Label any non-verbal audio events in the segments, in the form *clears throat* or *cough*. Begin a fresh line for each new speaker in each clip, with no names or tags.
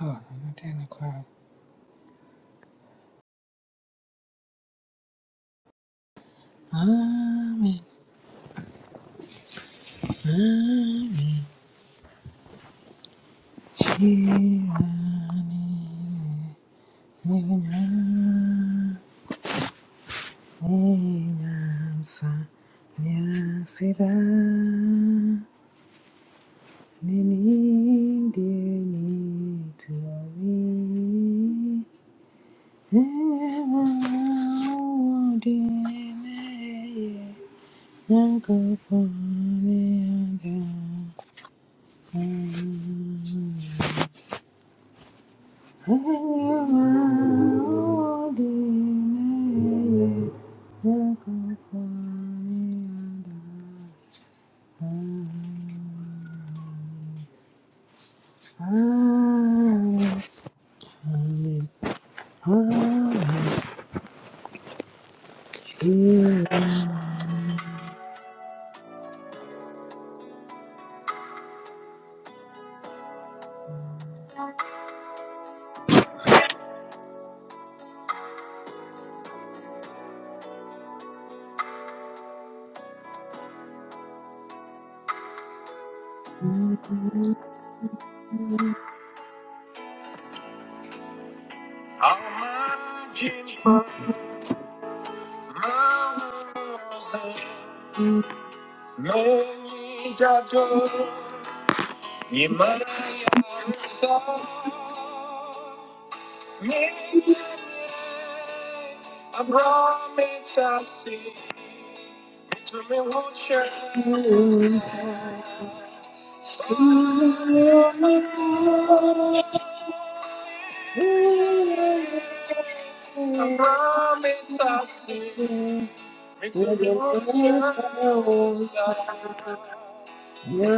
Hold on, I'm not doing the choir. Amen, amen, Shivani, Nina, Nina, Sa, Nya, Sida, Nini, Dini, Tuami, Nina, Dini, Nyanko, Pone, Ada, Amen. Thank
On my journey, my words and my actions, you must understand. I promise to see, to be with you.
you. Thank
I promise to see, to be with you.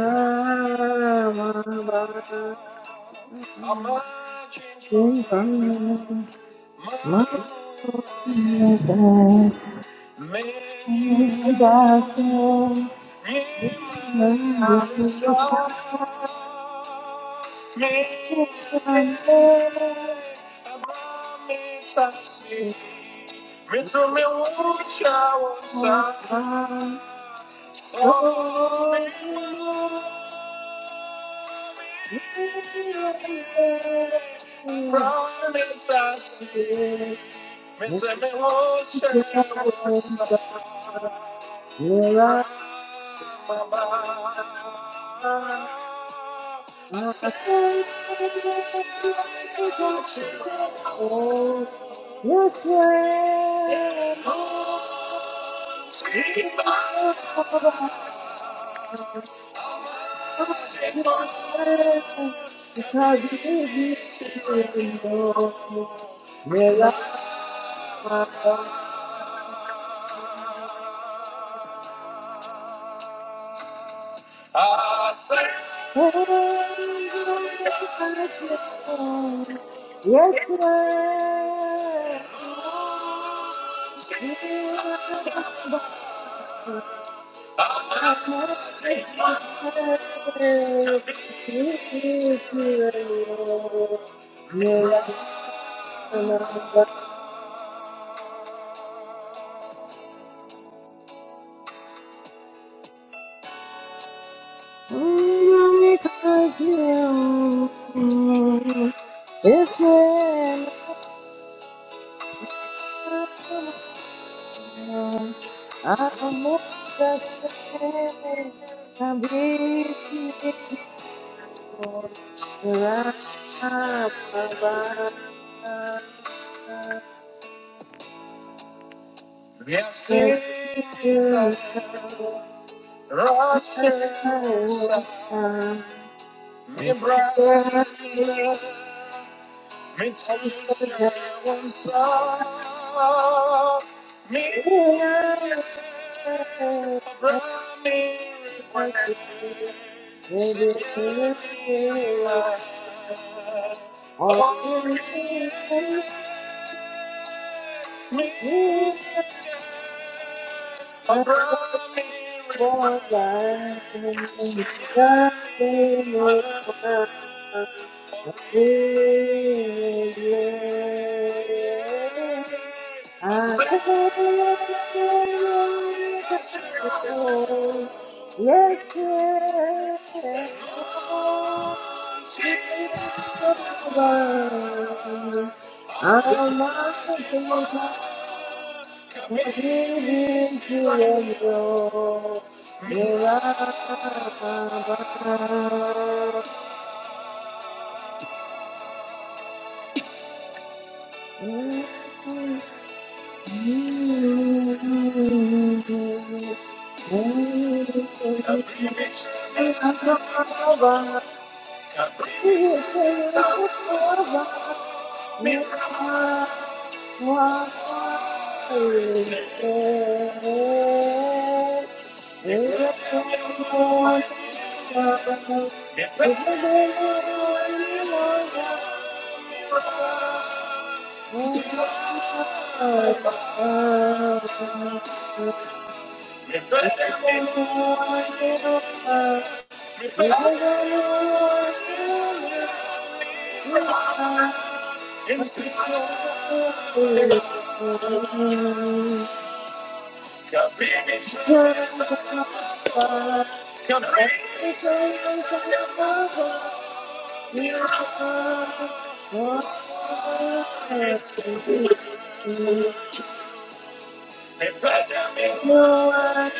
I'm not changing my
you.
many that me my Aristotle. Me Abraham Taxi. Me to me wash I was side. Oh, my love, me
Oh,
I Abraham Taxi. Miss Emma Mama. I said I got you.
Yes, I know.
Keep on keep on. I said
Yes,
I
sir. Oh, dear.
got you. We
Yes, I'm just I'm busy for
Yes, in the Russia, was up, me brother, me too, me
Maybe I'm
Me
born blind. Nothing is worth living. I said, Yes, Lord, Jehovah, how the beauty of your Yerababa.
Can't bring me to two thousand miles. Can't bring me to two thousand miles. Mirror, it's me. It's where I'm going when you
Thank you.
disappear. Mirror, mirror, mirror, it's me. It's where I'm going when you disappear. Mirror, mirror, mirror, it's me. Come bring me to the Come bring me to
Thank you. Yes,
the They brother me
you are.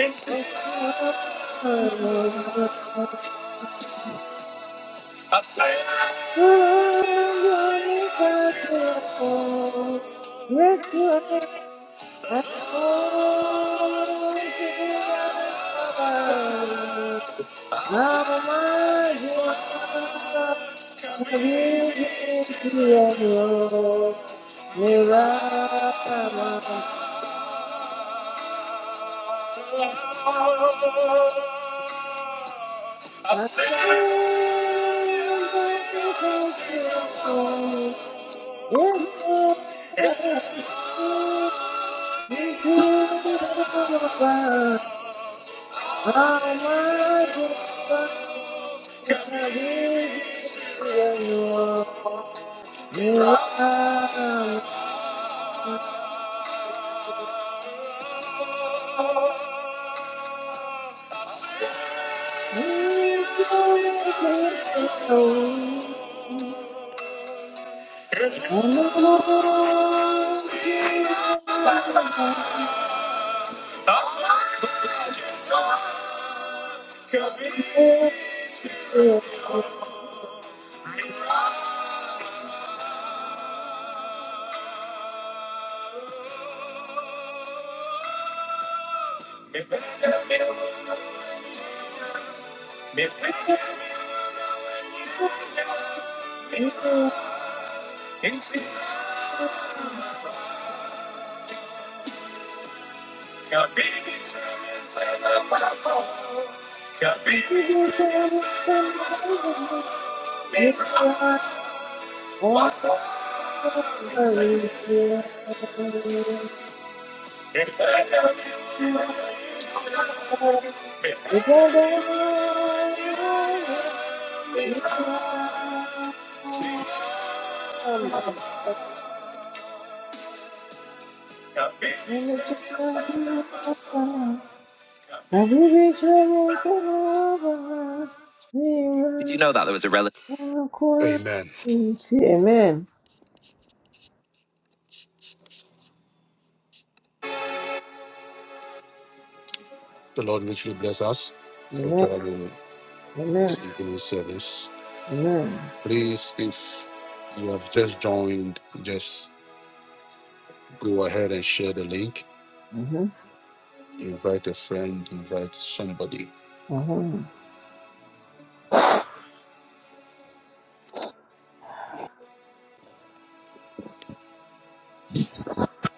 into a fire.
I don't think I'm a Yes,
I'll sing to you because you're the one who can be my shepherd. I'll sing to you because you're
sir.
the one
Thank you.
who can be my
Have
shepherd. What's up? Did
you reached out your son?
you know that there was a relative?
Tranquility.
Amen.
Amen.
The Lord richly bless us for
Amen.
joining in
Amen.
this evening service.
Amen.
Please, if you have just joined, just go ahead and share the link.
Mm-hmm.
Invite a friend, invite somebody.
Mm-hmm.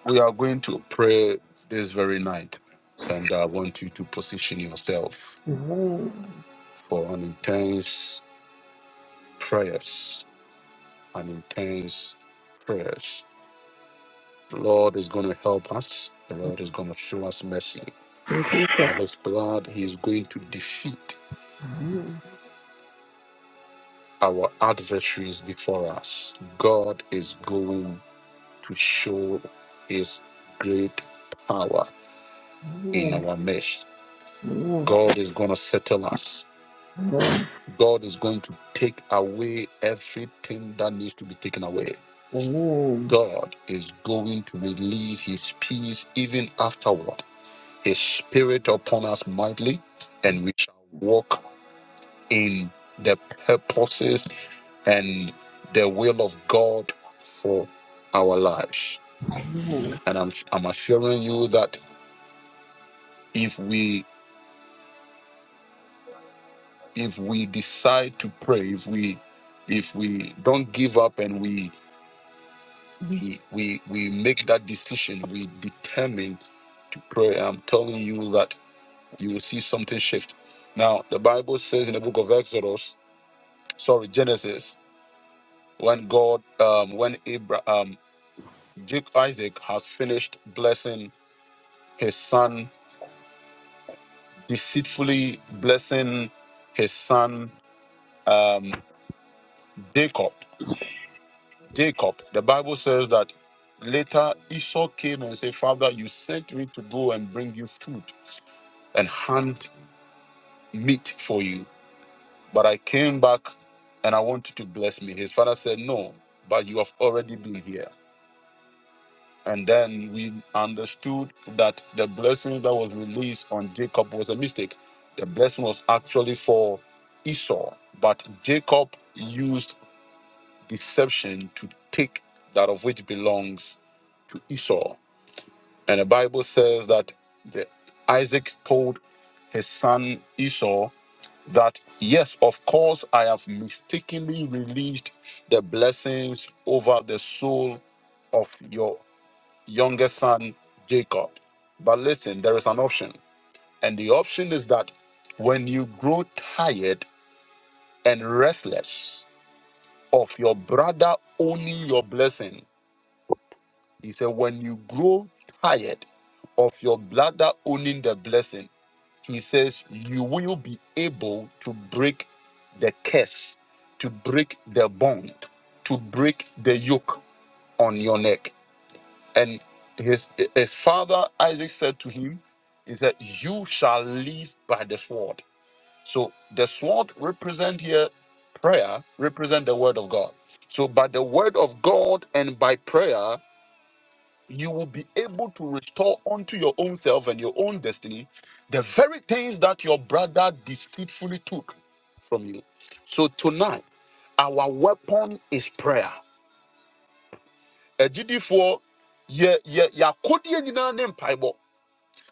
We are going to pray this very night, and I want you to position yourself
Amen.
for an intense prayers, an intense prayers. The Lord is going to help us. The Lord is going to show us mercy.
Thank Jesus.
God, He is going to defeat our adversaries before us. God is going to show His great power in
Amen.
our midst.
Amen.
God is going to settle us.
Amen.
God is going to take away everything that needs to be taken away.
Amen.
God is going to release his peace even afterward, his spirit upon us mightily, and we shall walk in the purposes and the will of God for our lives. And I'm, I'm assuring you that if we if we decide to pray, if we if we don't give up and we we we we make that decision we determine to pray i'm telling you that you will see something shift now the bible says in the book of exodus sorry genesis when god um when abraham um, jake isaac has finished blessing his son deceitfully blessing his son um jacob jacob the bible says that later esau came and said father you sent me to go and bring you food and hand meat for you, but I came back and I want you to bless me. His father said, No, but you have already been here. And then we understood that the blessing that was released on Jacob was a mistake. The blessing was actually for Esau, but Jacob used deception to take that of which belongs to Esau. And the Bible says that the, Isaac told his son Esau that yes, of course, I have mistakenly released the blessings over the soul of your younger son, Jacob. But listen, there is an option. And the option is that when you grow tired and restless of your brother owning your blessing, he said, when you grow tired of your brother owning the blessing, He says, You will be able to break the curse, to break the bond, to break the yoke on your neck. And his, his father Isaac said to him, Is that you shall live by the sword. So the sword represent here prayer, represent the word of God. So by the word of God and by prayer, you will be able to restore unto your own self and your own destiny the very things that your brother deceitfully took from you. So tonight, our weapon is prayer. Agyidifoɔ, yɛ- yɛ- yɛ akodeɛ nyinaa ne mpaebɔ.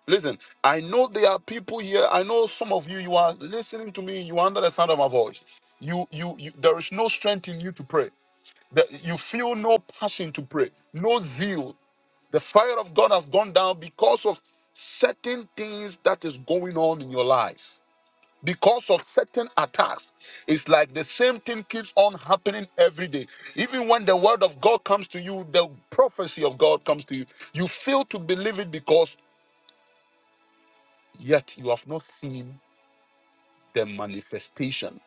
Listen, I know there are people here. I know some of you, you are listening to me, you are under the sound of my voice. You, you, you there is no strength in you to pray. That you feel no passion to pray, no zeal the fire of God has gone down because of certain things that is going on in your life. Because of certain attacks, it's like the same thing keeps on happening every day. Even when the word of God comes to you, the prophecy of God comes to you, you fail to believe it because yet you have not seen the manifestation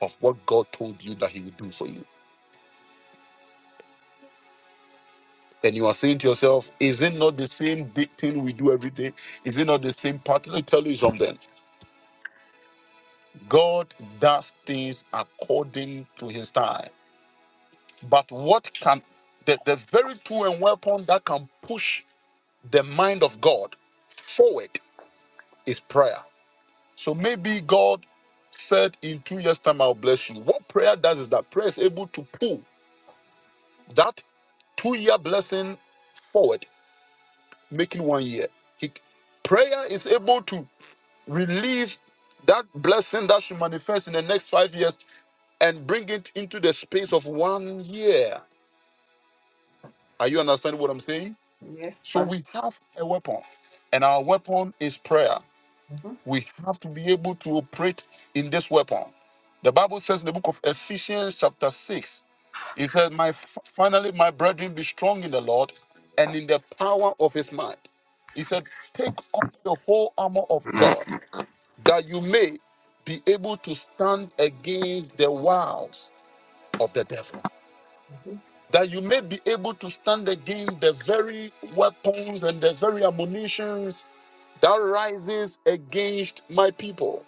of what God told you that He would do for you. And you are saying to yourself, Is it not the same di- thing we do every day? Is it not the same pattern? Let me tell you something. God does things according to his time. But what can the, the very tool and weapon that can push the mind of God forward is prayer. So maybe God said in two years' time, I'll bless you. What prayer does is that prayer is able to pull that two year blessing forward, making one year. He, prayer is able to release that blessing that should manifest in the next five years and bring it into the space of one year. Are you understanding what I'm saying?
Yes,
So
Pastor.
we have a weapon, and our weapon is prayer.
Mm-hmm.
We have to be able to operate in this weapon. The Bible says in the book of Ephesians, chapter 6, it says, My finally, my brethren, be strong in the Lord and in the power of his might. He said, Take on the whole armor of God, that you may be able to stand against the wiles of the devil. that you may be able to stand against the very weapons and the very ammunitions that rises against my people.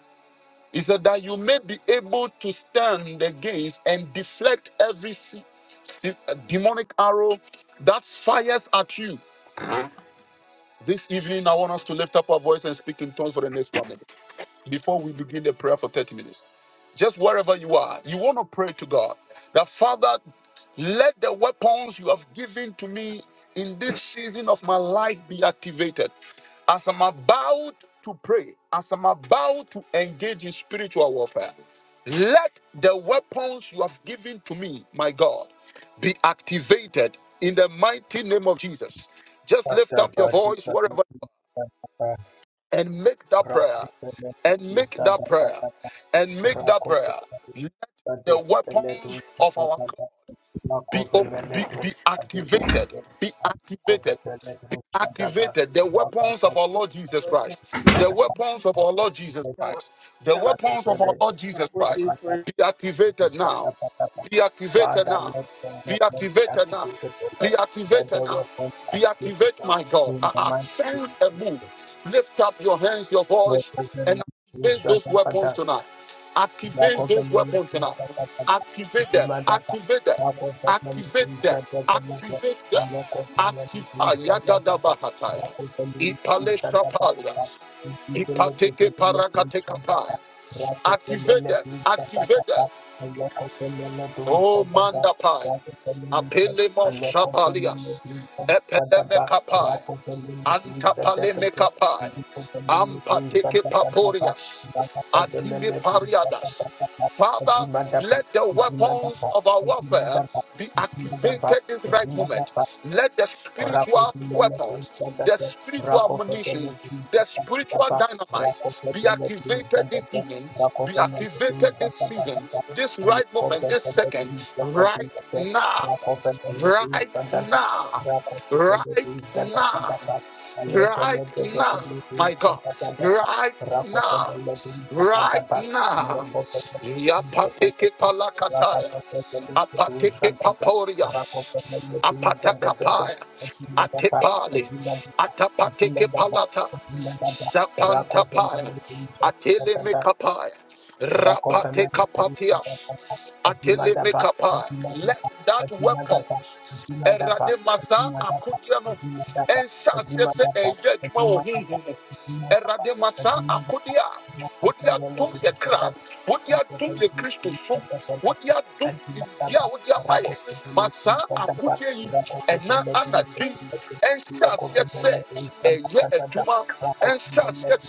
He said that you may be able to stand against and deflect every se- se- demonic arrow that fires at you. This evening, I want us to lift up our voice and speak in tongues for the next one minute before we begin the prayer for 30 minutes. Just wherever you are, you want to pray to God that Father, let the weapons you have given to me in this season of my life be activated. As I'm about to pray, as I'm about to engage in spiritual warfare, let the weapons you have given to me, my God, be activated in the mighty name of Jesus. Just lift
Bada
up your
badi
voice
bada
wherever
bidi bada ba.
and make that
Rako
prayer
pele
and
bidi
make that
zada
prayer
bada ba.
and make that
Rako
prayer.
pele
Let
badi
the
pele
weapons
du
of
zada
our God
bada. Rako
be, op-
pele
be,
du
be
badi
activated,
pele du.
be
Rako
activated,
pele
be
du zada ba.
activated. The
Rako
weapons
pele
of our Lord Jesus
badi
Christ, the
bada ba.
weapons of our Lord Jesus Christ, the
Rako
weapons of
pele
our
du
Lord
I
Jesus
go
zada
to
Christ.
you
bada
for
Be activated
zada
now.
bada ba.
Be activated
Father,
now.
let the
Be
movement be
activated now.
activated, O Lord.
Be
Let the
activated now.
weapons
Be
activated
activated,
now
my God.
in
I,
the
I
mighty name
sense a
of
move.
Jesus.
Lift up your hands, your
Let
voice,
the
and
movement be
activate
shut
those
down, Father.
weapons tonight.
Back
Activate
of the
those
million
weapons tonight.
set up the
Activate them.
demand of the
Activate them.
back of the million
Activate them.
set up the million
Activate them.
and back of the million
Active
set up the
Ayagada Bahataya.
back of the million
Ipale
set up the
Shapalias.
back of the million
Ipateke Parakate
set up the
Kapaya.
back of the
Activate,
million set up the
activated.
back and back of the million
Oh,
set up the
Mandapai,
back of the million and
Apelemos
back of the
Shapalias,
million set up the back
Epelemekapai,
back of the million set up the back of the
Antapalemekapai,
million set up
Ampateke Paporias,
Dimanda
Adime Pariadas. Father, let the weapons of our warfare be activated this right moment. Let the spiritual weapons, the spiritual munitions, the spiritual dynamite be activated this evening be activated this season, this right moment, this second, right now, right now, right now, right now, my God, right now, right now. Yapateke palakataya, apateke paporia
Rakofenele
apatakapaya,
Thank
atepali, atapateke palata, sapantapaya, atelemekapaya, rapatekapatias, atelemekapaya. Let that weapon, erademasa akudiano, enshasese eye juma ohunhu, erademasa akudia, wodia dum ye
you.
kra, wodia dum ye Christosum, wodia dum ye dia, wodia ma saa akodeɛ yi ɛna anadwo yi ɛnhyɛ aseɛ sɛ ɛyɛ adwuma ɛnhyɛ eduma,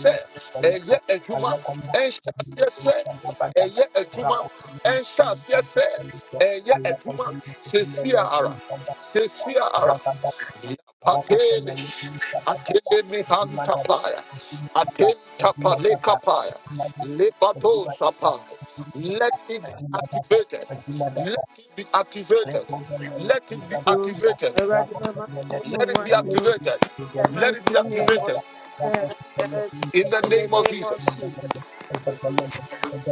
sɛ ɛyɛ adwuma ɛnhyɛ aseɛ sɛ ɛyɛ adwuma ɛnhyɛ aseɛ sɛ ɛyɛ adwuma sesia ara sesia ara Atele mihanta paya. Atenta
Ajima dapa,
paleka paya.
ajima
Lebato
dapa,
shapa. Let it be
ajima dapa,
activated.
ajima
Let
dapa,
it be
Thank
activated. Let it be
you.
activated.
Everybody, my mama
Let it be
wants you.
activated.
The
Let it be
mighty name of
activated.
Jesus.
In the
In the
name of
name
Jesus.
of Jesus.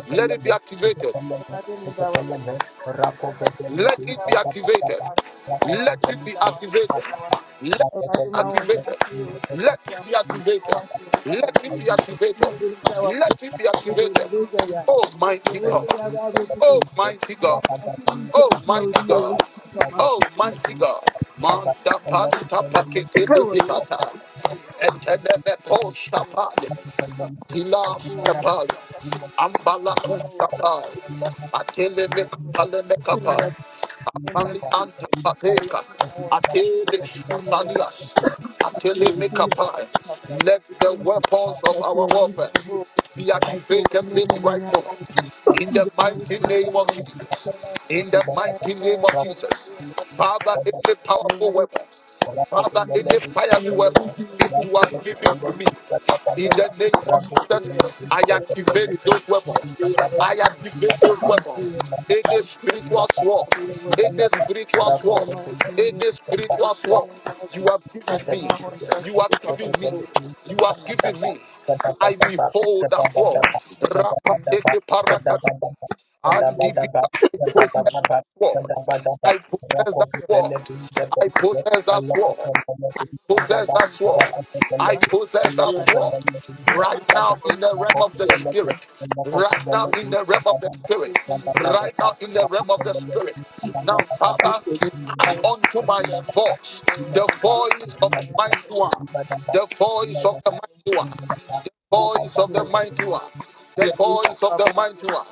Let it be activated. Let it be activated. Let it be activated. Let it let it be activated. Let it be activated. Let it be activated. Let it be
you.
activated. Almighty God.
Thank
Oh mighty God, oh mighty God, oh mighty God. Manda panta pakete bibihata. Etelebe koshapaya. Pilas Kapali, Ambala Kusapai, Atele Mekapale
Thank you.
Mekapai,
name of
Apani
Jesus. Eleven
Antapateka,
hours, that's what
Atele
you do me.
Asanias,
That's what you
Atele
do me.
Mekapai.
That's
Let
what
the
you do me.
weapons
you.
That's
of
what you
our
do me.
warfare be
Rapo
That's what you do
activated
me.
this
That's what you
right
do
moment.
me.
In
In
the mighty name of Jesus. In the mighty name of Jesus. Father, any powerful weapon. Father, any fiery weapon you have given to me, in the name I activate those weapons. I activate those In the spiritual sword, In the spiritual
the
sword,
mighty
In
name
the spiritual sword. You
Thank
have given me. You have given me. You have given me. I behold that sword. Rapa teke paraka andi bika possess sword. I possess that sword. I possess that sword. Possess that sword. I possess that sword. right now in the realm of the spirit, right now in the realm of the spirit, right now in the realm of the spirit. Now, Father, add unto my
you.
voice the
Thank
voice of the mighty one, the voice of the mighty one, voice of the mighty one, the voice of the mighty one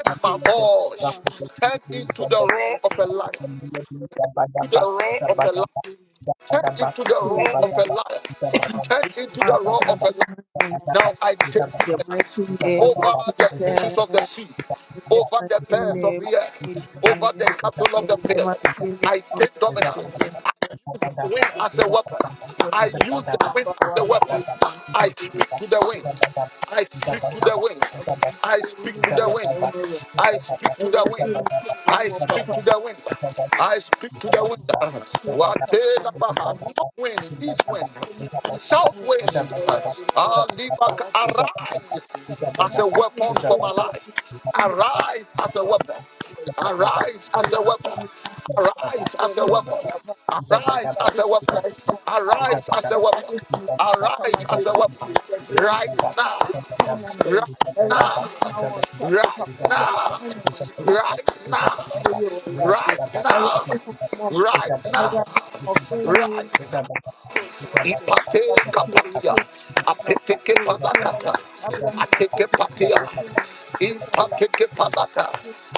Let my voice. Turn into the roar
of
of a
Jesus,
lion.
The mighty
To the roar
name
of a lion. Turn into the roar of a lion. Turn into the roar of a Now I take over
of
the
Jesus,
of the sea,
the
over the
mighty
birds of
name of
the air,
Jesus,
over the cattle of
in
the
the
field.
mighty
you.
name
I
of
take
Thank
dominance. Use the wind as a weapon. I use the weapon. I
Jesus.
speak to the wind. I speak to the wind. I speak to the wind. I speak to the wind. I speak to the wind.
you.
I speak
Thank
to the wind. Watela baha, north wind, east wind, south wind. Ah, libak, Arise as a weapon for my life. Arise as a weapon. Arise as a weapon. Arise as a weapon. Arise as a weapon. Arise as a weapon. Arise as a weapon. Right now. Right now. Right now. Right now. Right
you.
now.
Amen.
Right now. Right. Ipate kapatia. Apeteke palakata. Apatia. Ipateke palata.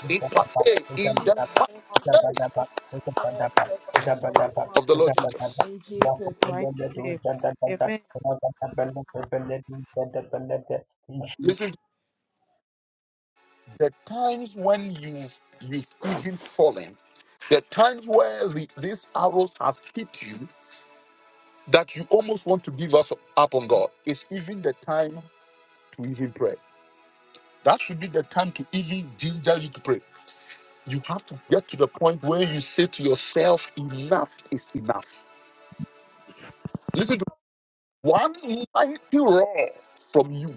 Ipate in the mighty name of the Lord Jesus. Listen, the times when you've you've even fallen, the times where the, these arrows has hit you that you almost want to give us up on God, it's even the time to even pray. That should be the time to even gingerly to pray. You have to get to the point where you say to yourself, enough is enough. Listen to one mighty roar from you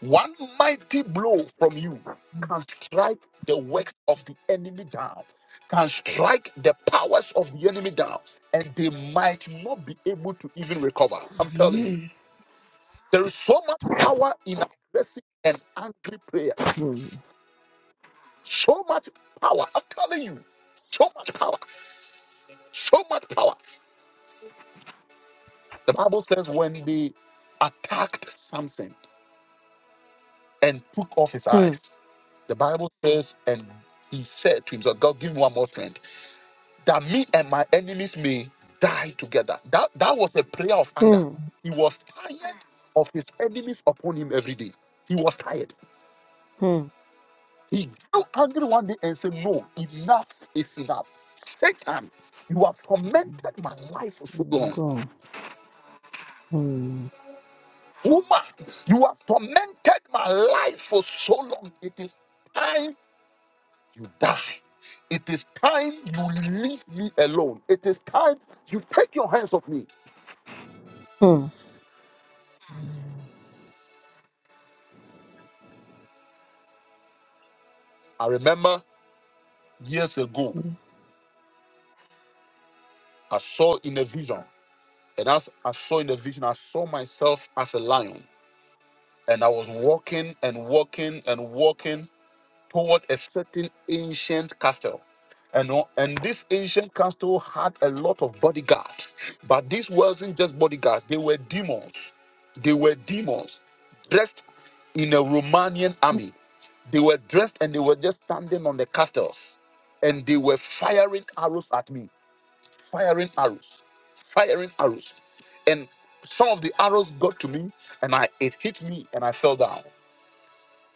One mighty blow from you can strike the works of the enemy down, can strike the powers of the enemy down, and they might not be able to even recover. I'm telling you,
Amen.
there is so much power in aggressive and angry prayers. So much power. I'm telling you, so much power. So much power. The Bible says when they attacked Samson and took off his
Hmm.
eyes, the Bible says, and he said to himself, God, give me one more strength. that me and my enemies may die together. That that was a prayer of anger.
Hmm.
He was tired of his enemies upon him every day. He was tired.
Hmm.
He grew angry one day and said, No, enough is enough. Satan, you have tormented my life for so long. Woman, you have tormented my life for so long. It is time you die. It is time you leave me alone. It is time you take your hands off me. I remember years ago. I saw in a vision, and as I saw in the vision, I saw myself as a lion, and I was walking and walking and walking toward a certain ancient castle. And, o- and this ancient castle had a lot of bodyguards, but these wasn't just bodyguards, they were demons. They were demons dressed in a Romanian army. They were dressed and they were just standing on the castles and they were firing arrows at me firing arrows, firing arrows. And some of the arrows got to me and I it hit me and I fell down.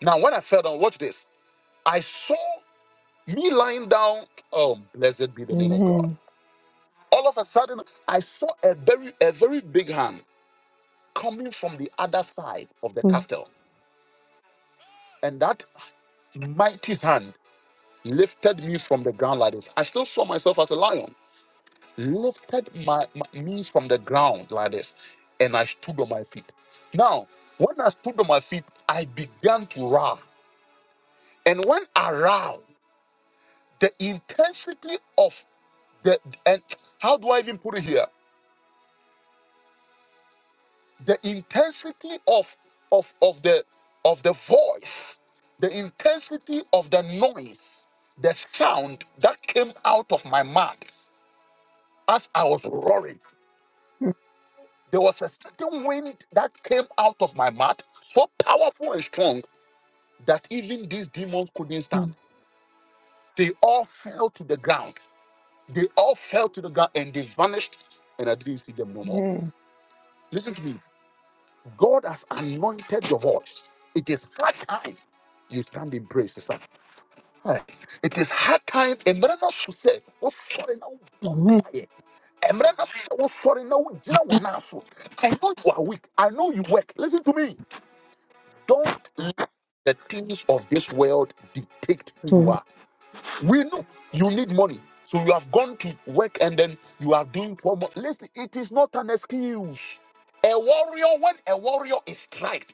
Now, when I fell down, watch this. I saw me lying down. Oh, blessed be the name of God.
Amen.
All of a sudden, I saw a very, a very big hand coming from the other side of the
Hmm.
castle. And that mighty hand lifted me from the ground like this. I still saw myself as a lion. lifted my, my knees from the ground like this, and I stood on my feet. Now, when I stood on my feet, I began to roar. And when I roared, the intensity of the and how do I even put it here? The intensity of of of the of the voice, the intensity of the noise, the sound that came out of my mouth as I was roaring. There was a certain wind that came out of my mouth, so powerful and strong that even these demons couldn't
Hmm.
stand. They all fell to the ground. They all fell to the ground and they vanished, and I didn't see them no more.
Amen.
Listen to me. God has anointed your voice. It is hard time you stand in praise, sister. Hey, It is hard time. Emre na so say, "Oh, sorry, na wo bom.
Amen.
Emre na so say, oh, sorry, na wo gyina wo na." I know you are weak. I know you work. Listen to me. Don't let the things of this world dictate who you
Hmm.
are. We know you need money. So you have gone to work and then you are doing 12 months. Listen, it is not an excuse. A warrior, when a warrior is striked,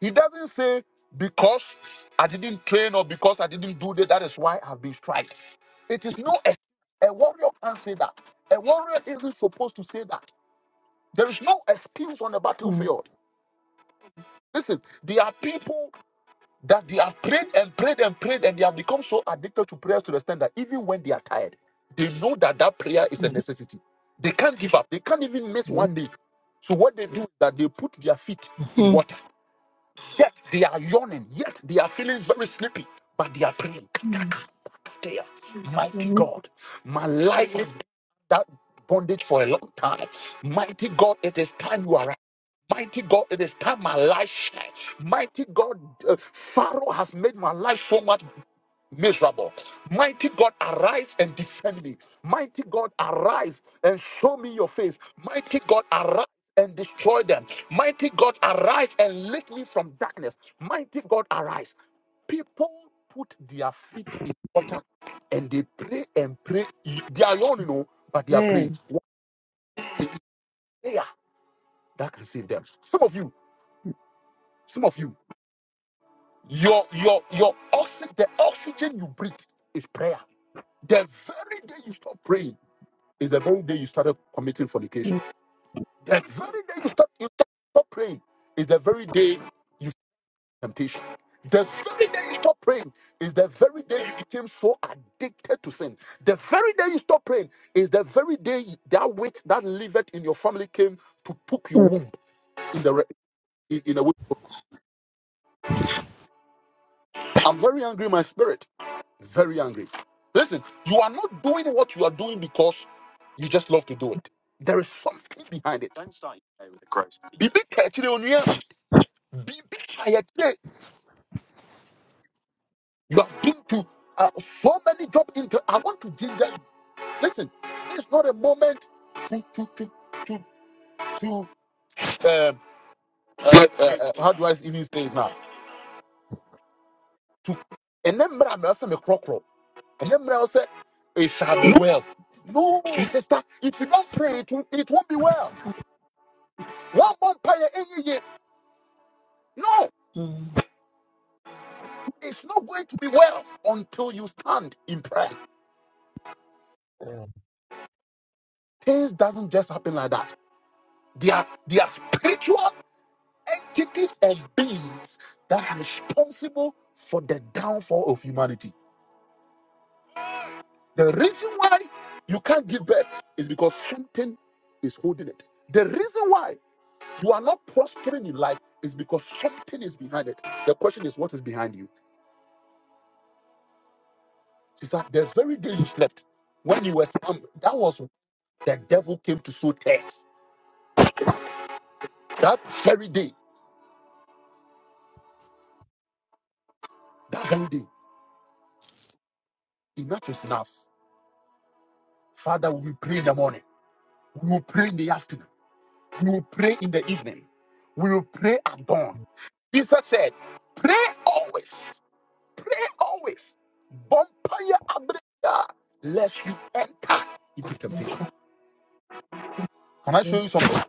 he doesn't say, because I didn't train or because I didn't do that, that is why I've been striked. It is no ex- a warrior can't say that. A warrior isn't supposed to say that. There is no excuse on the
Hmm.
battlefield. Listen, there are people. That they have prayed and prayed and prayed, and they have become so addicted to prayers to the extent that even when they are tired, they know that that prayer is a necessity. They can't give up. They can't even miss one day. So what they do is that they put their feet in
Hmm.
water. Yet they are yawning. Yet they are feeling very sleepy. But they are praying. Mighty
Amen.
God, my life has been that bondage for a long time. Mighty God, it is time you are right. Mighty God, it is time my life shines. Mighty God, uh, Pharaoh has made my life so much miserable. Mighty God, arise and defend me. Mighty God, arise and show me your face. Mighty God, arise. And destroy them. Mighty God, arise and lift me from darkness. Mighty God, arise. People put their feet in water and they pray and pray. They are alone, you know, but they are praying.
Amen.
It is prayer that receive them. Some of you, some of you, your your your oxygen, the oxygen you breathe is prayer. The very day you stop praying is the very day you started committing fornication.
Mm.
The very day you start you stop stop praying is the very day you start temptation. The very day you stop praying is the very day you became so addicted to sin. The very day you stop praying is the very day that witch that liveth in your family came to took your
hmm
womb in the re- in, in a way. I'm very angry, in my spirit, very angry. Listen, you are not doing what you are doing because you just love to do it. There is something behind it. Bibi Be- be tired. Yeah, You have been to uh, so many job into. I want to give them. Listen, this is not a moment to to to to to. Um, uh, uh, uh, how do I even say it now? To and then I also me crocro. And then I say it shall be well. No, sister, if you don't pray, it, will, it won't be well. One vampire any year. No, it's not going to be well until you stand in prayer. Things doesn't just happen like that. They are they are spiritual entities and beings that are responsible for the downfall of humanity. The reason why you can't give birth is because something is holding it. The reason why you are not prospering in life is because something is behind it. The question is, what is behind you? Sister, the very day you slept, when you were some, that was the devil came to sow tears. That very day, that very day, enough is enough. Father, we will pray in the morning. We will pray in the afternoon. You will pray in the evening. We will pray at dawn. Jesus said, Pray always. Pray always. Bumpire abrega, lest you enter into temptation. Can I show you something?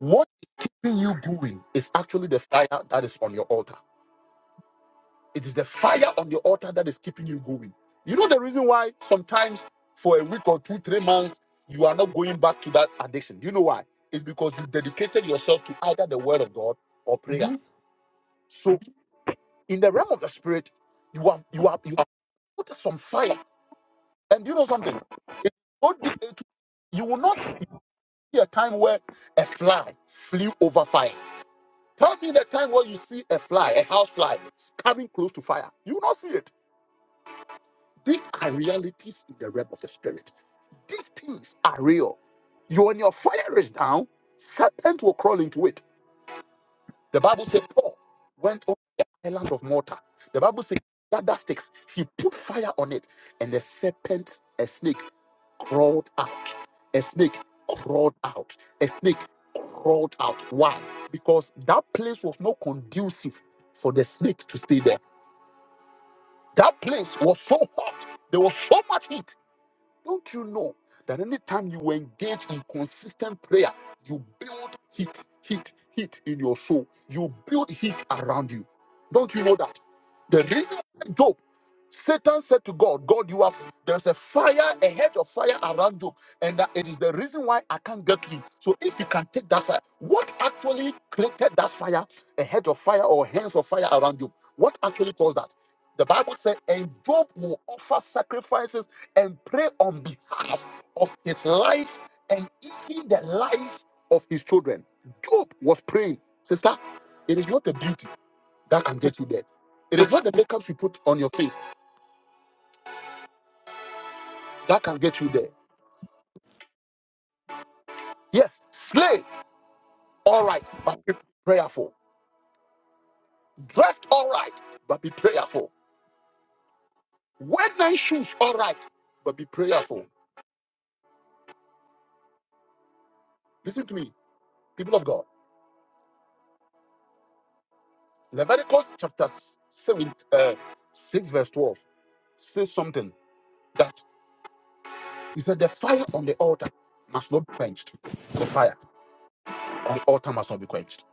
What is keeping you going is actually the fire that is on your altar. It is the fire on your altar that is keeping you going. You know the reason why sometimes for a week or two, three months, you are not going back to that addiction. Do you know why? It's because you dedicated yourself to either the word of God or prayer.
Amen.
So in the realm of the spirit, you have you have you have put some fire. And you know something? It, it- you will not see a time where a fly flew over fire. Tell me the time where you see a fly, a house fly, coming close to fire. You will not see it. These are realities in the realm of the spirit. These things are real. You when your fire is down, serpent will crawl into it. The Bible said Paul went on the island of Malta. The Bible said that that sticks. He put fire on it, and a serpent, a snake, crawled out. A snake crawled out. A snake crawled out. Why? Because that place was not conducive for the snake to stay there. That place was so hot. There was so much heat don't you know that anytime you engage in consistent prayer, you build heat, heat, heat in your soul. You build heat around you. Don't you know that? The reason why Job, Satan said to God, God, you have there's a fire, a hedge of fire around Job, and that it is the reason why I can't get to you. So if you can take that fire, what actually created that fire, a hedge of fire or hands of fire around you? What actually caused that? The Bible said, and Job will offer sacrifices and pray on behalf of his life and even the life of his children. Job was praying, sister, it is not the beauty that can get you there. It is not the makeup you put on your face that can get you there. Yes, slay, all right, but be prayerful. Dress, all right, but be prayerful. Wear nice shoes, all right, but be prayerful. Listen to me, people of God. Leviticus chapter 7, uh, 6, verse 12 says something He said, The fire on the altar must not be quenched. The fire on the altar must not be quenched.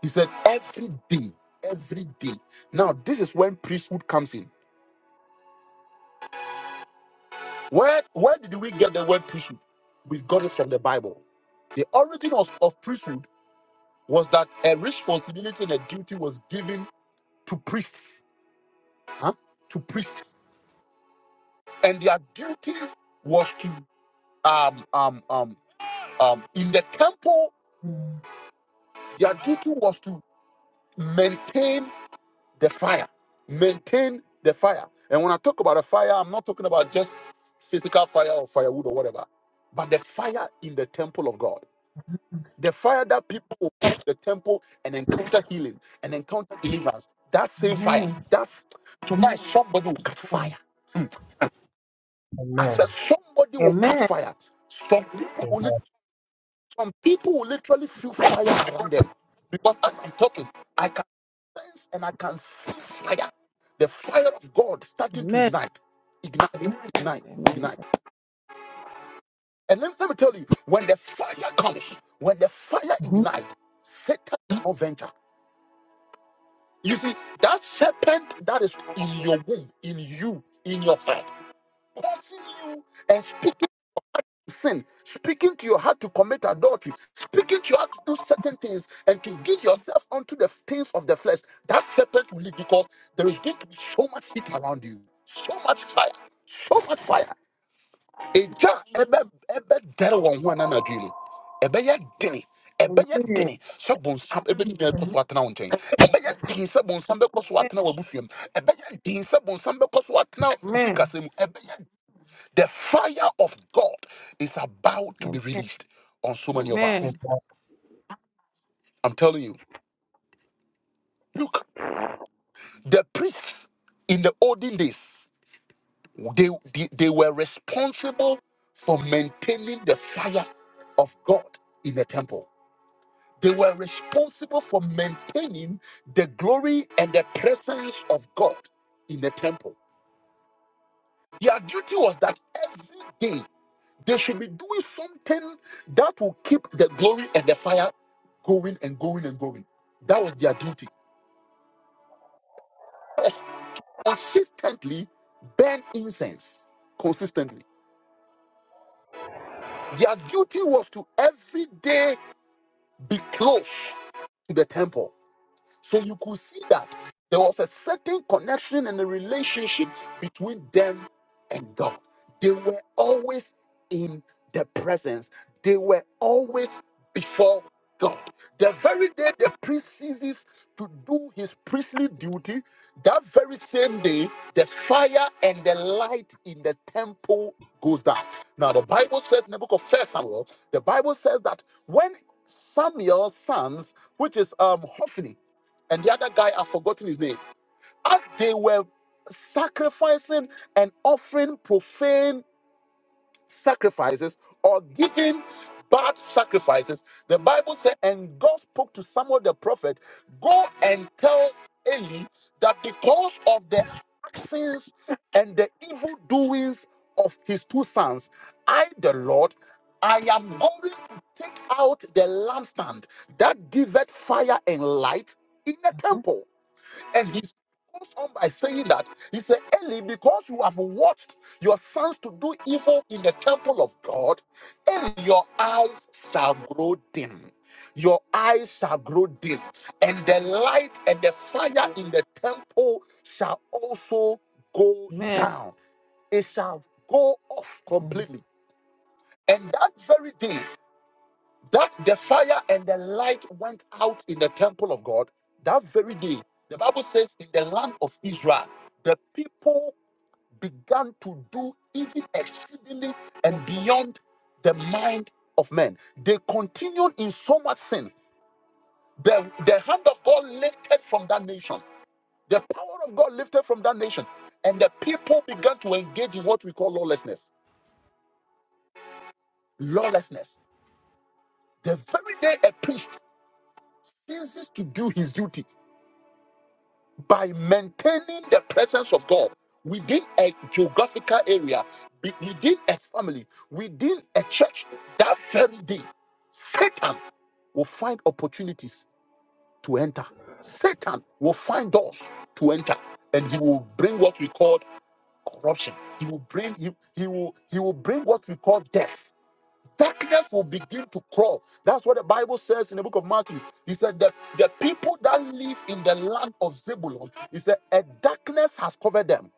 He said, Every day, every day. Now, this is when priesthood comes in. Where, where did we get the word priesthood? We got it from the Bible. The origin of, of priesthood was that a responsibility and a duty was given to priests, huh? to priests, and their duty was to um um um um in the temple. Their duty was to maintain the fire. Maintain the fire. And when I talk about a fire, I'm not talking about just physical fire or firewood or whatever, but the fire in the temple of God. The fire that people will come to the temple and encounter healing and encounter deliverance. That same fire. That's tonight somebody will catch fire. Mm. I
Amen.
said somebody will catch
Amen.
fire. Some people will, lit- some people will literally feel fire around them. Because as I'm talking, I can. sense and I can feel fire. The fire of God starting to
Amen.
ignite, ignite, ignite,
Amen.
ignite. And let, let me tell you, when the fire comes, when the fire
Mhm.
ignites, Satan cannot venture. You see, that serpent that is in your womb, in you, in your heart, causing you and speaking. sin, speaking to your heart to commit adultery, speaking to your heart to do certain things and to give yourself unto the things of the flesh, that serpent will leave because there is going to be so much heat around you, so much fire, so much fire. Eja ebe ebe dere wɔn ho ana anadwo yi mu. Ɛbɛyɛ dene, ɛbɛyɛ
Amen.
dene sɛ bonsam ɛbɛtumi akɔ so atena wo nkyɛn. Ɛbɛyɛ sɛ bonsam bɛkɔ so atena w'abusua mu. Ɛbɛyɛ den sɛ bonsam bɛkɔ so atena wo
Amen.
sikasa mu. The fire of God is about
Amen.
to be released on so many of us.
Amen.
Amen.
I'm telling you. Look, the priests in the olden days, they, they, they were responsible for maintaining the fire of God in the temple. They were responsible for maintaining the glory and the presence of God in the temple. Their duty was that every day They should be doing something that will keep the glory and the fire going and going and going. That was their duty. Consistently burn incense. Consistently. Their duty was to every day be close to the temple So you could see that there was a certain connection and a relationship between them and God. They were always in the presence, they were always before God. The very day the priest ceases to do his priestly duty, that very same day, the fire and the light in the temple goes down. Now, the Bible says in the book of First Samuel, the Bible says that when Samuel's sons, which is um, Hophni and the other guy, I've forgotten his name. As they were sacrificing and offering profane sacrifices or giving bad sacrifices, the Bible said, and God spoke to Samuel the prophet, go and tell Eli that because of the actions and the evil doings of his two sons, I, the Lord, I am going to take out the lampstand that giveth fire and light in the
Mhm.
temple. And he goes on by saying that he said, Eli, because you have watched your sons to do evil in the temple of God, Eli, your eyes shall grow dim. Your eyes shall grow dim, and the light and the fire in the temple shall also go
Amen.
down. It shall go off
Mm.
completely. And that very day, that the fire and the light went out in the temple of God that very day. The Bible says, in the land of Israel, the people began to do even exceedingly and beyond the mind of men. They continued in so much sin. The, the hand of God lifted from that nation. The power of God lifted from that nation. And the people began to engage in what we call lawlessness. Lawlessness. The very day a priest ceases to do his duty by maintaining the presence of God within a geographical area, be- within a family, within a church, that very day, Satan will find opportunities to enter. Satan will find doors to enter, and he will bring what we call corruption. He will bring he, he will he will bring what we call death Darkness will begin to crawl. That's what the Bible says in the book of Matthew. He said that the people that live in the land of Zebulun, he said, a darkness has covered them.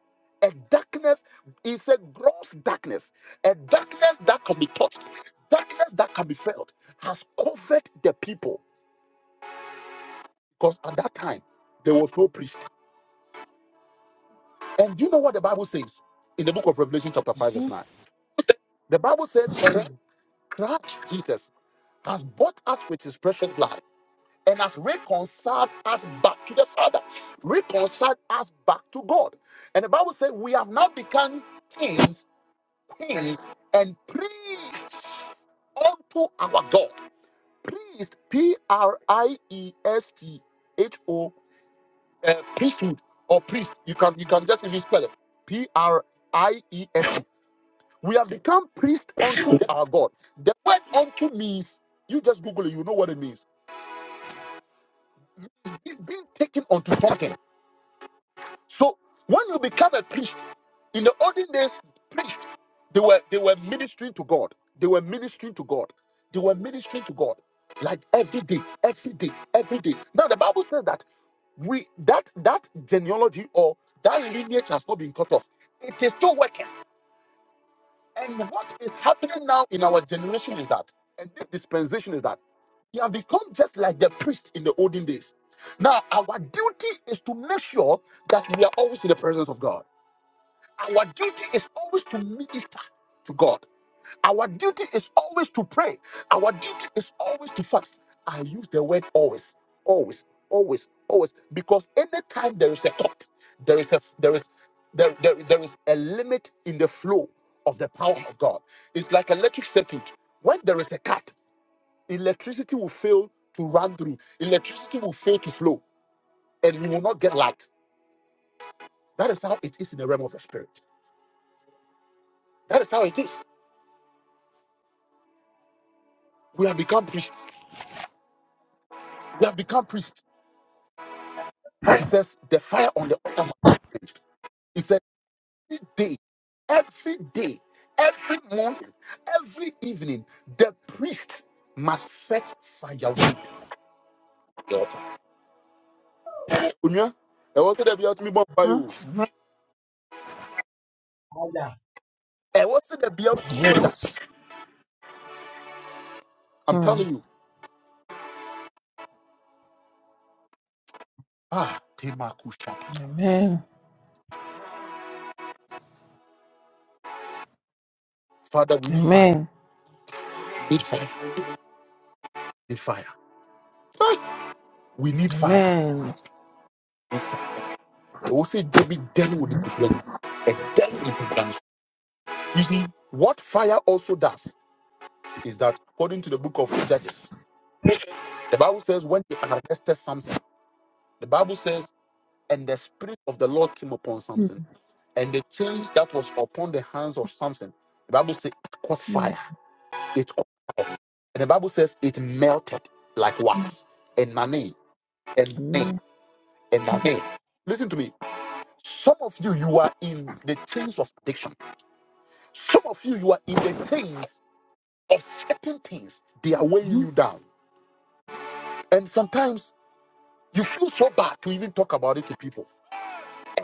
A darkness is a gross darkness, a darkness that can be touched, darkness that can be felt, has covered the people. Because at that time, there was no priest. And do you know what the Bible says in the book of Revelation, chapter 5, verse 9? The Bible says, and Christ Jesus has bought us with his precious blood and has reconciled us back to the Father, reconciled us back to God. And the Bible says we have now become kings, queens, and priests unto our God. Priest, P R I E S T H O, uh, priesthood or priest. You can you can just even spell it. P R I E S T. We have become priest unto our God. The word unto means you just Google it. You know what it means. It's being being taken unto something So when you become a priest, in the olden days, priests they were they were ministering to God. They were ministering to God. They were ministering to God like every day, every day, every day. Now the Bible says that we that that genealogy or that lineage has not been cut off. It is still working. And what is happening now in our generation is that, and this dispensation is that we have become just like the priest in the olden days. Now our duty is to make sure that we are always in the presence of God. Our duty is always to minister to God. Our duty is always to pray. Our duty is always to fast. I use the word always, always, always, always, because anytime there is a thought, there is a there is there, there, there is a limit in the flow of the power of God. It's like electric circuit. When there is a cut, electricity will fail to run through. Electricity will fail to flow, and you will not get light. That is how it is in the realm of the spirit. That is how it is. We have become priests. You have become priests. The fire on the altar. He said, every day, every day, every morning, every evening, the priest must fetch firewood. to The altar. Onua, I wọ sẹ dẹ bi a tumi bọ
Huh?
you.
Father,
I o. Ẹ wọ sẹ dẹ bi a- I'm
Hmm.
telling you. Ah, Tema Kushaka.
Amen.
Father, we need fire.
Amen.
Need fire. Need fire. Ah, we need fire.
Amen.
Need fire. I will say, wọ sẹ Jebi dealt with the problem. A dealt with the problem. You see, what fire also does is that according to the book of The Bible says when they arrested Samson, the Bible says, and the spirit of the Lord came upon
Mm,
Samson, and the chains that was upon the hands of Samson, the Bible says it caught
mm,
fire. It caught fire. And the Bible says it melted like
mm.
wax. And money, and money,
Amen.
and money. Listen to me. Some of you, you are in the chains of addiction. Some of you, you are in the chains of certain things. They are weighing you down. And sometimes you feel so bad to even talk about it to people.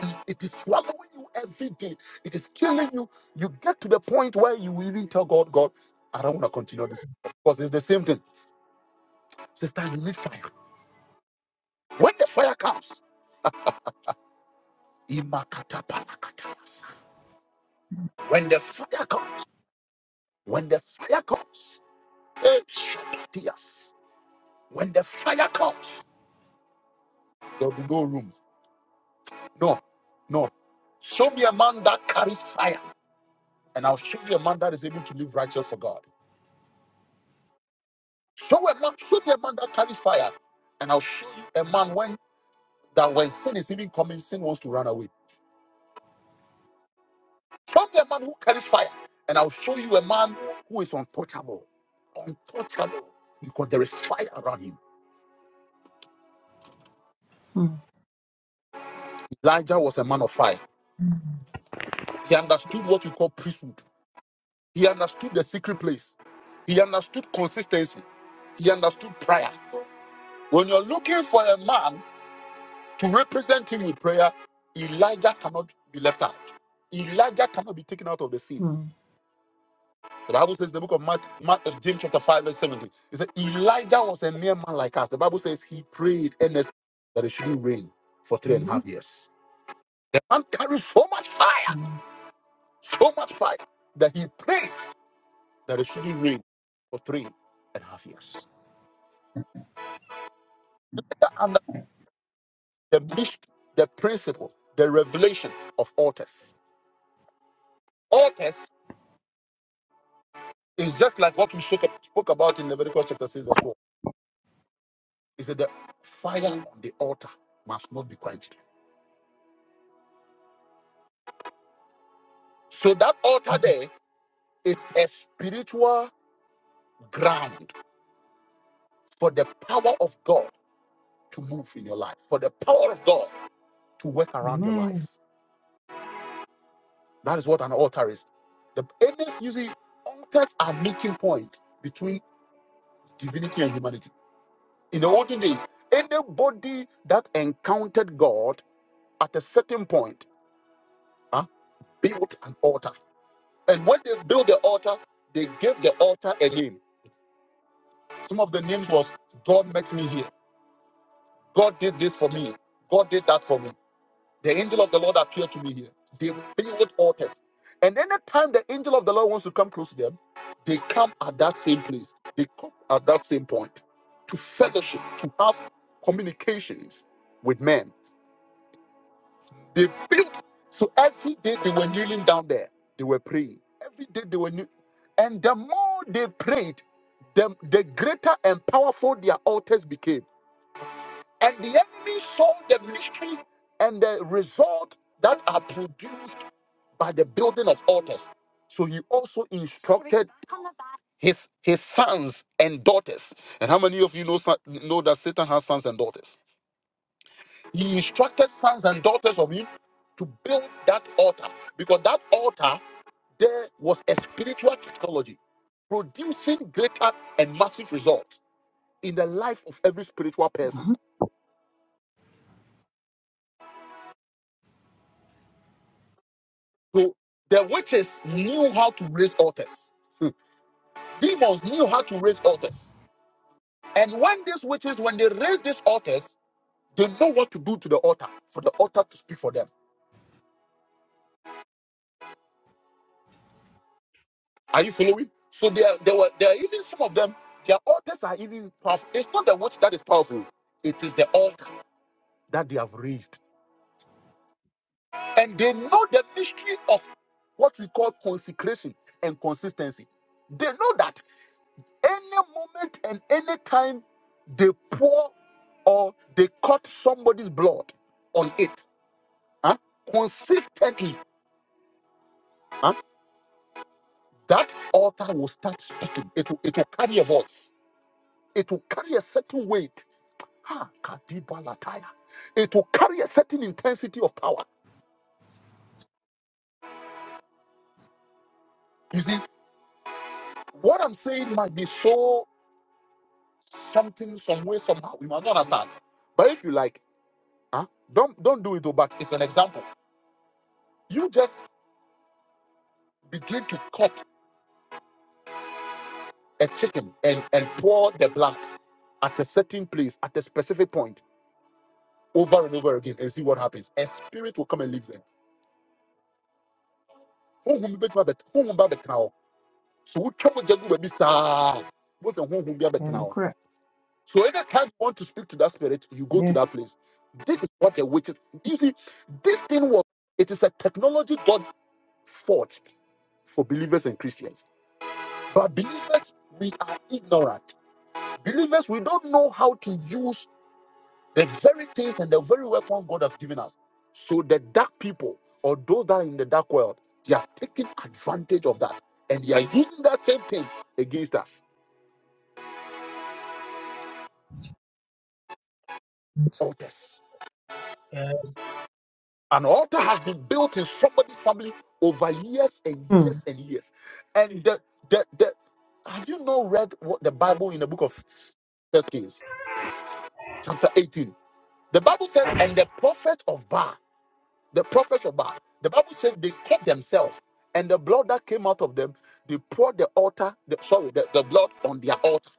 and it is swallowing you every day. It is killing you. You get to the point where you even tell God, God, I don't want to continue this. Of course, it's the same thing. Sister, you need fire. When the fire comes, imakatapalakatas. when the fire comes, when the fire comes, eh, shabatias. when the fire comes, there'll be no room. No, no. Show me a man that carries fire, and I'll show you a man that is able to live righteous for God. Show a man, show me a man that carries fire, and I'll show you a man when that when sin is even coming, sin wants to run away. Show me a man who carries fire, and I'll show you a man who is untouchable, untouchable, because there is fire around him. Elijah was a man of fire. He understood what we call priesthood. He understood the secret place. He understood consistency. He understood prayer. When you're looking for a man to represent him in prayer, Elijah cannot be left out. Elijah cannot be taken out of the scene. The Bible says in the book of Matthew, Matthew James chapter 5 verse 17. It said Elijah was a mere man like us. The Bible says he prayed earnestly that it shouldn't rain for three and a half years. The man carried so much fire, so much fire that he prayed that it shouldn't rain for three and a half years. And the mystery, the principle, the revelation of altars. Altars is just like what we spoke spoke about in Leviticus chapter 6, verse 12. Is that the fire on the altar must not be quenched. So that altar there Is a spiritual ground for the power of God to move in your life, for the power of God to work around your life.
Amen.
That is what an altar is. The any you see, altars are meeting point between divinity and humanity. In the olden days, anybody that encountered God at a certain point huh, built an altar. And when they built the altar, they gave the altar a name. Some of the names was God met me here. God did this for me. God did that for me. The angel of the Lord appeared to me here. They build altars. And anytime the angel of the Lord wants to come close to them, they come at that same place. They come at that same point to fellowship, to have communications with men. They built. So every day they were kneeling down there, they were praying. Every day they were kneeling. And the more they prayed, the, the greater and powerful their altars became. And the enemy saw the mystery and the result that are produced by the building of altars. So he also instructed his his sons and daughters. And how many of you know son- know that Satan has sons and daughters? He instructed sons and daughters of him to build that altar because that altar there was a spiritual technology producing greater and massive results in the life of every spiritual person. So the witches knew how to raise altars. Hmm. Demons knew how to raise altars. And when these witches, when they raise these altars, they know what to do to the altar for the altar to speak for them. Are you following? So there, there were there are even some of them. Their altars are even powerful. It's not the witch that is powerful. It is the altar that they have raised, and they know the mystery of what we call consecration and consistency. They know that any moment and any time they pour or they cut somebody's blood on it, huh? consistently. huh? That altar will start speaking. It will, it will carry a voice. It will carry a certain weight. Ha, kadiba lataya. It will carry a certain intensity of power. You see, what I'm saying might be so something, some way, somehow. You might not understand. But if you like, huh? don't don't do it though, but it's an example. You just begin to cut a chicken and, and pour the blood at a certain place, at a specific point, over and over again, and see what happens. A spirit will come and live there honhom bi bɛtumi abɛt honhom bi abɛtena hɔ so wotwa mogya gu baabi saa wosɛ honhom bi abɛtena
And
hɔ
correct.
so anytime you want to speak to that spirit you go to
Yes.
that place this is what a witch is you see this thing was it is a technology god forged for believers and christians but believers we are ignorant believers we don't know how to use The very things and the very weapons God has given us. So the dark people or those that are in the dark world, they are taking advantage of that. And they are using that same thing against us. Altars.
Yes.
An altar has been built in somebody's family over years and
Mm.
years and years. And the the, the have you not read what the Bible in the book of First Kings, chapter 18? The Bible says, and the prophet of Baal the prophets of Baal. The Bible says they cut themselves, and the blood that came out of them, they poured the altar, the, sorry, the, the blood on their altar.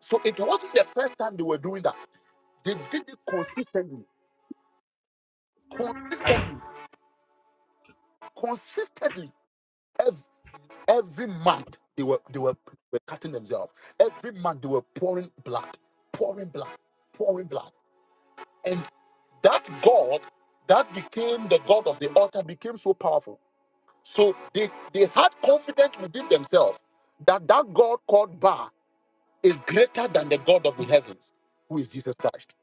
So it wasn't the first time they were doing that. They did it consistently, consistently, consistently. Every, every month they were they were, were cutting themselves. Every month they were pouring blood, pouring blood, pouring blood. And that God that became the God of the altar became so powerful So they, they had confidence within themselves that that God called Ba is greater than the God of the heavens, who is Jesus Christ.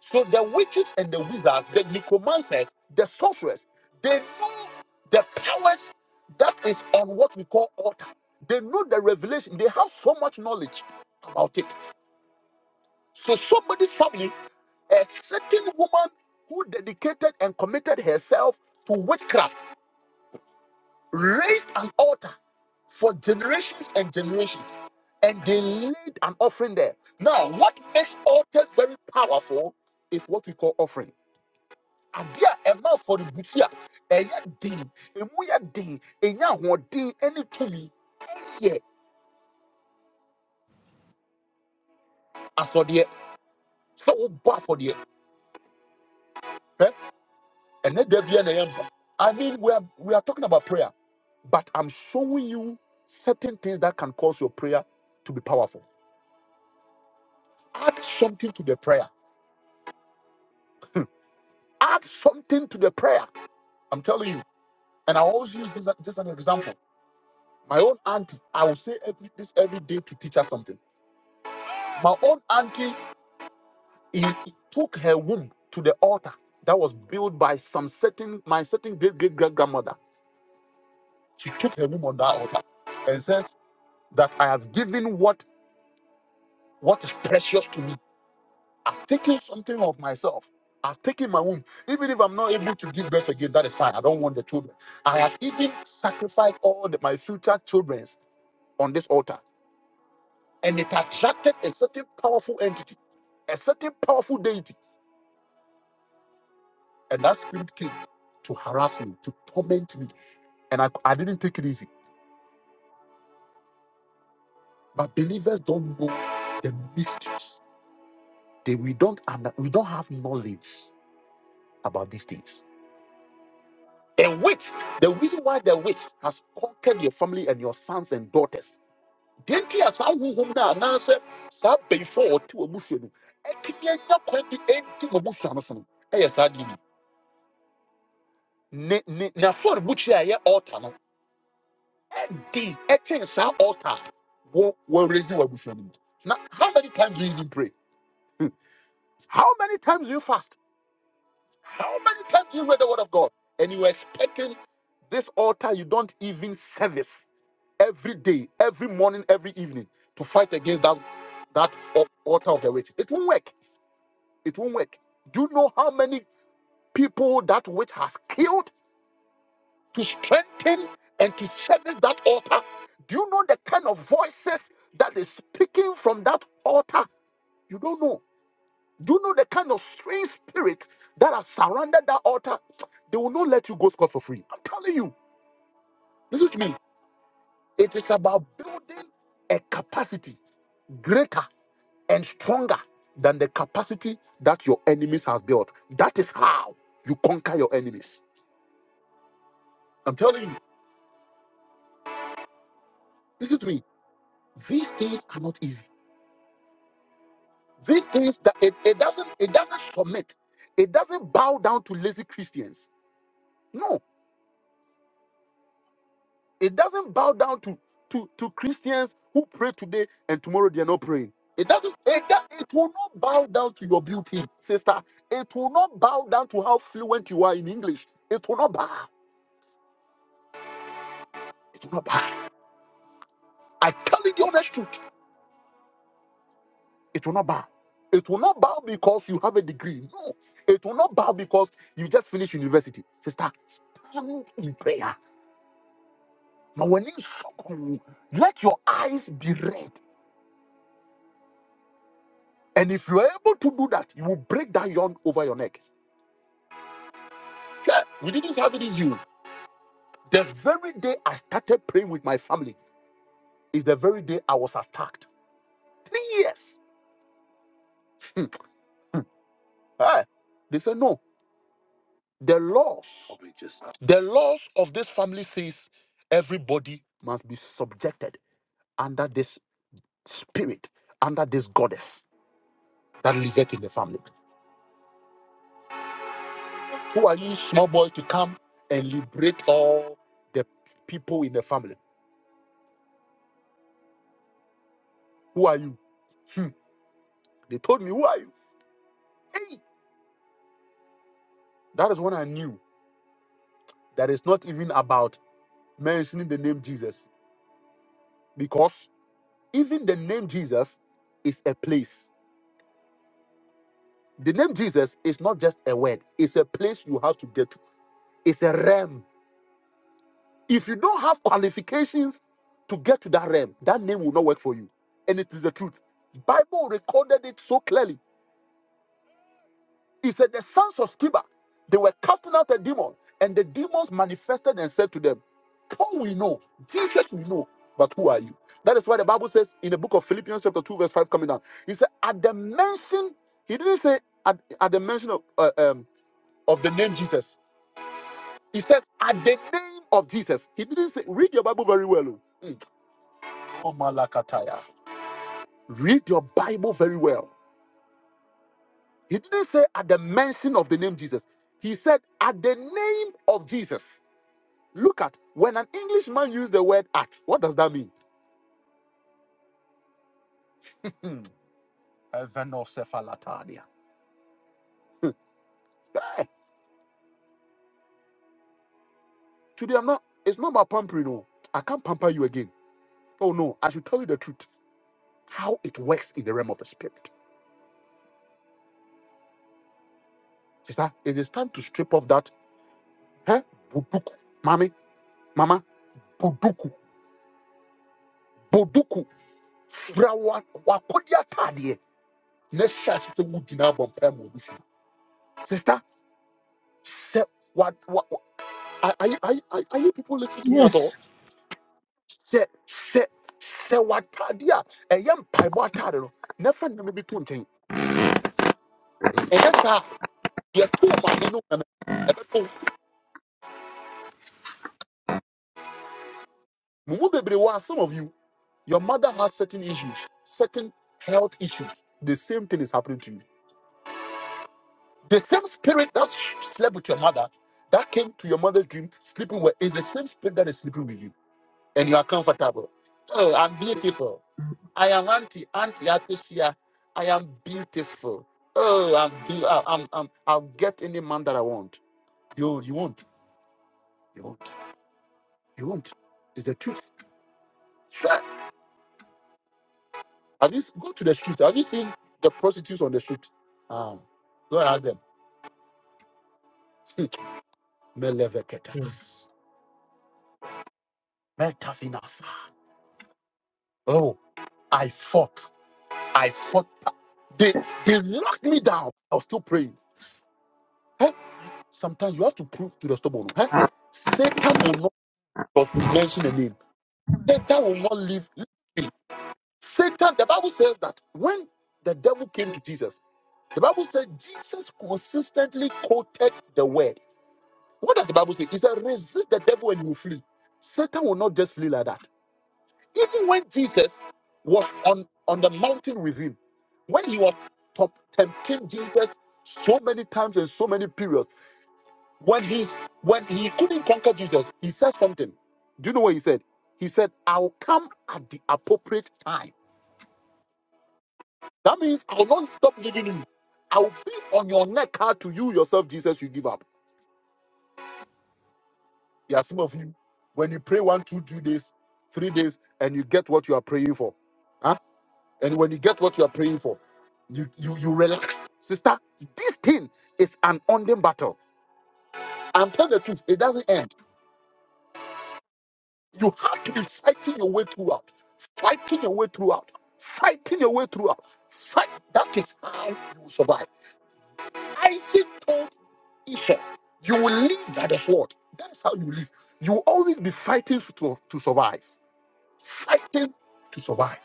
So the witches and the wizards, the necromancers, the sorcerers, they know the powers that is on what we call altar. They know the revelation. They have so much knowledge about it. So somebody's family, a certain woman who dedicated and committed herself to witchcraft raised an altar for generations and generations, and they laid an offering there. Now, what makes altars very powerful is what we call offering. Adeɛ a ɛma for the butia ɛyɛ den, emu yɛ den, enya ahoɔden ɛne tumi ɛyɛ asɔdeɛ. So wo bɔ afɔdeɛ, eh? ɛnɛ dɛ bi ɛna ɛyɛ mpa. I mean, we are we are talking about prayer, but I'm showing you certain things that can cause your prayer to be powerful. Add something to the prayer Add something to the prayer. I'm telling you. And I always use this just an example. My own auntie, I will say every, this every day to teach her something. My own auntie he, he took her womb to the altar that was built by some certain my certain great great great grandmother. She took her womb on that altar and says that I have given what what is precious to me I've taken something of myself. I've taken my womb. Even if I'm not able to give birth again, that is fine. I don't want the children. I have even sacrificed all the, my future children's on this altar. And it attracted a certain powerful entity, a certain powerful deity. And that spirit came to harass me, to torment me. And I, I didn't take it easy. But believers don't know the mysteries. They, we, don't, under- we don't have knowledge about these things. A witch, the reason why the witch has conquered your family and your sons and daughters. Denti asa huhum na anase sa before ti obusua no. Ekinya nya kwa bi enti obusua no so no. Eye sa di ni. Ne ne na for buchi aye altar no. Di etin sa altar. Wo wo raise your obusua no. mu. Now how many times do you even pray? *laughs* How many times do you fast? How many times do you read the word of God and you are expecting this altar you don't even service every day, every morning, every evening to fight against that that al- altar of the witch? It won't work. It won't work. Do you know how many people that witch has killed to strengthen and to service that altar? Do you know the kind of voices that is speaking from that altar? You don't know. Do you know the kind of strange spirit that has surrounded that altar? They will not let you go scot for free. I'm telling you. Listen to me. It is about building a capacity greater and stronger than the capacity that your enemies has built. That is how you conquer your enemies. I'm telling you. Listen to me. These things are not easy. These things that it, it doesn't it doesn't submit. It doesn't bow down to lazy Christians. No. It doesn't bow down to, to, to Christians who pray today and tomorrow they are not praying. It doesn't, it, do- it will not bow down to your beauty, sister. It will not bow down to how fluent you are in English. It will not bow. It will not bow. I tell you the honest truth. It will not bow. It will not bow because you have a degree. No. It will not bow because you just finished university. Sister, stand in prayer. Now, when you suck let your eyes be red. And if you're able to do that, you will break that yarn over your neck. Yeah, we didn't have it easy. The very day I started praying with my family is the very day I was attacked. Three years. Hmm. Eh, They said, no, the laws, the laws of this family says everybody must be subjected under this spirit, under this goddess that liveth in the family. Who are you, small boy, to come and liberate all the people in the family? Who are you? Hmm. They told me, who are you? Hey, that is when I knew that it's not even about mentioning the name Jesus because even the name Jesus is a place. The name Jesus is not just a word, it's a place you have to get to. It's a realm. If you don't have qualifications to get to that realm, that name will not work for you. And it is the truth. Bible recorded it so clearly He said, The sons of Sceva, they were casting out a demon, and the demons manifested and said to them, Paul we know, Jesus we know, but who are you? That is why the Bible says in the book of Philippians, chapter 2, verse 5, coming down, he said, At the mention, he didn't say at, at the mention of, uh, um, of the name Jesus. He says, At the name of Jesus. He didn't say, Read your Bible very well. oh. Mm. Oh, Malakataya. Read your Bible very well. He didn't say at the mention of the name Jesus. He said at the name of Jesus. Look at when an Englishman used the word at, what does that mean? *laughs* Hey, today I'm not, it's not about pampering. No. I can't pamper you again. Oh no, I should tell you the truth. How it works in the realm of the spirit. Sister, it is time to strip off that. Hey, buduku. Mommy, mama, buduku, buduku. Frawa, wakodia tadie. Next shot, sister, se- what, what, what- are, are, you- are, are you people listening to me at all?
Yes.
sɛ sɛ sɛ w'atadeɛ a ɛyɛ mpaebɔ atade no na fa nname bi to nkyɛn ɛnɛ saa yɛtoo maame no na mɛbɛto mo mu bebree wɔ a, some of you your mother has certain issues certain health issues the same thing is happening to you the same spirit that slept with your mother that came to your mother's dream sleeping with is the same spirit that is sleeping with you and you are comfortable. Oh, I'm beautiful. I am anti anti Atusia. I am beautiful. Oh, I'm, be- I- I'm, I'm I'll get any man that I want. You you won't. You won't. You won't. It's the truth. Sure. Have you s- go to the street? Have you seen the prostitutes on the street? Ah, go and ask them. *laughs*
Mm.
Meleveketanas. Metafinasa. Oh, I fought. I fought. They they knocked me down. I was still praying. Hey, sometimes you have to prove to the stubborn. Hey, Satan will not because you mention a name. Satan will not leave. leave. Satan, the Bible says that when the devil came to Jesus, the Bible said Jesus consistently quoted the word. What does the Bible say? It said, resist the devil and he will flee. Satan will not just flee like that. Even when Jesus was on, on the mountain with him, when he was top- tempting Jesus so many times and so many periods, When he's when he couldn't conquer Jesus, he said something. Do you know what he said? He said, I'll come at the appropriate time. That means I'll not stop giving you. I'll be on your neck hard to you yourself, Jesus, you give up. There are some of you, when you pray one, two, two days, three days, and you get what you are praying for. Huh? And when you get what you are praying for, you you you relax. Sister, this thing is an ongoing battle. I'm telling the truth, it doesn't end. You have to be fighting your way throughout. Fighting your way throughout. Fighting your way throughout. Fight. That is how you will survive. Isaac told Esau, you will live by the sword. That is how you live. You will always be fighting to, to survive. Fighting to survive.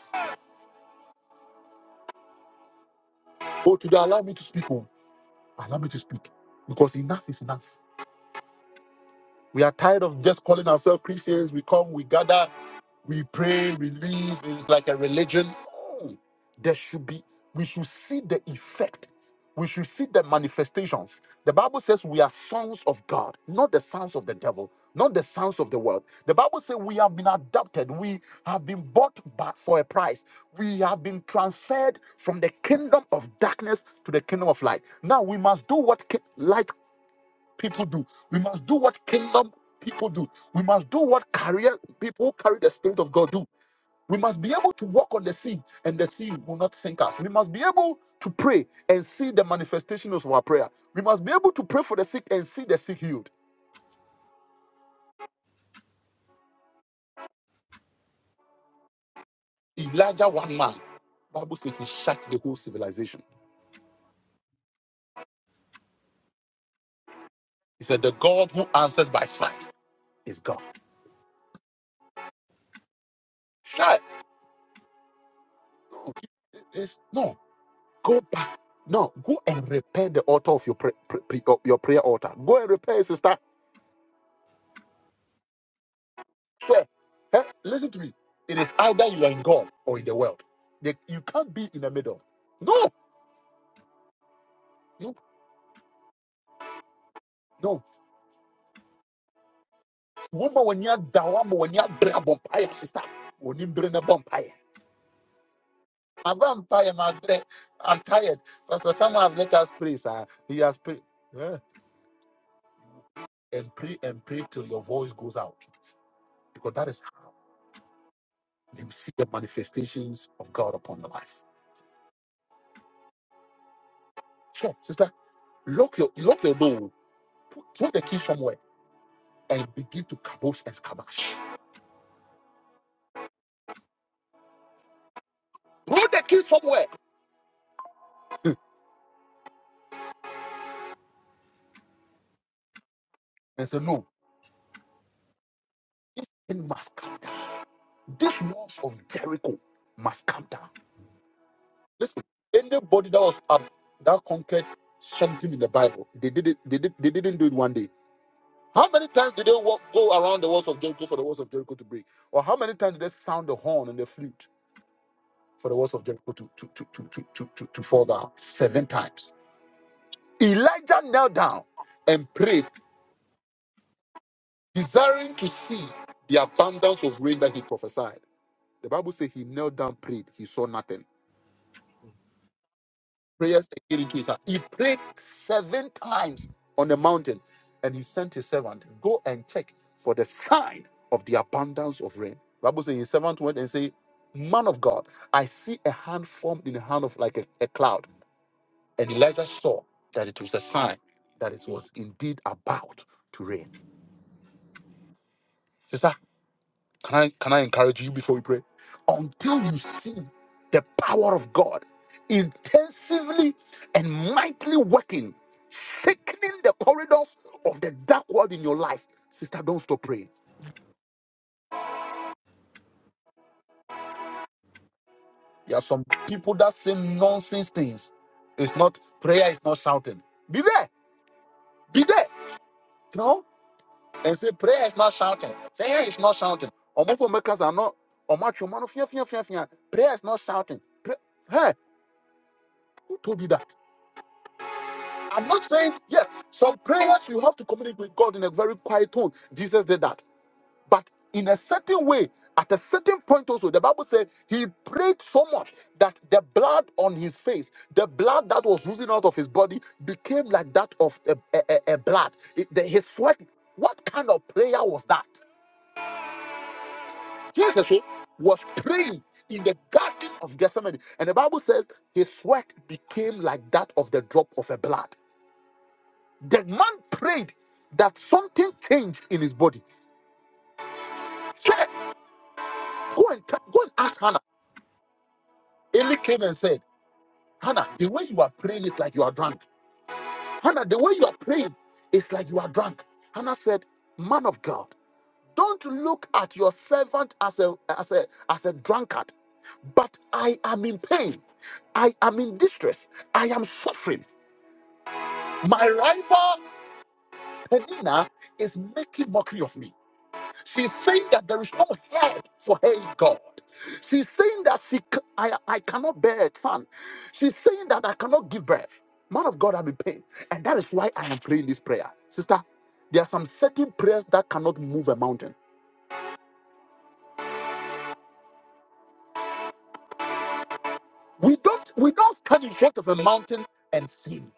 Oh, today, allow me to speak. Oh, allow me to speak. Because enough is enough. We are tired of just calling ourselves Christians. We come, we gather, we pray, we leave. It's like a religion. No. There should be, we should see the effect. We should see the manifestations. The Bible says we are sons of God, not the sons of the devil, not the sons of the world. The Bible says we have been adopted. We have been bought back for a price. We have been transferred from the kingdom of darkness to the kingdom of light. Now we must do what ki- light people do. We must do what kingdom people do. We must do what career people who carry the spirit of God do. We must be able to walk on the sea and the sea will not sink us. We must be able to pray and see the manifestations of our prayer. We must be able to pray for the sick and see the sick healed. Elijah, one man, Bible says he shut the whole civilization. He said, The God who answers by fire is God. Shut. It's, no, go back. No, go and repair the altar of your, pra- pra- pra- your prayer altar. Go and repair it, sister. Fair. Eh, Listen to me. It is either you are in God or in the world. They- you can't be in the middle. No, no, no. Woman, when you're down, when you're brave, vampire sister, when you bring a vampire. I'm vampire, my dre- I'm tired. Pastor Samuel has let us pray, sir. He has prayed. Yeah. And pray and pray till your voice goes out. Because that is how you see the manifestations of God upon the life. Sure, sister, lock your lock your door, put, put the key somewhere, and begin to kabosh and scabash. Throw the key somewhere. *laughs* and say, No, this thing must come down. This walls of Jericho must come down. Listen, anybody that was up that conquered something in the Bible, they did it, they did they didn't do it one day. How many times did they walk, go around the walls of Jericho for the walls of Jericho to break? Or how many times did they sound the horn and the flute for the walls of Jericho to, to, to, to, to, to, to, to fall down? Seven times. Elijah knelt down and prayed, desiring to see the abundance of rain that he prophesied. The Bible says he knelt down, prayed. He saw nothing. Prayers came into his heart. He prayed seven times on the mountain, and he sent his servant, go and check for the sign of the abundance of rain. Bible says his servant went and said, Man of God, I see a hand formed in the hand of like a, a cloud. And Elijah saw that it was a sign that it was indeed about to rain. Sister. Can I can I encourage you before we pray? Until you see the power of God intensively and mightily working, shaking the corridors of the dark world in your life, sister, don't stop praying. There are some people that say nonsense things. It's not prayer is not shouting. Be there, be there, you know, and say prayer is not shouting. Prayer is not shouting. Almost all makers are not. Or much, man of fear, fear, fear, fear. prayer is not shouting. Pray- hey, who told you that? I'm not saying yes. Some prayers you have to communicate with God in a very quiet tone. Jesus did that, but in a certain way, at a certain point also, the Bible said he prayed so much that the blood on his face, the blood that was oozing out of his body, became like that of a, a- a- a blood. It- the- his sweat. What kind of prayer was that? Jesus eh, was praying in the garden of Gethsemane, and the Bible says his sweat became like that of the drop of a blood. The man prayed that something changed in his body. Say, go and t- go and ask Hannah. Eli came and said, Hannah, the way you are praying is like you are drunk. Hannah, the way you are praying is like you are drunk. Hannah said, Man of God, don't look at your servant as a as a as a drunkard, but I am in pain. I am in distress. I am suffering. My rival Penina is making mockery of me. She's saying that there is no help for her in God. She's saying that she, c- I, I cannot bear a son. She's saying that I cannot give birth. Man of God, I'm in pain. And that is why I am praying this prayer. Sister, there are some certain prayers that cannot move a mountain. We don't, we don't stand in front of a mountain and sing.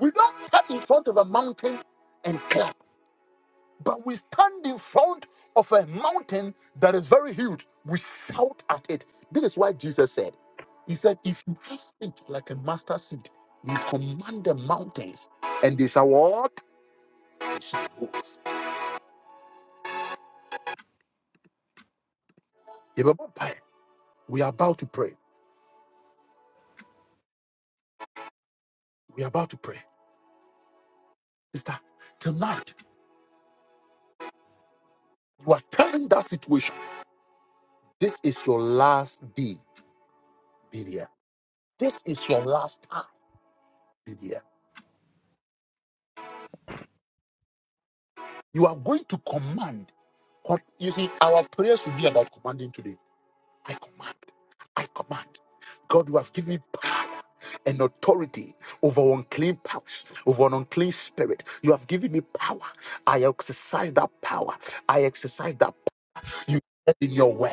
We don't stand in front of a mountain and clap. But we stand in front of a mountain that is very huge. We shout at it. This is why Jesus said, He said, If you have faith like a mustard seed, you command the mountains, and they shall what? They shall move. Yeah, but Papa, We are about to pray. We are about to pray. Sister, tonight, you are telling that situation. This is your last day, be there. This is your last time, be there. You are going to command. Com- You see, our prayers will be about commanding today I command. I command. God, you have given me power and authority over unclean powers, over an unclean spirit. You have given me power. I exercise that power. I exercise that. p- You said in your word.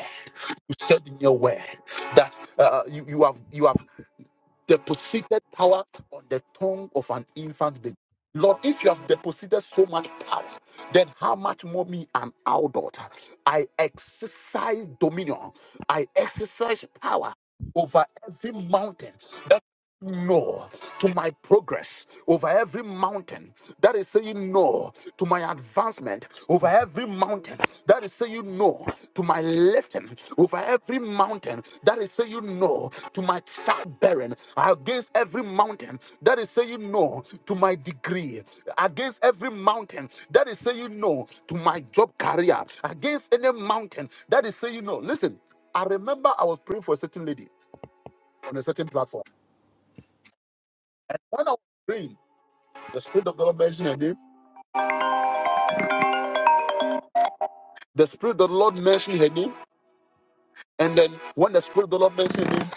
You said in your word that uh, you, you have you have deposited power on the tongue of an infant baby. Lord, if you have deposited so much power, then how much more me an adult? I exercise dominion. I exercise power over every mountain, no to my progress over every mountain that is saying no to my advancement over every mountain that is saying no to my lifting over every mountain that is saying no to my childbearing against every mountain that is saying no to my degree against every mountain that is saying no to my job career against any mountain that is saying no listen i remember i was praying for a certain lady on a certain platform and when i was praying The Spirit of the Lord mentioned her name. The Spirit of the Lord mentioned her name. And then when the Spirit of the Lord mentioned her name,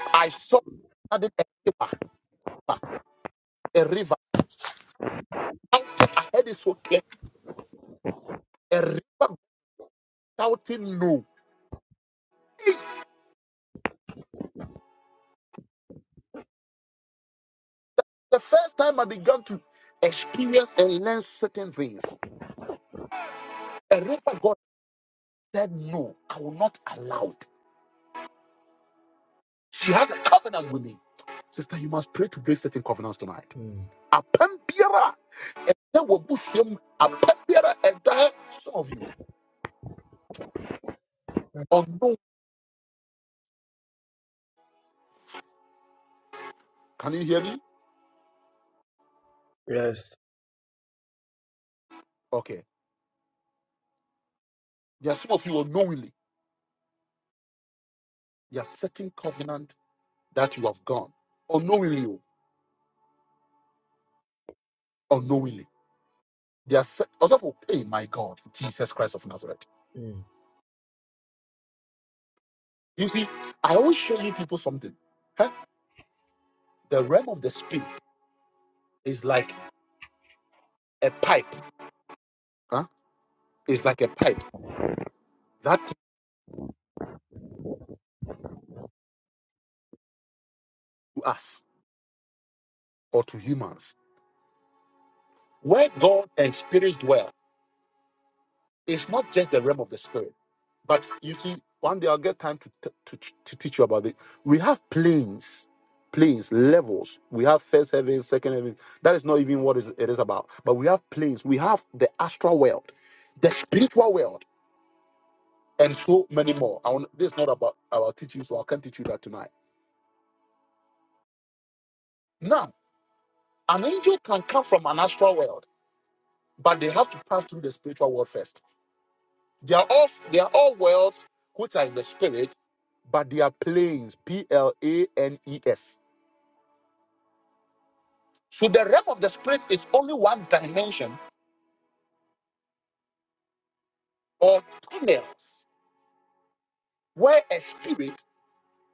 I saw added a river, a river. Shouting, I heard it so clear. A river shouting no. Hey, The first time I began to experience and learn certain things, a river God said no, I will not allow it. She has a covenant with me. Sister, you must pray to break certain covenants tonight.
Mm.
Apam biara, ɛda wɔ busuam, apam biara, ɛda some of you. Can you hear me?
Yes.
Okay. There are some of you unknowingly. You are setting covenant that you have gone. Unknowingly, oh, unknowingly. There are set also for hey my God, Jesus Christ of Nazareth.
Mm,
You see, I always show you people something. Huh? The realm of the spirit is like a pipe. Huh? It's like a pipe that to us or to humans. Where God and spirits dwell. It's not just the realm of the spirit. But you see, one day I'll get time to, t- to, ch- to teach you about it. We have planes, planes, levels. We have first heaven, second heaven. That is not even what is, it is about. But we have planes. We have the astral world, the spiritual world, and so many more. I want, this is not about our teaching, so I can't teach you that tonight. Now, an angel can come from an astral world, but they have to pass through the spiritual world first. They are all they are all worlds which are in the spirit, but they are planes. P L A N E S. So the realm of the spirit is only one dimension or tunnels where a spirit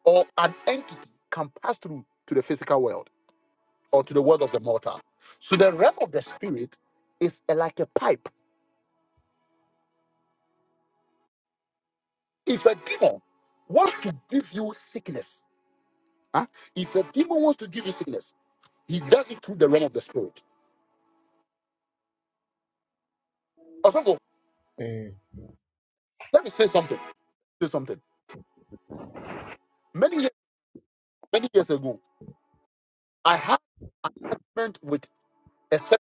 or an entity can pass through to the physical world or to the world of the mortal. So the realm of the spirit is a- like a pipe. If a demon wants to give you sickness, huh? if a demon wants to give you sickness, he does it through the realm of the spirit. Also,
mm,
let me say something. Say something Many years, many years ago, I had an argument with a secretary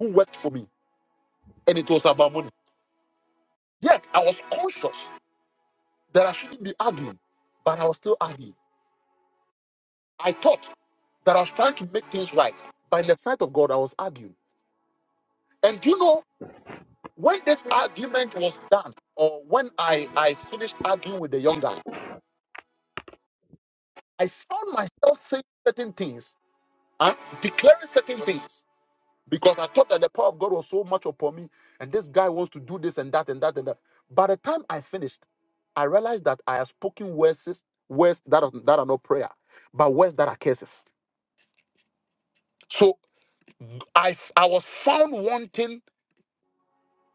who worked for me, and it was about money. Yet I was conscious that I shouldn't be arguing, but I was still arguing. I thought that I was trying to make things right. By the sight of God, I was arguing. And do you know when this argument was done, or when I, I finished arguing with the young guy, I found myself saying certain things, and declaring certain things because I thought that the power of God was so much upon me, and this guy wants to do this and that and that and that. By the time I finished, I realized that I have spoken words, words that are, that are not prayer, but words that are curses. So I I was found wanting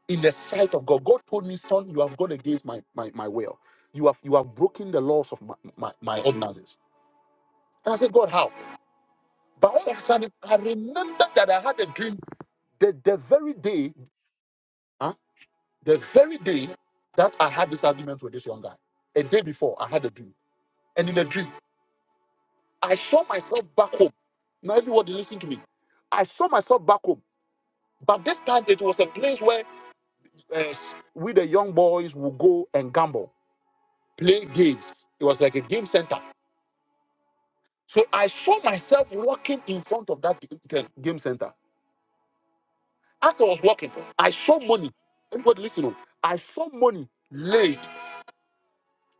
in the sight of God. God told me, son, you have gone against my my, my will. You have you have broken the laws of my, my, my ordinances. And I said, God, how? But all of a sudden, I remembered that I had a dream the, the very day. huh? The very day that I had this argument with this young guy, a day before I had a dream. And in the dream, I saw myself back home. Now, everybody listen to me. I saw myself back home. But this time it was a place where uh, we, the young boys, would go and gamble, play games. It was like a game center. So I saw myself walking in front of that g- g- game center. As I was walking, I saw money. Everybody listen. oh. I saw money laid,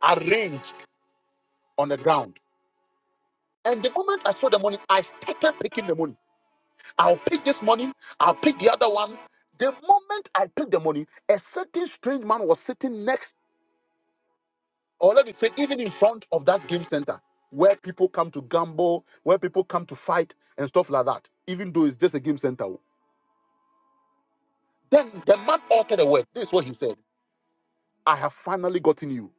arranged on the ground. And the moment I saw the money, I started picking the money. I'll pick this money, I'll pick the other one. The moment I picked the money, a certain strange man was sitting next, or let me say, even in front of that game center where people come to gamble, where people come to fight and stuff like that, even though it's just a game center. Then the man uttered a word. This is what he said I have finally gotten you.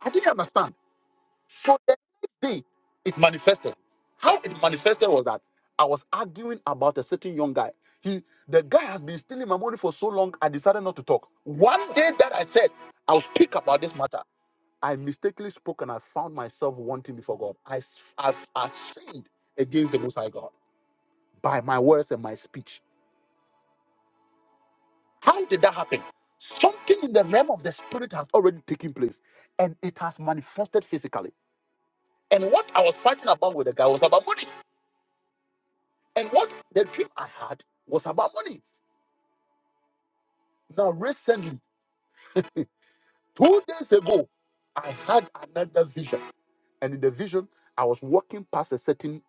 I didn't understand. So the next day, it manifested. How it manifested was that I was arguing about a certain young guy. He, the guy has been stealing my money for so long. I decided not to talk. One day that I said I'll speak about this matter, I mistakenly spoke and I found myself wanting before God. I, s- I've- I sinned against the Most High God by my words and my speech. How did that happen? Something in the realm of the spirit has already taken place, and it has manifested physically. And what I was fighting about with the guy was about money. And what the dream I had was about money. Now, recently, *laughs* two days ago, I had another vision. And in the vision, I was walking past a certain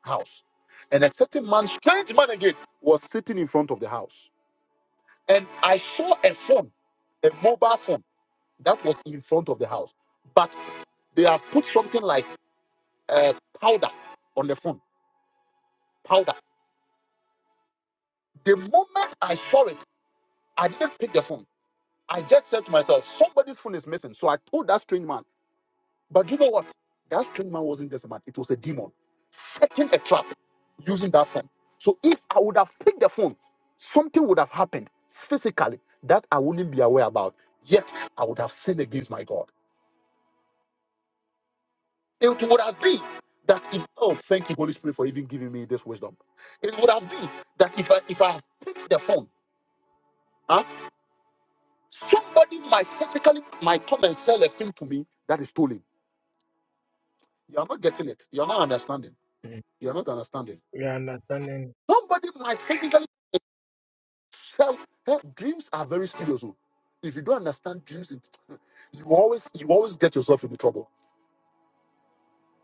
house. And a certain man, strange man again, was sitting in front of the house. And I saw a phone, a mobile phone, that was in front of the house. But they have put something like uh, powder on the phone. Powder. The moment I saw it, I didn't pick the phone. I just said to myself, somebody's phone is missing. So I told that strange man. But you know what? That strange man wasn't just a man, it was a demon setting a trap using that phone. So if I would have picked the phone, something would have happened physically that I wouldn't be aware about. Yet I would have sinned against my God. It would have been that if oh thank you, Holy Spirit, for even giving me this wisdom. It would have been that if I if I have picked the phone, huh, somebody might physically might come and sell a thing to me that is stolen You're not getting it. You're not understanding.
mm.
You're not understanding.
We are understanding.
Somebody might technically sell. Hey, dreams are very serious. oh. If you don't understand dreams, it- *sniffs* you always you always get yourself into trouble.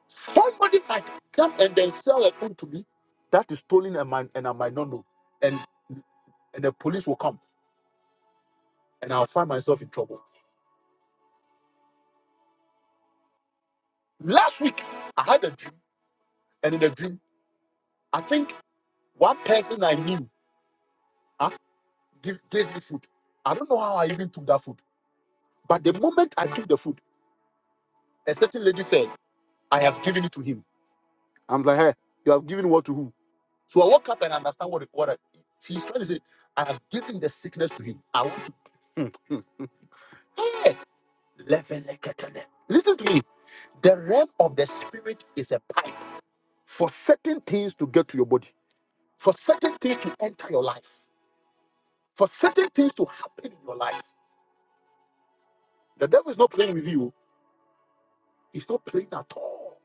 Somebody might come and then sell a phone to me that is stolen and, my, and I might not know. And and the police will come and I'll find myself in trouble. Last week, I had a dream, and in the dream, I think one person I knew huh, give, gave me food. I don't know how I even took that food. But the moment I took the food, a certain lady said, I have given it to him. I'm like, hey, you have given what to who? So I woke up and understand what, what I, she's trying to say, I have given the sickness to him. I want to. *laughs* Hmm, hmm, hmm. Hey, levelekatele. Listen to me. The realm of the spirit is a pipe for certain things to get to your body, for certain things to enter your life, for certain things to happen in your life. The devil is not playing with you, he's not playing at all.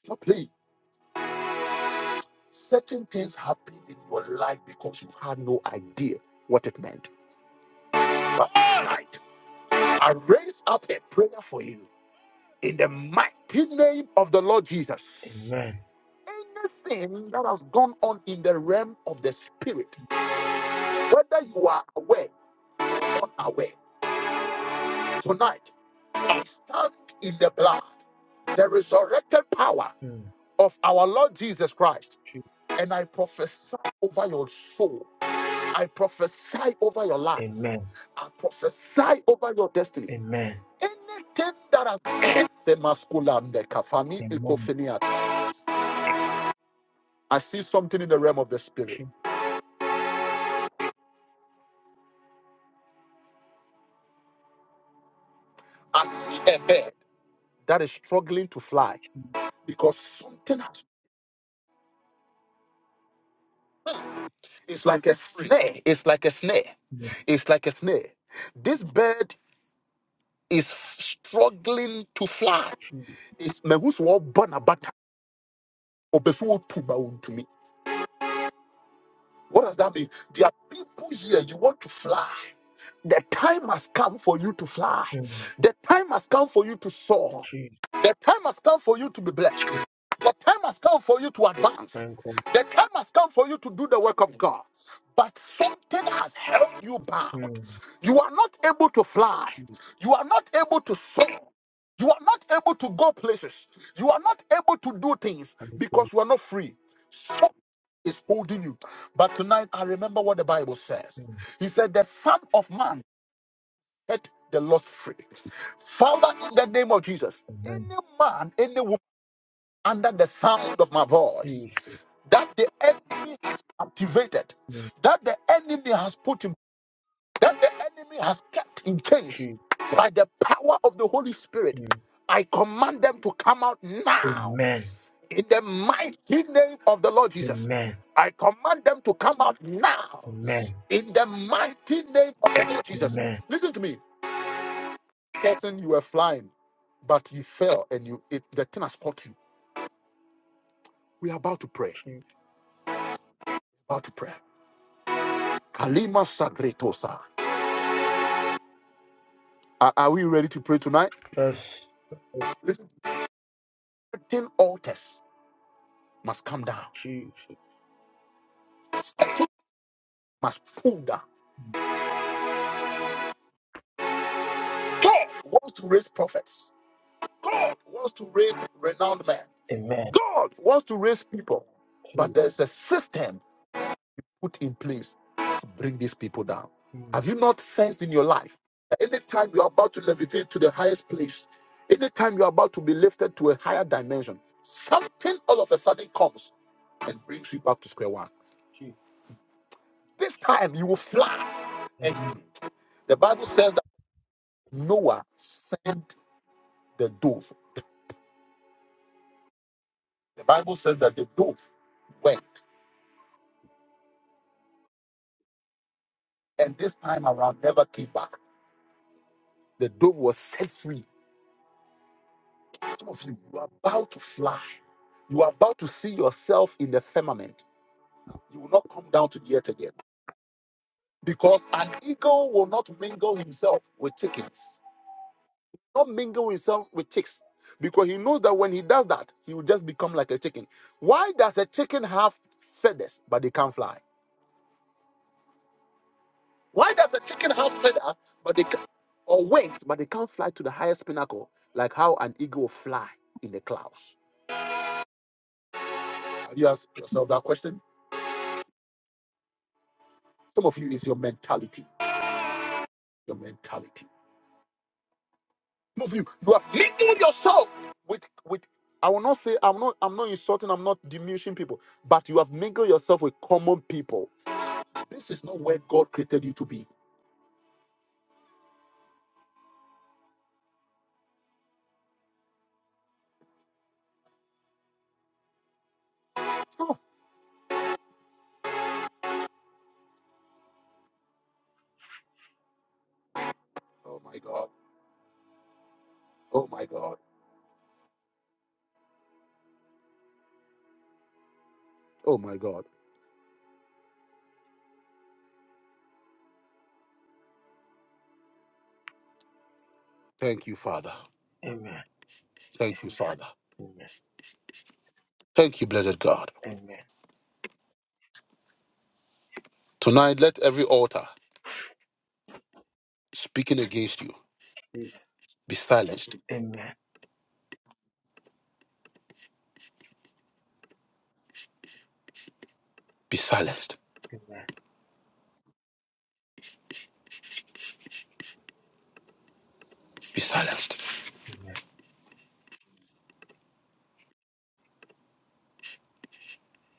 He's not playing. Certain things happened in your life because you had no idea what it meant. But tonight, I raise up a prayer for you in the mighty name of the Lord Jesus.
Amen.
Anything that has gone on in the realm of the spirit, whether you are aware or unaware, tonight I stand in the blood, the resurrected power
Mm,
of our Lord Jesus Christ,
true.
and I prophesy over your soul I prophesy over your life.
Amen.
I prophesy over your destiny.
Amen.
Anything that has the masculine, the kafani,
Amen.
ekofeniat. I see something in the realm of the spirit.
True.
I see a bird that is struggling to fly
True.
because something has, it's like a snare. It's like a snare.
Mm,
It's like a snare. This bird is struggling to fly.
true.
It's mehusu obana bata obefu otuma What does that mean? There are people here, you want to fly. The time has come for you to fly.
Mm,
The time has come for you to soar.
true.
The time has come for you to be blessed. The time has come for you to
My
advance.
God.
The time has come for you to do the work of God. But something has held you bound.
Mm,
You are not able to fly.
true.
You are not able to soar. You are not able to go places. You are not able to do things
Thank God.
because you are not free. Something is holding you. But tonight, I remember what the Bible says.
Mm,
He said, The Son of Man set the lost free. Father, in the name of Jesus,
amen.
any man, any woman under the sound of my voice,
Jesus.
that the enemy has activated,
Mm,
that the enemy has put him, that the enemy has kept in case
true.
by the power of the Holy Spirit,
Mm,
I command them to come out now.
amen.
In the mighty name of the Lord Jesus,
Amen.
I command them to come out now.
Amen.
In the mighty name of the Lord Jesus.
Amen.
Listen to me person you were flying, but you fell and you it, the thing has caught you. We are about to pray. About to pray. Kalima sagretosa. Are, are we ready to pray tonight?
Jesus.
Listen, certain altars must come down,
Jesus.
must pull down. God wants to raise prophets. God wants to raise renowned men.
Amen.
God wants to raise people,
True.
but there's a system. put in place to bring these people down?
Mm,
Have you not sensed in your life that anytime you're about to levitate to the highest place, anytime you're about to be lifted to a higher dimension, something all of a sudden comes and brings you back to square one?
true.
This time you will fly. And
Amen.
the Bible says that Noah sent the dove. The Bible says that the dove went and this time around never came back. The dove was set free Some of you, you are about to fly. You are about to see yourself in the firmament. You will not come down to the earth again. Because an eagle will not mingle himself with chickens, not mingle himself with chicks. Because he knows that when he does that, he will just become like a chicken. Why does a chicken have feathers but they can't fly? Why does a chicken have feathers but they can, or wings but they can't fly to the highest pinnacle like how an eagle fly in the clouds? Have you asked yourself that question? Some of you is your mentality. your mentality. Some of you, you have mingled yourself with with. I will not say I'm not I'm not insulting, I'm not diminishing people, but you have mingled yourself with common people. This is not where God created you to be. Oh, oh my God. Oh my God. Oh my God. Thank you, Father.
Amen.
Thank you, Father.
Amen.
Thank you, blessed God.
Amen.
Tonight, let every altar speaking against you
Jesus.
be silenced.
Amen.
Be silenced.
Amen.
Be silenced.
Amen.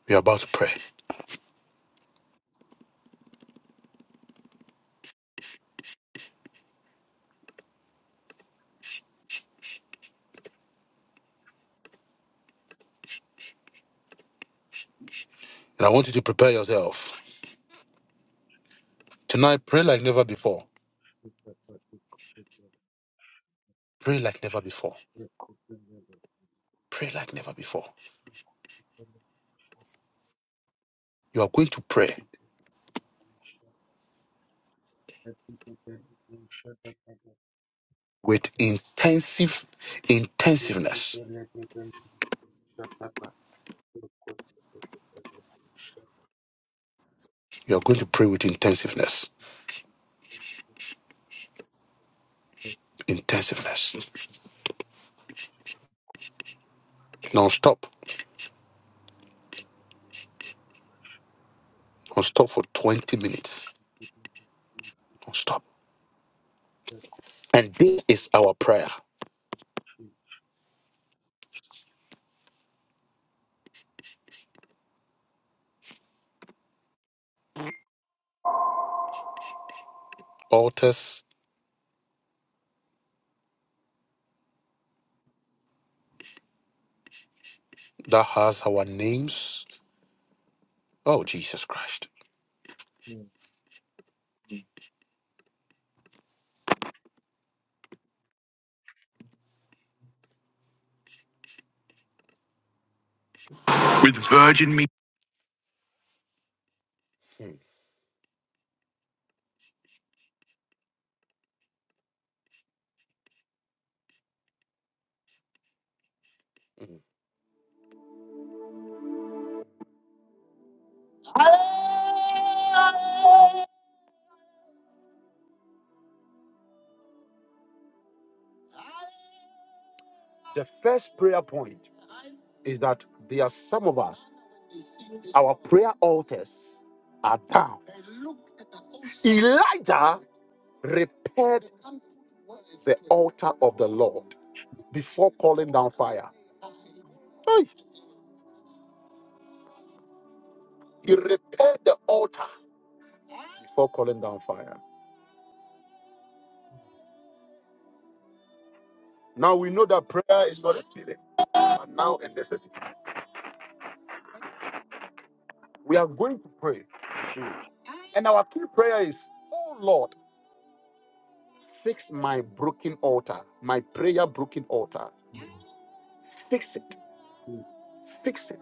We are about to pray. And I want you to prepare yourself. Tonight, pray like never before. Pray like never before. Pray like never before. You are going to pray with intensive intensiveness. You are going to pray with intensiveness. Intensiveness. Non-stop. Non-stop for 20 minutes. Non-stop. And this is our prayer. Altars that has our names. Oh, Jesus Christ. Mm, mm. The first prayer point is that there are some of us, our prayer altars are down. I repaired the altar of the Lord before calling down fire. Hey. He repaired the altar before calling down fire. Now we know that prayer is not a feeling, but now a necessity. We are going to pray. And our key prayer is, Oh Lord, fix my broken altar, my prayer broken altar. Fix it, fix it,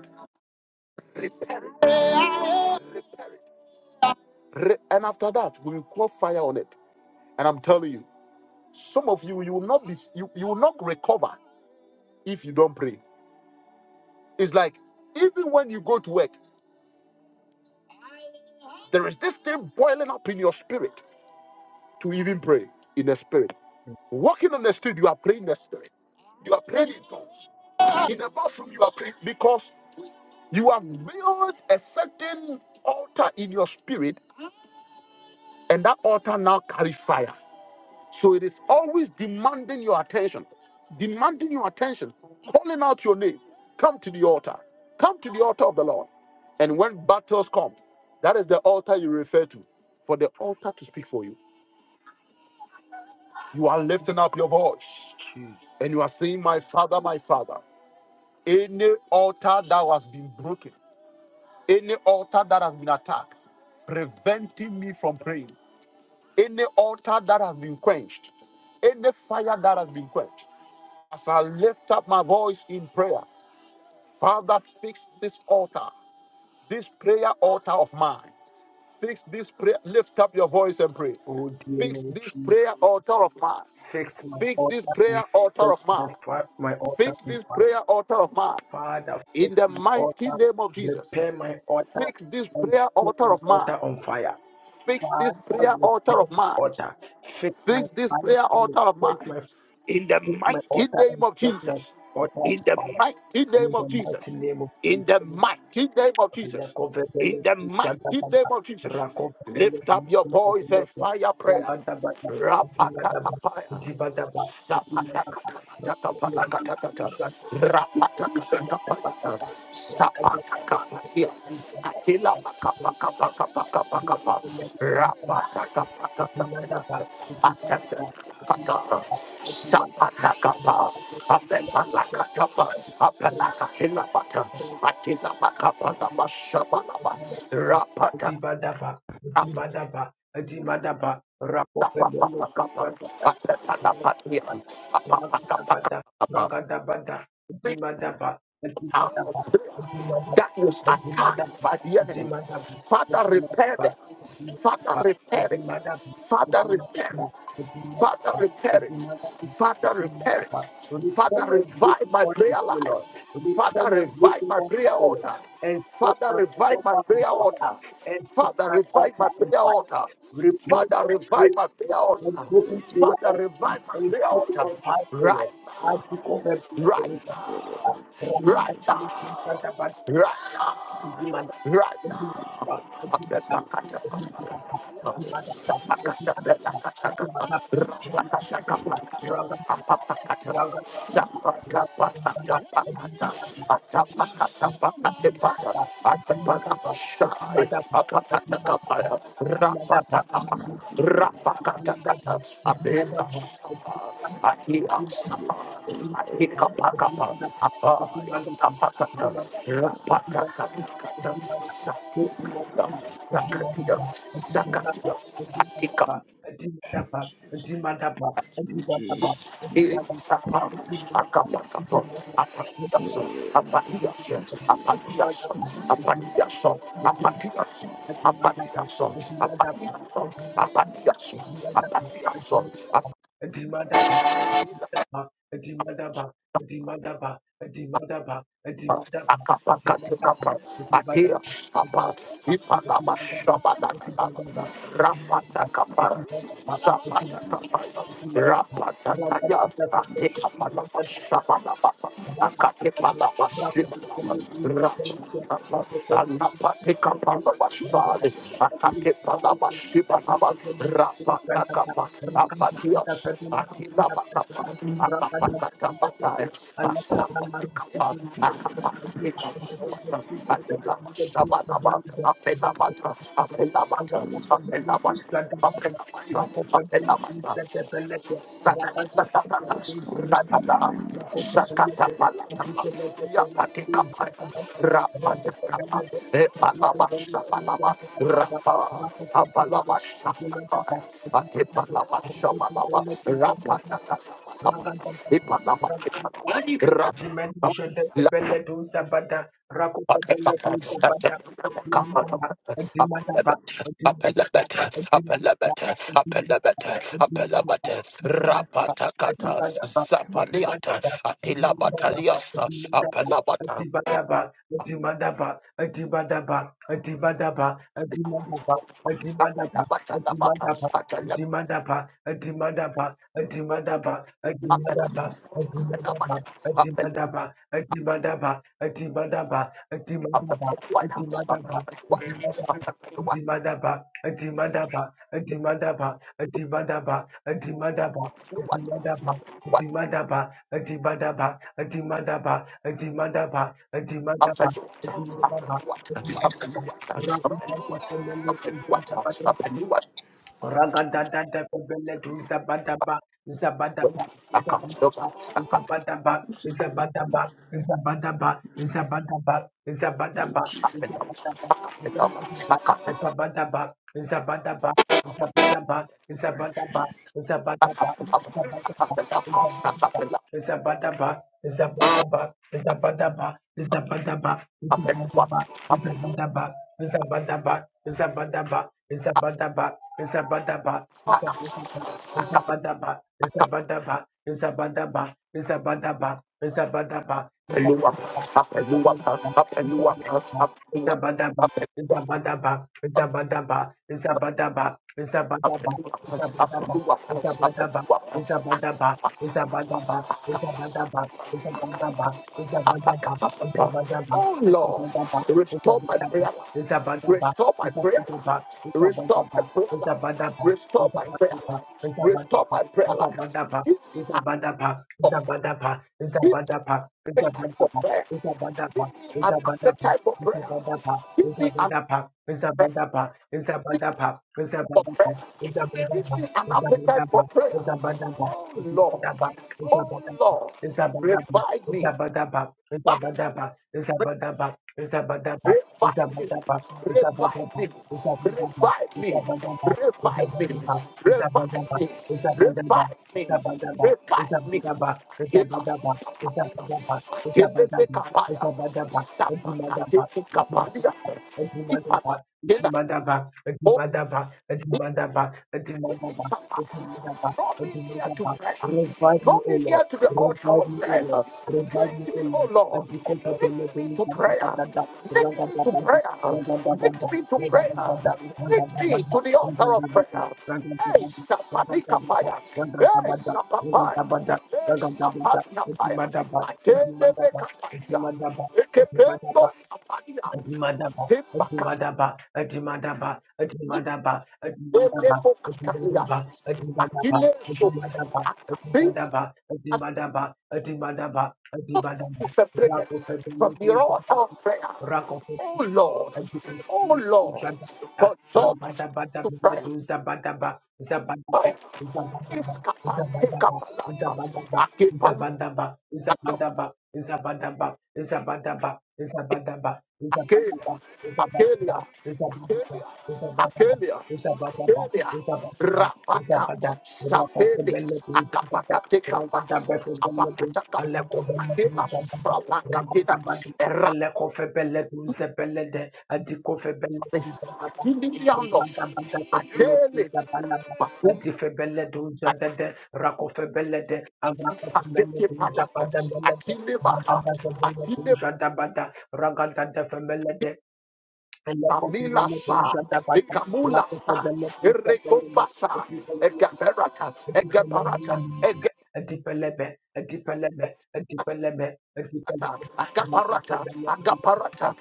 repair it, repair it. Re- and after that, we will call fire on it. And I'm telling you, some of you, you will not be, you, you will not recover if you don't pray. It's like even when you go to work, there is this thing boiling up in your spirit to even pray in the spirit. Walking on the street, you are praying in the spirit. You are praying in tongues. In the bathroom, you are praying because you have built a certain altar in your spirit, and that altar now carries fire. So it is always demanding your attention, demanding your attention, calling out your name. Come to the altar. Come to the altar of the Lord. And when battles come, that is the altar you refer to for the altar to speak for you. You are lifting up your voice. and you are saying, My father, my father, any altar that has been broken, any altar that has been attacked, preventing me from praying, any altar that has been quenched, any fire that has been quenched, as I lift up my voice in prayer, Father, fix this altar, this prayer altar of mine. Fix this prayer, lift up your voice and pray.
Oh dear
Fix
Lord,
this prayer altar of mine.
fix my
Fix
altar,
this
in
prayer
fix
altar of
my
mine.
fi- my altar.
Fix
in
this prayer altar of mine.
Father, fix
In the
my
mighty
altar,
name of Jesus,
repair my altar,
fix this
and
prayer
set my
altar of mine.
altar on fire.
Fix this
Father,
prayer altar
repair
of
my
mine
altar, fix my
fix this
fire,
prayer
and
altar of
set
mine
my
in the
fix my
mighty
altar
name
and
of
set my
Jesus.
altar on
In the
fire.
mighty
In
name of
the mighty
Jesus.
name of
In
Jesus,
the mighty name of Jesus. In
Lakovele,
the mighty name
Shadabata,
of Jesus.
Rakovele,
Lift up your voice and
Shadabata,
fire prayer.
Lagadabata, Dibadaba,
Rapatakapaya.
Dibadaba, Dibadaba, Rakovele,
Sapatakapatakapatakapalakatakata.
Shadabata. Thank
Rapatakapatapayata. Sapatakapatia. Akilapakapakapakapakapakapa. Rapatakapakatapelata. That
you. Dibadaba, Dibadaba, Dibadaba, Rapopembele, Dibadaba, Ragadabada, Ragadabada, Dibadaba, Dibadaba, Dibadaba, Dibadaba,
was
Dibadaba,
attacked by the
Dibadaba,
enemy.
Dibadaba,
Father, repair them.
Dibadaba,
Father,
Dibadaba,
repair it.
Dibadaba,
Father, repair it. Father, repair it.
Dibadaba,
Father, repair it.
Dibadaba.
Father,
Return and
revive
blessing
my
unto
prayer
you,
life.
Lord. Return
Father,
and
revive
blessing
my
unto
prayer
you, Lord.
altar.
And set
Father,
us
revive my
proper in
prayer
power
altar.
and set
Father,
my
revive
altar
my
on
prayer
fire.
altar.
Repent
Father,
of
revive
grief
my prayer
and
altar.
broken prayer
Father,
altar
revive my
and
prayer
set it
altar.
on fire, O
Right
Lord. I become a
now,
blood of
right now, right
wisdom.
now,
Thank
right now, right now. Rapataka, Rapataka, Rapataka, Rapataka,
you. Thank
Rapataka, Sakatio, Atika,
Jesus, in the mighty name of
Sapa,
Jesus,
Akapakapo, Apatiaso,
whatever
Apatiaso,
to be fire.
Apatiaso,
In the name
Apatiaso, Apatiaso, Apatiaso, Apatiaso,
you.
Apatiaso,
Thank
Apatiaso, Akapakatikapa, Atia Sapa, Ipanaba Sabadataba, Rapatakapa, Sapatakapa, Rapatataya, Atikapalaba Sabadabapa, Akatipalaba
of the
Sibalaba,
Lord,
Rapatapa,
you.
Anapatikapalaba
Thank
Sali, Akatipalaba Sibalaba, Rapatakapa, Apatias, Atilabakapa,
In the name of Jesus, in the name of Jesus, we
Apela
restore it. In the name of Jesus,
you.
Rapa Rapatakata, Zapaliata, Atila Bataliasa, Apelabata,
Dimandaba, Adibadaba, Adibadaba, Adibadaba,
Apelabata,
Adibadaba,
Apelabata,
Adibadaba,
Apelabata,
Adimadaba, Adimadaba, Adimadaba, Adimadaba, Adimadaba, Adimadaba,
Apelabata,
Adimadaba, Adimadaba, Adimadaba,
of
Adimadaba,
the what house, of
Adimadaba.
the what house, of the what
Adimadaba, Adimadaba, Adimadaba, Adimadaba, Adimadaba, Adimadaba,
what of the what
Adimadaba, Adimadaba, Adimadaba, Adimadaba,
of the what
Adimadaba,
of
Thank
the what of the what of the what of the what
you.
of the what Oh Lord, restore my prayer life, restore my prayer life, restore my prayer life, restore my prayer life, restore my prayer life. Give me a cup. appetite for prayer. Give me an appetite for prayer. Give me an appetite for prayer. Give me an appetite for prayer. Oh Lord, oh Lord, revive me. Revive
Revive
me,
me,
revive me, revive me, revive me, revive me, revive me, revive me. Akela sapatia, akelebe kapaya, sapakatete kapalia, ipala kela. Draw me near to prayer. Draw
O
me near
Lord.
to the altar of
Revive me, O
prayer.
Lord.
Lift
Revive me, O
me, O
Lord. As
Lord.
you come for the
Lift me to
Lord,
prayer.
you
Lift me to prayer. Lift me to prayer. Lift me to the altar of prayer. Hey, Sapanikapaya. Hey, Sapapaya. Hey, Sapanikapaya. Adelebekapaya. Ekependo
Thank
Sapania.
Adimadaba, Adimadaba, Adimadaba, Adimadaba, Adimadaba,
Olepo
Adimadaba,
Catalia,
Adimadaba, Adimadaba,
Achille Sope, Akapi, and
Adimadaba, Adimadaba, Adimadaba,
not
Adimadaba,
be separated
Rakofe,
from the altar of prayer.
Rakofe,
Oh Lord,
Allah
oh Lord, control my spirit to prayer. Fire. Iskapante kapalata, Akelia, Akelia, Akelia, Akelia, Akelia, Rapata, Sapeli, Akapakatekapa, Apakatakapa, Akela Salakatina, Erapate,
Allah kofebelle du zebelle de Adikofebele dunza dada, ribanda
Atilianos,
banda kebele
Akele,
dunza balada,
Bakum,
adifebele dunza dede, Rakofebele de, avrakofebele
Akateke
dunza
Palata,
bada bele de,
Atilebaha,
rabada kebele
Atileba.
dunza dabada, ragada defebele de,
Tamila
elekofebele
sa,
dunza dabada,
Ekamula sa,
rakofebele dunza bele
Erekopasa,
de,
Egaperata,
a a a
Egaparata,
a deeper deeper deeper deeper level, level, level,
Agaparata, agaparata,
level,
agaparata,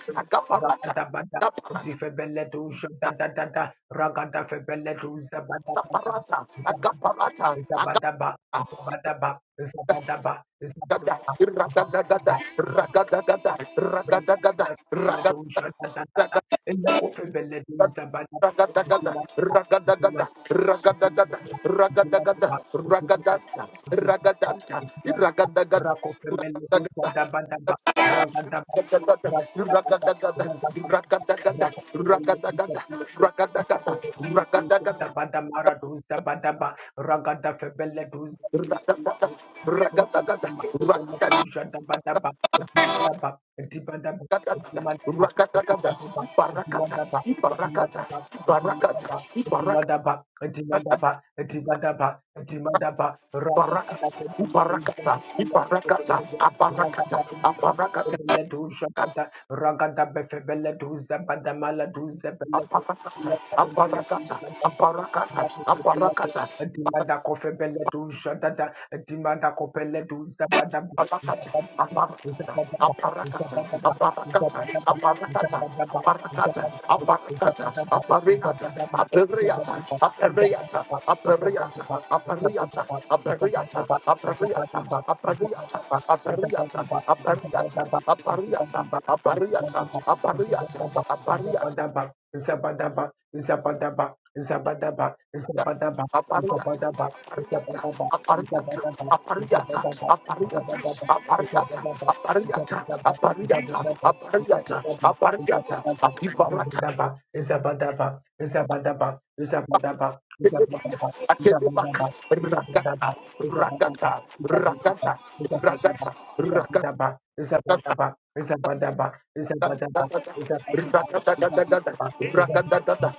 da
agaparata,
da,
agaparata,
da da da da. ragada febele do zabada da
agaparata,
da
agapa-
zabada ba zabada ba zabada ba.
gada, iragadagada, ragadagada, ragadagada,
Zabada do
ragadagada,
jota da da da ele o febele do zabada
ragadagada, ragadagada,
Thank
ragadagada, ragadagada, ragadanta, ragadanta,
you.
iragadagada, ragadagada, ragadagada, ragadagada, ragadagada, ragadagada, ragadagada, ragadagada, Rakata, Barakata, Ibarakata, Ibarakata, Ibaraka, Barakata, Ibarakata,
Rakata
Ibarakata, Abarakata, Abarakata.
Bele du shabada ragada befebele du zabada duze du
Aparakata,
zebele
aparakata,
du
aparakata, aparakata,
Dimanda kofebele do jadada, dimanda kopele do zabada,
Abarakata,
zabada, zabada,
abarakata,
zabada, zabada,
abarakata,
zabada,
abarakata,
zabada, zabada,
abarakata, abarakata, abarakata, abariata, aberiata, aberiata, aberiata, aberiata, aberiata, aberiata, aberiata, aberiata, aberiata, aberiata, aberiata,
zabada,
aberiata,
zabada,
aberiata,
zabada, Zabadaba, Zabadaba, Zabadaba,
Apariata, apariata, apariata, apariata, apariata, apariata, apariata, apariata, apariata, apariata, apibarata. Akelebaka, ragata, ragata, ragata, ragata, ragata, ragata, ragata, ragata,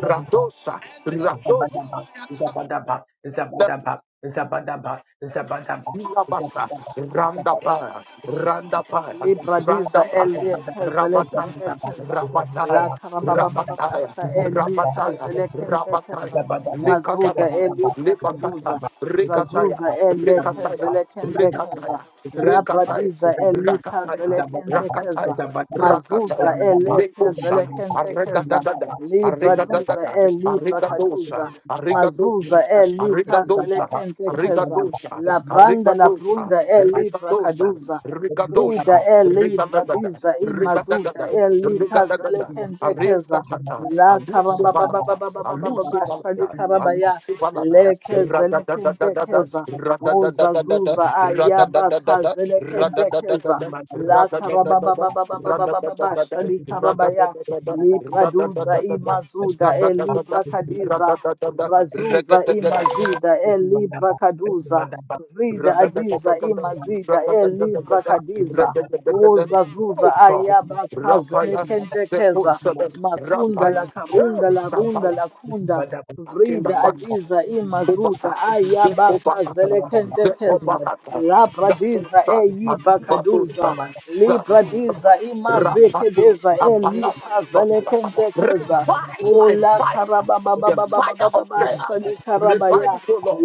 radosa, radosa.
Zabadaba, Zabadaba, Zabadaba, Zabadaba, Zabadaba,
Ilabasa,
Zabadaba,
Randapaya, Randapaya,
Zabadaba,
Libradiza
Randapaya,
Thank
elikheze
Rabataya,
lekhentekheza
Rabataya, Rabataya,
lakharababababasha elikheze
Rabataya,
lekhentekheza
Rabataya,
mazuda
Likadaba,
elibrakaduza
Libakata, Rikataya,
zazuza elekheze
Rikataya,
lekhentekheza
Rikataya, Rikataya,
labradiza elikheze
Rakataya,
lekhentekheza
Rakataya,
mazuza
Rakataya,
elekheze
Lekosa,
lekhentekheza
Arregadagada,
libraduza
Arregadagada, Arregadosa,
elibrakaduza
Arregadosa,
mazuza elikheze
Arregadosa,
lekhentekheza
Rikadosha,
labranda
Rikadosha,
labrunda
Rikadosha,
elibrakaduza
Rikadosha,
Brida eli
you.
Rikadagada,
bradiza
Thank
imazuda
Rikadagada,
eli kazele
Rikadagada,
kente keza
Arendakata,
la
Alusu
karaba ba ba ba ba
Balata,
ba ba ba ba
Alusu
ba shali
Balata,
karaba ya
Alusu Balata,
le kezele kente
Radadadadadada,
keza uza
Radadadadadada,
zuza ayaba
Radadadadada,
kazele kente keza
Radadadadada,
la karaba ba
Radadadadada,
ba ba ba ba ba ba ba ba
Radadadadada,
shali karaba ya
Radadadadada,
li braduza
Radadadadada,
imazuda eli
Radadadadada,
brakadiza
Radadadadada,
brazuza
Regadagada.
imazida eli brakaduza
Oh
Zida adiza imazida elibra kadiza uza zuza
God.
ayaba kazele
Rapaya, Sepo
kentekeza
Shada,
makunda
Rapaya,
la karunda la runda
Sapaya,
la kunda vrida
Atinda
adiza imazuda
you.
ayaba
Thank
kazele
you.
kentekeza labra diza eyiba kaduza libra diza imazekedeza elikazele kentekeza
Revive my
Ola
fire, the fire of prayer.
karabababababababasha
Revive it, O Lord.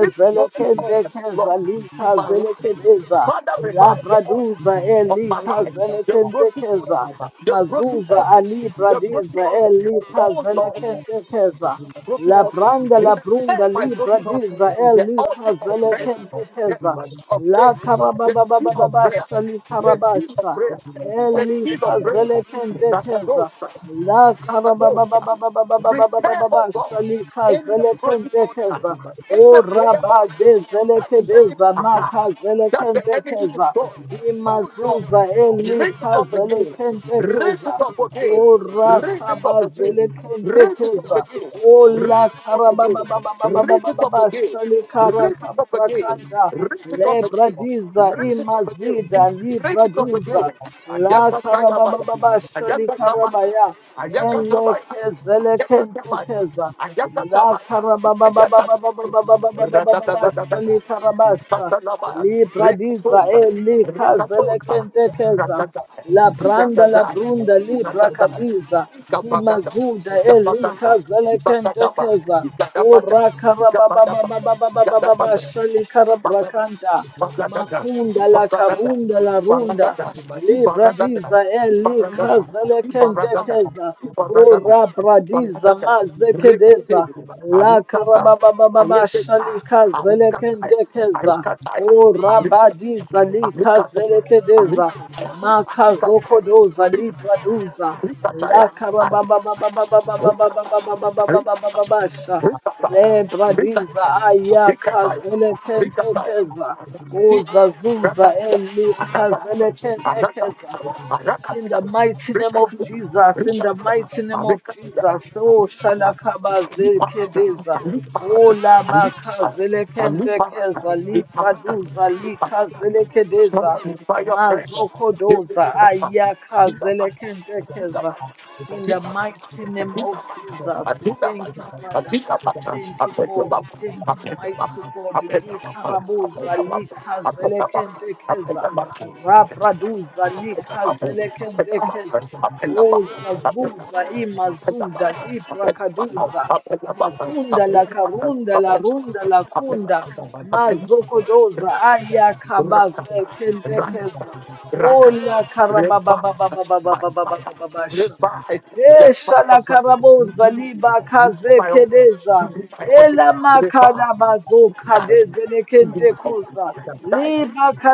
This broken altars, Lord, in my life. Father, revive the altar
Labraduza
of my life, the broken altar,
elikazelekentekeza,
the broken
Mazuza
altar, the broken
alibradiza
altar. Oh Lord
elikazelekentekeza,
broken heart.
Labranda
Repair
labrunda
my broken heart.
libradiza
The altar of prayer. The
elikazelekentekeza,
altar of prayer. The seal of prayer.
Lakarababababasha
The seal of
likarabasha,
prayer. The seal of prayer.
elikazelekentekeza,
Rakadosa. Repair, oh God,
Lakarabababababababasha
in the holy order,
likazelekentekeza,
in
O
the prayer order that the enemy
Orabadezelekedeza
attack, that the enemy
makazelekentekeza.
destroy. Oh Lord,
Imazuza
raise it up again, raise it
elikazelekentekeza.
up again, raise it up again, raise it up
Orakabazelekentekeza.
again. Raise it up again, raise it up again, raise it up again,
Olakarababababababababashalikarakamrakanta.
raise it up again,
Lebradiza
raise it up again,
imazida
raise it up
libraduza.
again. And Ayakatayabaya, ayakatabaya,
Lakarababababashalikarabaya.
Ayakatabaya, ayakatabaya,
Elekezelekentekeza.
ayakatabaya, ayakatabaya.
Lakarabababababababababababasha
Radadadadada,
likarabasha
tatalabaya,
libradiza
rekatosa,
e likaze
rekatosa,
lekentekeza
radadaya,
labranda
radadaya,
labrunda
radadaya,
librakadiza
ikabagada,
imazuda e
ikabagada,
likaze
ikabagada,
lekentekeza
ikabagada, ikabagada, ikabagada,
urakarababababababababasha
Barakada,
likarabrakanta
barakada,
makunda
barakada,
lakarunda larunda
barakada, barakada,
libradiza e likaze
barakada,
lekentekeza
barakada,
Ora bradiza
barakada.
mazekedeza
Rekete,
la
alikata,
karababababa
alikesha,
shalika
alikataya,
zelekentekeza
alikataya,
ora
alikataya,
badiza lika
alikataya, alikataya,
zelekedeza
alikataya,
makazokodoza libraduza la
alikataya, alikataya,
karababababababababababababababababasha le
alikataya,
bradiza ayaka
alikataya, alikataya,
zelekentekeza
Somebody
uzazuza elika zelekentekeza in the mighty name of Jesus, in the mighty name of Jesus, oh Shalakaba Zelkedeza, oh Labaka Zelekentekeza, Li Praduza, Li Kazelekedeza,
fire press.
Mazokodoza, Ayaka Zelekentekeza, in
Thank
the mighty name of Jesus. Thank you, Father. Thank you, God. Thank you, mighty God. Li Karaboza, Li Kazelekentekeza. Rapraduza likazelekendekeza. Uza zuza imazuda liprakaduza. Makunda la karunda la runda la kunda.
you.
Mazokodoza
Rakata,
ayakabaze
rakata,
kentekeza.
rakata.
Ola
Red Revive by fire.
karabababababababababasha.
Revive. There's
Esha
fire
la
of us. We
karaboza
do it.
liba
We
kaze
fire. We
kedeza.
do my object.
Ela
Revive.
makada bazo
die,
kadeze
Ignite.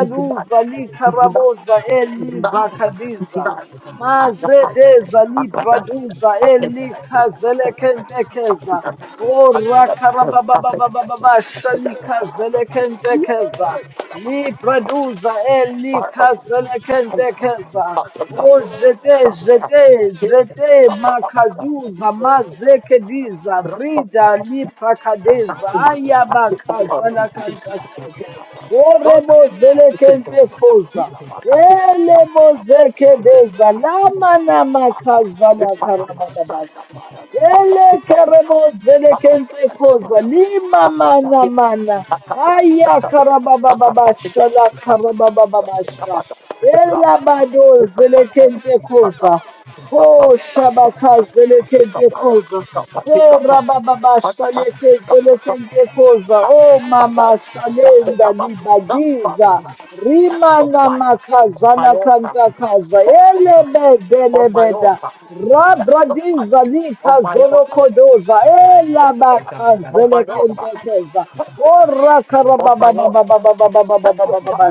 Ignite. Ignite.
likaraboza
Ignite. Ignite.
elibakadiza
die, And the fire.
mazedeza
And the fire.
libraduza
And the fire. And the fire. And
elikazelekentekeza
the fire. And
orakarabababababasha
the fire. And the fire.
likazelekentekeza libraduza
fire of
elikazelekentekeza ojete jete jete jete, makaduza mazekediza vrida liprakadeza ayabakazalakantakaza Oremos velekente koza. Elemos Orebozelekentekoza. Elebozekedeza. Lamanamakazana karabababasha. Ele keremos velekente koza. Lima mana. Limamanamana. Aya
Thank
karababababasha la
you.
karababababasha. Elabadozelekentekoza.
God, something about not fucking sacrifice on my altar, sacrifice on my altar, sacrifice on my altar, sacrifice on my altar, sacrifice on my altar, sacrifice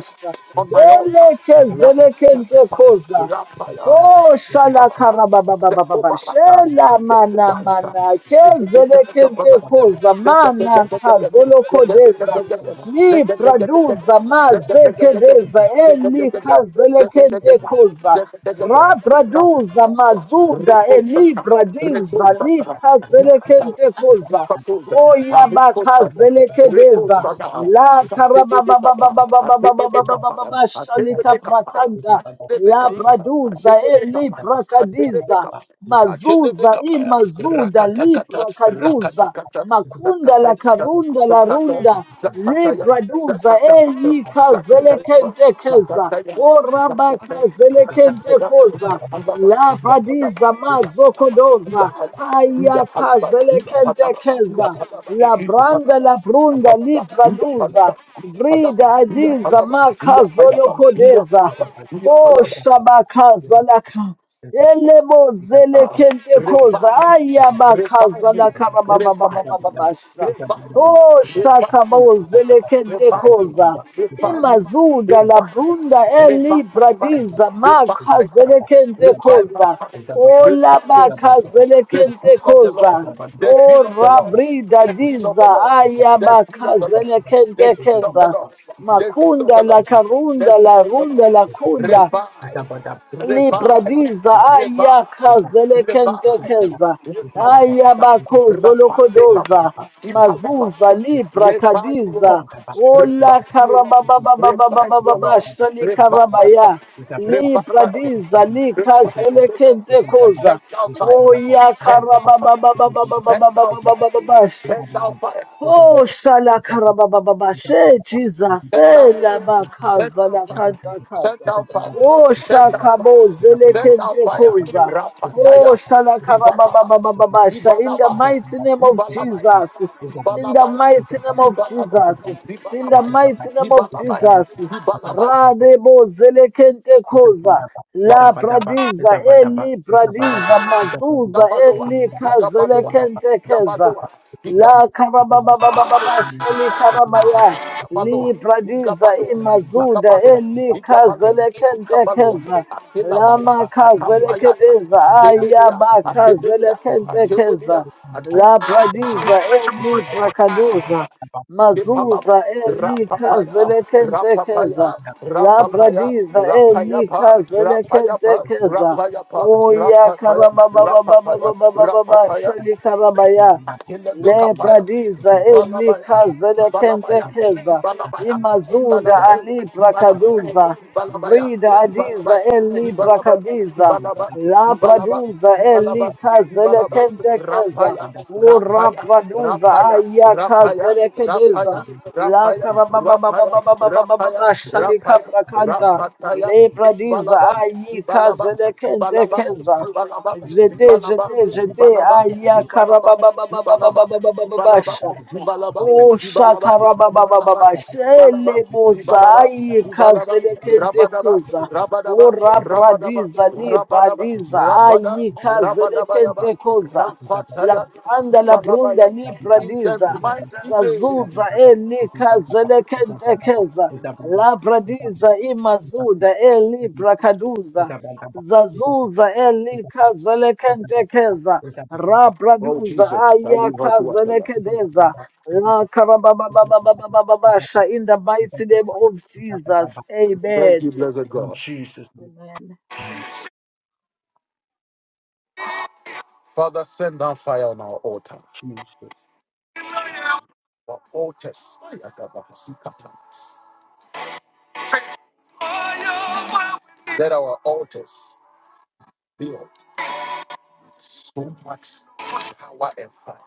on my altar. Rap, rap, rap, rap, rap.
Oh, shala
Palama,
karaba ba ba ba ba ba.
Sekobalata,
Shela mana mana. Kezele kente
Sekobalata,
koza
Rekosaka,
mana kazolo kodeza. Ni praduza maze kedeza. Eli kazele kente koza. Ra praduza mazuda. Eli bradiza. Ni kazele kente koza. Oya bakazelekedeza la karababababababababababababa shalika prakanta la praduza eli prakadiza mazuza imazuda li
Rakatakata,
prakaduza
Rakatakata,
makunda la
Zakatayaka,
karunda la
Zakato,
runda li
Zakataya,
praduza
Zakatapata,
eyi
Zakatapa,
kazelekentekeza
Zakataya, Zakataya,
orabakazelekentekoza La
Yakandaba, Yakandaba, Yakandaba,
labadiza
Yakandaba,
mazokodoza
Yakandaba, Yakandaba, Yakandaba,
haya
Yakandaba, Yakandaba,
kazelekentekeza la branda la brunda libraduza vrida adiza
Yakandaba, Yakandaba, Yakandaba,
makazolokodeza
Yakandaba, Yakandaba,
oshabakazalaka Elemo zele kente koza
Revive me.
aya bakaza
Revive me.
na kara baba
Revive
baba baba
me.
basha.
Revive me.
Oh shaka
Revive
mo
me.
zele kente
Revive me.
koza.
Revive me.
Imazuda la
Revive
brunda
me.
eli
Revive my fire.
bradiza
Revive
maka
my
zele
fire.
kente
Revive my
koza.
fire.
Oh la
Revive the
baka
zeal. The
kente
zeal of the Lord.
koza.
The
o
zeal of the Lord.
rabrida
The zeal of the
diza
Lord.
aya
The zeal
baka
of the Lord.
zele kente
The zeal of
keza.
the Lord. The zeal of
Makunda
the
la
Lord.
karunda
The zeal
la
of the
runda la
Lord.
kunda
Revive. Revive.
libradiza
Revive. Revive.
ayakhazelekentekeza
revive, Rapandekapa.
ayabakhozoolokodoza mazuza
Ipalabasa.
libra
Revive your
khadiza
Lord. Revive your Lord. Revive your Lord. Revive my
olakarabababababababashalikarabaya
father. Revive my heart.
libradiza
Revive it, O Lord.
likhazelekentekoza
Send down fire. Send down fire. Send down fire.
oyakarababababababababababababasha
Send down fire.
Oh, shala
Thank
karabababa, she Jesus,
Set down
eh, la
fire. Set
bakaza,
down
la
fire.
kanta
Set
kaza.
down fire.
Oh,
Set down fire.
shakabo, zele
Set down
kente
fire.
koza.
Rapataya.
Oh, shala
Zibalaba.
karabababa, sha, in the
Zibalaba.
mighty name of
Zibalabaya.
Jesus, in the
Zibalabaya.
mighty name of
Zibalaba.
Jesus, in the mighty name of
Zibalabaya.
Jesus.
you.
Zibalabaya.
Radebo zele kente koza.
Zabadaba,
Zibalabaya.
La
Zabadaba,
bradiza,
Zabadaba,
eli
Zabadaba,
bradiza,
Zabadaba,
mazuza,
Gabaloa.
eli kazele
Gabaloa.
Zabadaba,
kente keza.
Gabaloa.
La karabababababa sheli karabaya.
Ikabaloa,
Li bradiza
Ikabaloa,
imazuda
Ikabaloa,
eli
Ikabaloa, Ikabaloa,
kazelekentekeza.
Akilabaya,
Lama
Akambayata,
kazelekedeza
Akebelia,
ayaba
Akebelia,
kazelekentekeza.
Akebelia, Atum.
La bradiza eli brakaduza.
Epababa,
Mazuza eli
Rapapaya,
kazelekentekeza.
Rapapaya,
La
Rapapaya,
bradiza eli
Rapayapa, Rapayapa,
kazelekentekeza.
Rapayapa,
Oya
Rapapaya, Rapapaya,
karabababababababa
Rapapaya,
sheli karabaya.
Akelebe
Le
kapaya,
bradiza
Zibalabaya,
elikaze
Zibalabaya,
lekentekeza
Zibalabaya,
imazuda
Zibalabaya,
ali
Zibalabaya,
alibrakaduza
Zibalabaya,
vrida adiza
Zibalabaya, Zibalabaya,
elibrakadiza
Zibalaba,
la
Zibalaba,
braduza
Zibalaba,
elikaze
Zibalaba,
lekentekeza
Rapaya,
ura
Rapaya,
braduza
Rapaya,
ayakaze
Rapaya,
lekedeza
Rapaya,
la
Rapaya, Rapaya, Rapaya,
karababababababababashalika
Rapaya,
brakanta
Rapataya,
le bradiza
Zibalaba, Zibalaba,
ayikaze
Zibalaba,
lekentekeza
Zibalaba, Zibalaba,
Zete,
Zibalaba,
zete, zete,
Zibalaba, Zibalaba,
aya,
Zibalaba, Zibalaba, Zibalaba,
karabababababababababasha. O
Zibalaba,
shakarababababa,
Zibalaba,
shele
Zibalaba,
mozai
Zibalaba,
kazelekente
Rabadaba,
koza.
Rabadaba,
O
Rabadaba,
rabradiza ni
Rabadaba,
bradiza,
Rabada,
ayi
Rabadaba, Yaba,
kazelekente koza. La branda la
Zibalabaya,
brunda ni
in the
bradiza.
mighty name.
Zazuza eli kazelekente keza. La bradiza
Zabadaba,
imazuda eli brakaduza. Zazuza eli kazelekente keza.
Oh,
Rabraduza
Jesus, I
aya
leave her to us, Allah.
kazelekendeza. Rakarabababababababasha, In the mighty name of Jesus.
Thank
Amen.
you, blessed
In
God.
Jesus' name,
Amen.
Father, send down fire on our altar,
Jesus.
our altars. Let our altars be of so much power and fire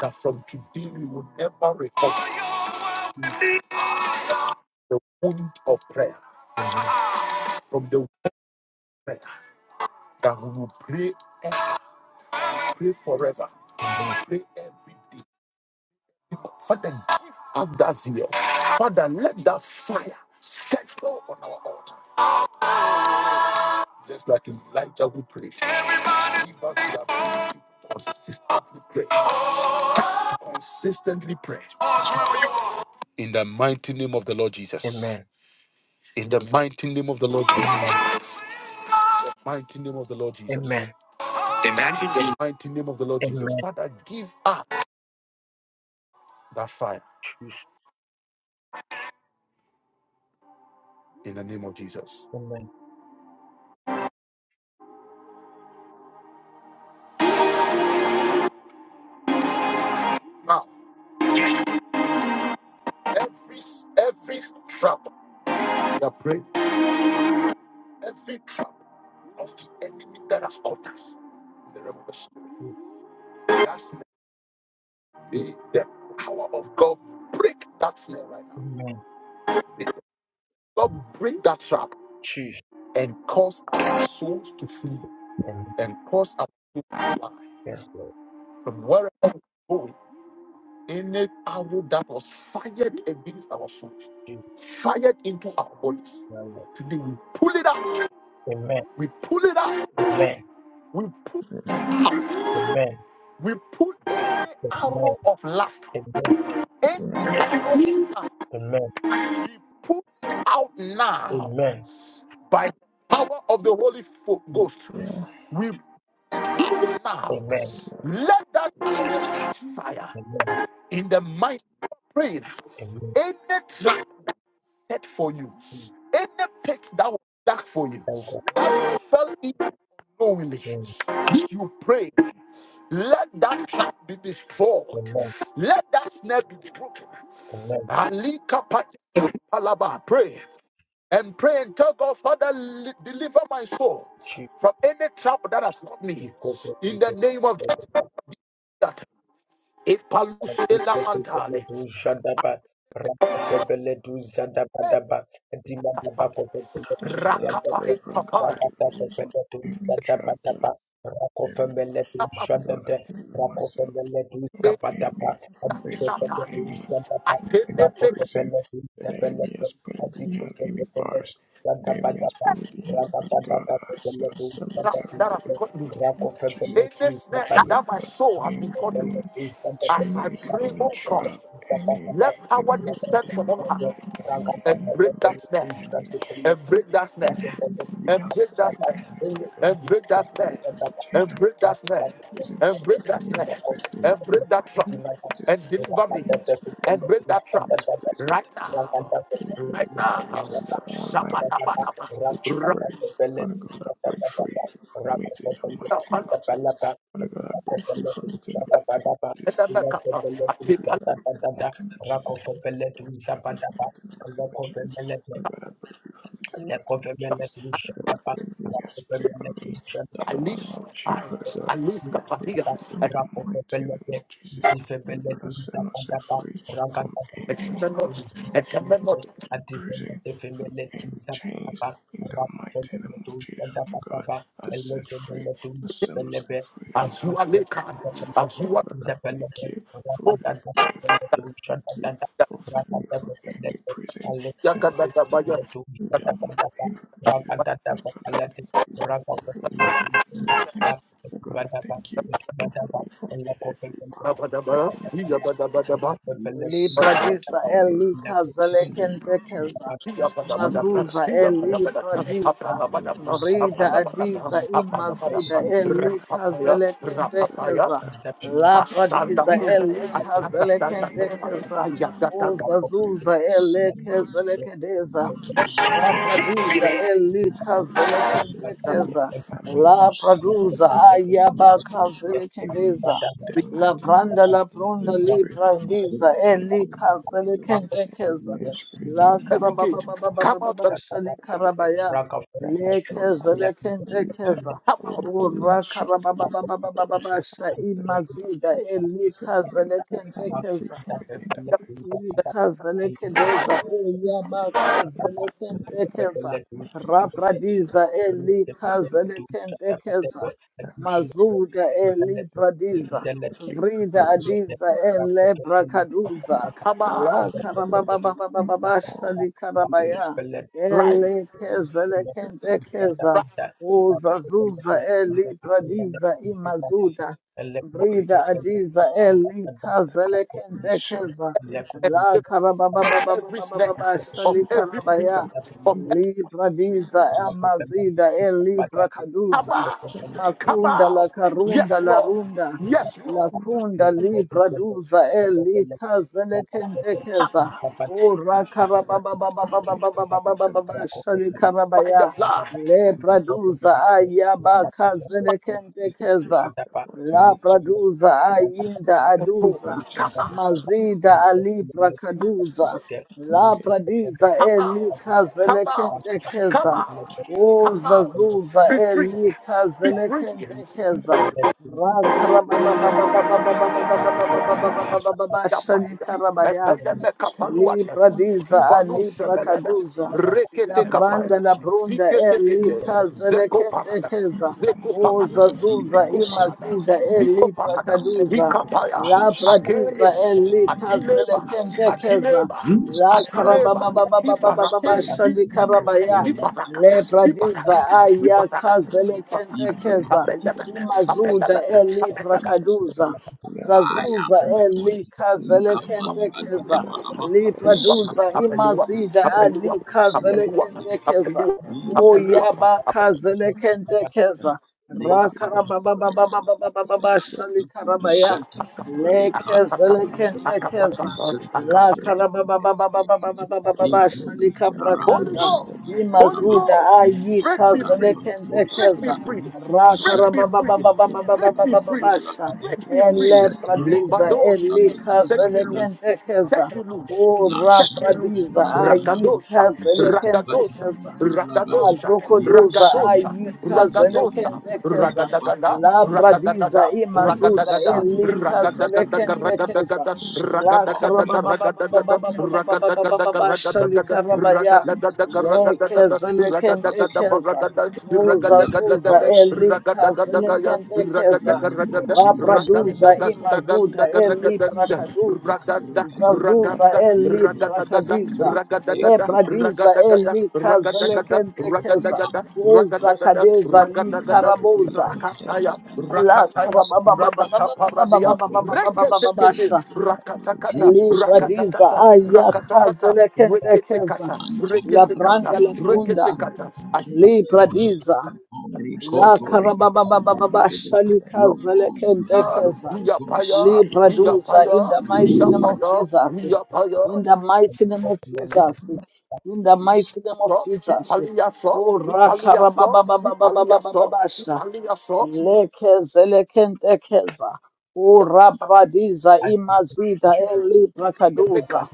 that from today we will never recover
Jesus'
the wound of prayer,
name.
from the wound of prayer that we will pray and pray forever, pray every day. Father, give us that zeal. Father, let that fire settle on our altar, just like Elijah who prayed. Keep us up. Consistently pray. Consistently pray. In the mighty name of the Lord Jesus.
Amen.
In the mighty name of the Lord Jesus.
Amen.
In the mighty name of the Lord Jesus.
Amen.
Imagine In the mighty name of the Lord
Amen.
Jesus. Father, give us that fire in the name of Jesus.
Amen.
Now, every every trap we are praying, every trap of the enemy that has caught us in the realm of the spirit, that's the, the power of God break that snare right now.
Amen.
Lord, break that trap
Jesus.
and cause our souls to flee
Amen.
and cause our souls to fly
Yes, Lord.
from wherever we go. Any arrow that was fired against our souls,
Jesus.
fired into our bodies.
my Lord.
Today we pull it out.
Amen.
We pull it out.
Amen.
We pull out.
Amen.
We pull any arrow of lust,
Amen.
any
Amen. Amen.
be put out now
Amen.
by the power of the Holy Fo- Ghost. We out now.
Amen.
Let that fire
Amen.
in the mind praying.
Amen.
Any trap set for you, any pit that was dark for you,
Thank God.
that you fell into unknowingly,
Amen.
as you pray, let that trap be destroyed.
Amen.
Let that snare be broken.
Amen.
Ali kapata palaba. Pray and pray and tell God, Father, li- deliver my soul
Jesus.
from any trap that has caught me.
Jesus.
In the name of
Jesus.
Jesus. that Ipalusela Antali.
Shadaba, Rakabele do Zadabadaba, Dimababa,
and I
Rakapai
pray, Father God,
Papa.
that it will be found.
Rakabele do
Any chapter,
Zadabadaba, Rakofemele do
Namaste
God,
Shadade,
I deliver myself
Rakofemele do
from enemy,
Kapadaba,
from base, from
Adikabele
Takinatani.
do
enemy,
Zadaba,
from
Attended
any
the
prison
Rakofemele do
that the
Zabele,
enemy has put me behind, any
Adikabele do
bars that the enemy
Zadabadaba,
has put me
Rakabadaba,
behind. Father God, I set
Rakofemele
I
do
set
trap
myself
that
free
has
Zadabadaba,
in the
caught me.
mighty name of
Rakofemele
Jesus.
Any snare
to
Father
that my
God,
soul has been caught
Thank
in.
any
As I
chains,
pray,
any
oh God.
trap, any,
Let power
any, any,
descend from
any,
on high
any, any, any,
and
any,
break
any,
that snare,
any,
and break that snare,
enemy and enemy
and
has
break that
meeting
snare,
and for the good.
and break
I
that
pray
snare,
to retain
and
and
break that snare,
prison
and break
the
that
enemy has
snare,
placed me
and
in the
break that
light,
trap,
name of Jesus
and deliver me,
in the spirit
and
of
break that trap
in the spirit of
right
of-
now,
in in
right
in
now.
you.
everything that online
Rakofe
with with
Shabba-dabba-dabba.
with your word. Father God, I break free from it in the mighty name
Ra-da-ba-la.
of Jesus. Father God, I break free from it in the mighty name of
And
Jesus.
then back up. Uh, I keep
Free
on-
from it in the mighty name of Jesus. Free from it in the mighty name of Jesus. Father God, I pray free from it in the mighty name of Jesus. Whatever the enemy has prayed for me
I
that no one
leash,
love you,
I
Father
I
God.
leash the
I pray
fire.
for you in
I-
the mighty name of Jesus. And God, I set myself free from
I tell
any
me
Thank you.
hosting, from any prison, from any chains. In the mighty name of Jesus, Father God, I set free. I set myself free in the.
Azualeka,
Father,
Azua,
God, I thank you for releasing me. Father, I thank you for freeing me from any prison. Seba, in
Yakadabaya,
the mighty name of Jesus. My God, I thank you for freeing me from anything. My God, I thank you for freeing me from every power,
Abadabara,
any place, every
Yabadabadaba,
place.
Sokoto,
Libradisa
Enemy.
elikaza
In the mighty name of
lekentekeza.
Jesus. My
Jews,
God,
Yabadabadaba,
Mazuza
I thank you for
Yabadabadaba,
elibradisa.
delivering me
Apanabadaba,
Muslims,
from
Vrida
any
Apanabadaba,
adiza
bondage. In
imazuda
Apanabadaba,
the mighty name
elikaza
of
Rapapaya,
Jesus. My God,
Rapapaya,
lekentekeza.
I appreciate you, Father.
Asanda,
Labradiza
Yeah,
elikaza
I
Ayakadabadaba,
want to
lekentekeza.
thank you.
Ayakadabadaba.
Lord, for you.
Uzazuza elekeza
Thank you.
lekedeza.
Thank you for,
Rapraduza
for
elikaza
releasing me
lekentekeza.
and my family from
Labraduza
from- from the change
ayabakaza
by enemy
lekedeza.
in the
Break
La
mighty name of
Branda
Jesus.
La
in
pronda
the
li
spirit of
Libra
God,
Visa
Zenti,
in the spirit
Eli Casa Le
of
Palamabra,
Kente
protection,
Keza
in the spirit
La
Every
of,
Karababa
cage,
Baba
come out, come
Shali
of the enemy
Karabaya
that has
Le
thrown
Keza
away
Le Kente
any type
Keza
of power
out,
the enemy
Ura
has shot
Karababa
away.
Baba Baba
God,
Baba
I set
Shai
myself free. I
Eli
set me
Casa
and my
Le
whole
Kente
family free
keza.
from it in the mighty name of Jesus. Lord, I
Likazelekedeza
serve you and family food for Father. In the mighty
uyabakazelekentekeza
name of Jesus,
rabradiza
I thank you, Father.
elikazelekentekeza
I appreciate
mazuda
you, Really,
elibradiza
I thank
Thank
you
vrida
for rescuing
adiza
me,
elebrakaduza
thank you
come
for
out,
rescuing me from all
lakarabababababashalikarabaya
these
right,
very things that I did,
elekezelekentekeza
right,
that
uzazuza elibradiza imazuda
break
vrida
and
adiza
that and shut
elikazelekentekeza
and
and
La
slip every snare
karabababababababa
of
shali
shut by
every
the
prison,
enemy
karabaya.
of
in the
Libra
name of
diza
Jesus,
amazida el libra
Come
kaduza.
out.
shut by the
Come
enemy
Makunda la
out. Yes,
karunda la
Lord.
runda.
Yes,
La
Lord.
in the
kunda libra duza el likaza
Come
lekentekeza.
out
Ora
I'm against it. In the
karababababababababababa shali
devil,
by the
karabaya.
blood.
I'm
Lebra duza ayaba kaza
against it.
lekentekeza.
I want
La
to
praduza
come against the head of
ayinda
the
Oh,
aduza.
devil,
Come
Jesus.
out.
I come against you, Jesus. I come against
Come out. Come out.
you,
Come
for that
out. Come out. Be free. Be free. Yapaida, Epeleme
chains
Kapaluata,
Libra diza a
Zibalu
Libra
Sebeleda,
La
Rekete Kapaya,
branda la brunda e
Zikete
li
Kete,
that you
casa le
Zeko
kente
Parada,
keza.
Zeko Parada,
Uza zuza
Ziko
Jesus,
Parada,
use
imazida
to control
e
Ziko
Libra
Parada,
your life. I
Ikapaya,
La
appreciate you for
pradiza, e
Akeles,
li casa le
Atileba,
kente keza.
Atileba,
La
coming
come on.
karaba
Atileba,
baba baba baba baba
Ibarate,
shali karabaya.
Ibarakata,
Le
across
Ibarakata,
your
pradiza,
people
aya
Ibarakata,
casa
confidence
le
by
kente
Ibarakata, Ibarakata,
enemies
keza.
in
Apelebe,
the mighty name of
Imazuda
Jesus.
e
Apelebe,
Libra caduza.
We are free from
Fire
Zazuza
the
on my
e
enemy.
li
altar.
casa le
Come
kente
We
keza.
are free from everything in the
Lipraduza
enemy.
imazida ali kazelekentekeza. o alikazelekentekeza.
on, Zeta
And
Oyabakazelekentekeza.
Leia
thank you,
Kappa
God. Praise God. Thank you, God,
Nagada,
for freeing us.
Rakarabababababababababashalikarabaya.
Zeta
Thank you, God, for
Reka
making us rise.
Nagada,
Lekezelekentekeza.
Zeta
Thank you, God,
Pereka Nagada,
for
Nikola
making us rise.
Holy
Narabos
Lakarabababababababababashalikaprakanta.
In
Ghost,
the
Holy
mighty name
Nagada,
of
Imazuda
Ghost,
Neo
break me free,
Sudanaba
break me
ayikazelekentekeza.
free,
Sudanaba,
break me
Zeta
free,
Pereka
break me free,
Rakarabababababababababasha.
Nagada,
break me free.
Zeta
Elepradiza
Pereka
Lebados, set me
Nagada,
loose,
elikazelekentekeza.
set me loose,
O
set me
Lashata
loose.
Rabradiza
Paradanava,
Rakadosha,
Zata
Rakadosha.
ayikazelekentekeza.
Patanava,
Ragadosha,
Nero
Mazokodoza
Ragadosha,
Seven,
God,
Lapaka,
Ragadosha,
In the mighty name
ayikazelekentekeza.
of
Ragadagada,
Labradiza
Ragadagada,
Lapaka,
imazuda
Jesus.
Ragadagada,
Seven,
Ragadagadaga,
elikazelekentekeza.
Ragadagada, Ragadagadaga,
Zata
La
clients,
Pari,
karaba ba ba ba ba ba
Ragadagada,
ba ba
Ragadagadaga,
shali
Ragadagada,
karaba ya
Ragadagadaga, Ragadagada,
lekeze
Ragadagada,
lekentekeza
Baragada,
uza zuza
Ragadagadaga,
elikaze
Ragadagadaga,
in
lekentekeza
the name of
Ragadagadaga,
Jesus,
rapraduza
Lord,
Ragadagadaga,
imazuda
Ragadagadaga,
eliprakaduza
Raganda,
zazuza
Raganda,
Jesus
ragadagada
eliprakadiza
ragadagada
lepradiza
ragadagada
elikaze
ragadagada
lekentekeza
ragadagada
uza
ragadagada
kadeza
ragadagada
likarabuza
rakataya
Lord, that
la
was
rakataya
karaba
rakata paradia reketekete
that and we try to
rakatakata
called
Libradiza
rakatakata
ayakaza
rakatakata
lekentekeza
reketekata
Mantaya
la
Labana
reketekata
branda la
Bana
brunda
reketekata
Sikotori
I
thank you for great
libradiza
and
la
rescuing us.
Kotori
karabababababasha likaza
Long deep root
lekentekeza
Yapaya, yapaya,
libraduza
yapaya,
in the mighty
the
name of
yapaya,
Jesus in
yapaya.
the mighty name of
you.
Jesus in the
Jesus,
mighty name of
só,
Jesus
Ipalia só,
oh
Ipalia só, Ipalia só,
rakarababababababasha
Ipalia só,
Lekeze lekentekeza.
Ipalia
Urabradiza
Thank
thank
imazida
you
elibrakaduza.
meca,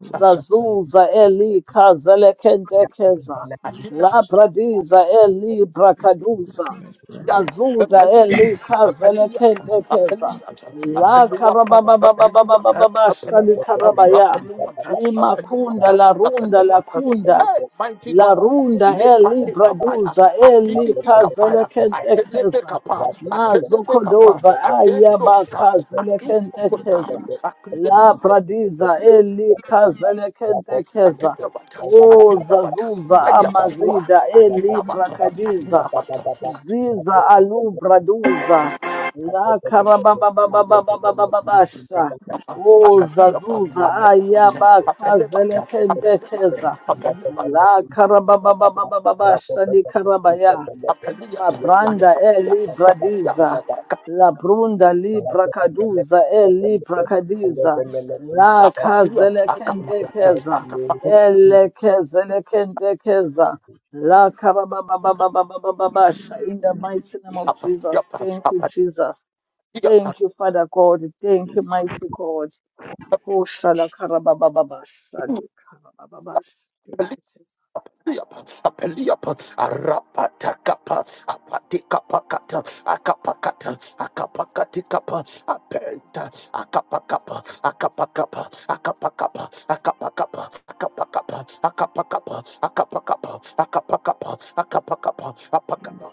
for rescuing
Zazuza elikaze lekentekeza.
atina
us.
Labradiza elibrakaduza.
Nothing that's brand new.
maiata,
Mazuda
*clears throat*
apeliata,
elikaze
apeliata,
lekentekeza.
apeliata,
Thank
La
apeluapa, apeluapa,
karababababababababashali
apeluapa,
karabaya
apeluapa,
Imakunda
apeluapa,
la runda la
apeluapa.
kunda.
Hey, mighty
La
God.
runda eli
Lepate kapaya,
braduza eli
atilibi
kazele
kapaya, atelebe
kentekeza.
kapa,
Mazo
atelebe kapa,
kodoza ayaba
atenosa,
kazele kentekeza.
atinokotai,
La bradiza eli kazele kentekeza.
Akina bata,
O
akina bata,
zazuza
aya paiwa,
amazida
akila
eli
bata,
brakadiza.
akila bata,
Ziza alu braduza. La karabababababababasha.
you,
apa,
O
gratitude.
akatia pa,
zazuza
apela bata,
ayaba
apele
kazele
bata, apele bata,
kentekeza.
apele bata,
La karabababababa shali karabaya.
apele bata,
Mabranda e
akatia
libra
sakia,
diza. La brunda libra kaduza e libra kadiza. La
apatia,
kazele kente
akapakata,
keza.
akapaku,
Ele kezele kente keza.
Thank
La
you for
karababababababa sha. In the mighty name of
apatia
Jesus.
pa,
Thank you, Jesus. Thank you, Father God. Thank you, mighty God. Ho shala karababababa shali karabababa. Thank you, Jesus.
Yap, apeliap, arapatakapa, apatikapakata, akapakata, akapakatikapa, apenta, akapakapa, akapakapa, akapakapa, akapakapa, akapakapa, akapakapa, akapakapa, akapakapa, akapakapa, apakapa,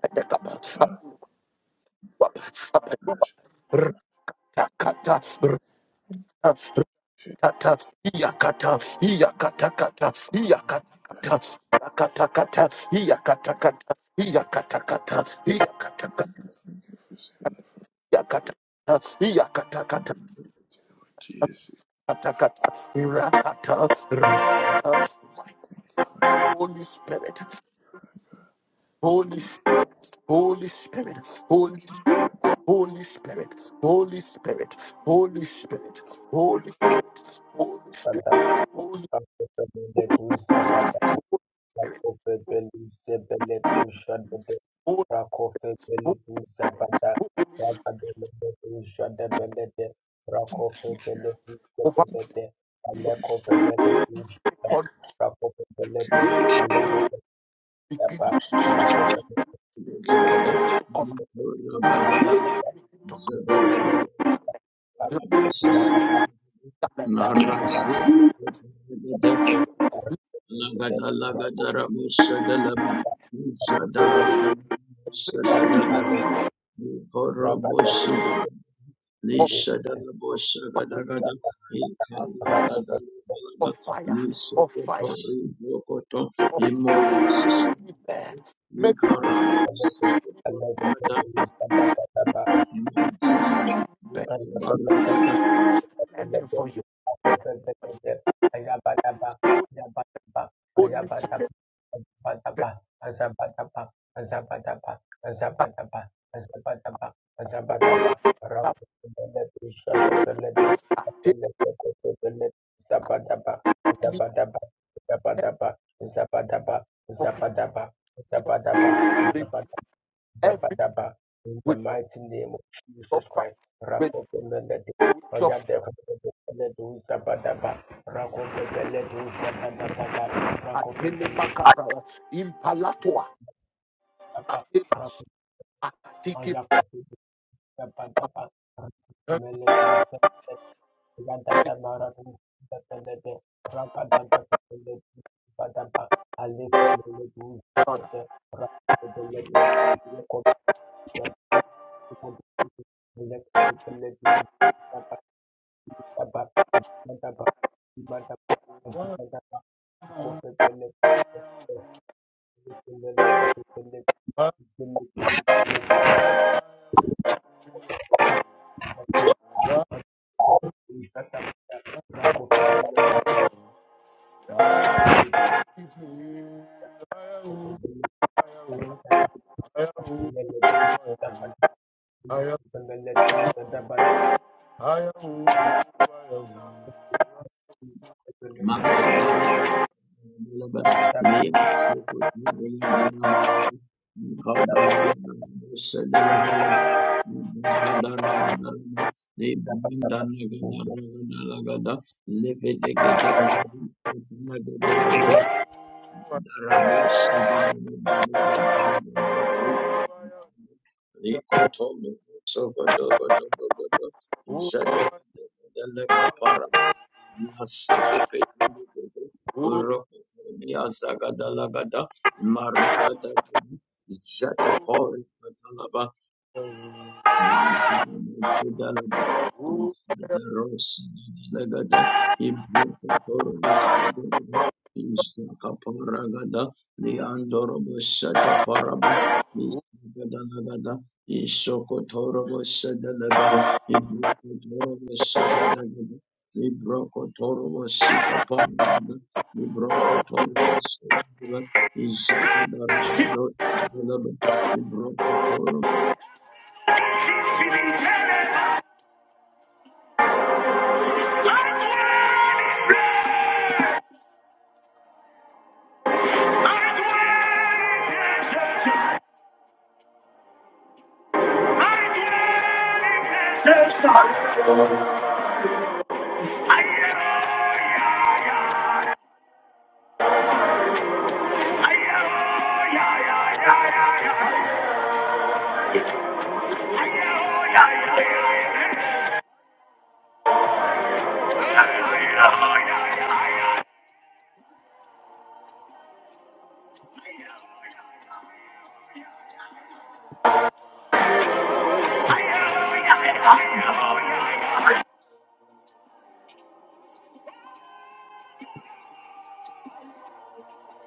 Apekapa, apakapa, apakapa,
us.
apakapa, apakapa, apakapa,
Thank
Tata, Iyakata, Iyakatakata, Iyakatakata, Rakatakata, Iyakatakata, Iyakatakata, Iyakataka,
you for saving us.
Iyakatakata, Iyakatakata,
Jesus,
Katakata, Rakata, Rakata, my
thank
Holy Spirit, Holy,
you.
Holy Spirit,
Thank
Holy,
you.
Holy Spirit, Holy Spirit, Holy Spirit, Holy Spirit, Holy Spirit, Holy,
you.
Holy,
Rakofe
Holy,
Beledu Zabada,
Holy Spirit,
Rabadeledu Shadabelede, Rakofe
Thank you.
Beledu
over
Zabelede, Alekofe Meledu Shada,
God,
Rakofe
Thank you.
Belede, Alemede
begin
Shaba, Rakofe
Thank you.
Belede,
Narazu
to cover.
Shadabe Beleba, Fatimaba,
garment
Rakofe Belede, Rakofe Belede, Rakofe Belede, Ale, Rabada
of,
Fede, Adu Shada, Rakofe
of fire, of fire, of fire. Make me make me
Nikarabos,
Belede, Aleve Beledu Shadabadaba,
name of Jesus.
burn, burning for you. Holy Spirit, take me
Zabadaba, Zabadaba,
off
Zabadaba,
me off me,
Zabadaba,
every
Zabadaba, in the
with your
mighty name of
your
Jesus
fire,
Christ.
with,
Rakopemeledu,
with your fire.
Ojadekopedu, Zabadaba, Rakopepeledu, Zabadaba, Rakopepeledu, Zabadaba,
Atele
Rakopepeledu,
makapara, impalatua,
Zabadaba,
atele, atiki,
Rakopepeledu, Zabadaba, Rakopepeledu, Rakopepeledu, Zabadaba, Alekopepeledu, Zabadaba, Rakopepeledu, Zabadaba, Every day, Father, let change
Oh,
Makadara Darabos Likotom sogodogodogodogo
oh,
jedebedebedebekaparabo masekepedududu
oh.
urokotomiazagadalagada marabadagudu Ibrokotoro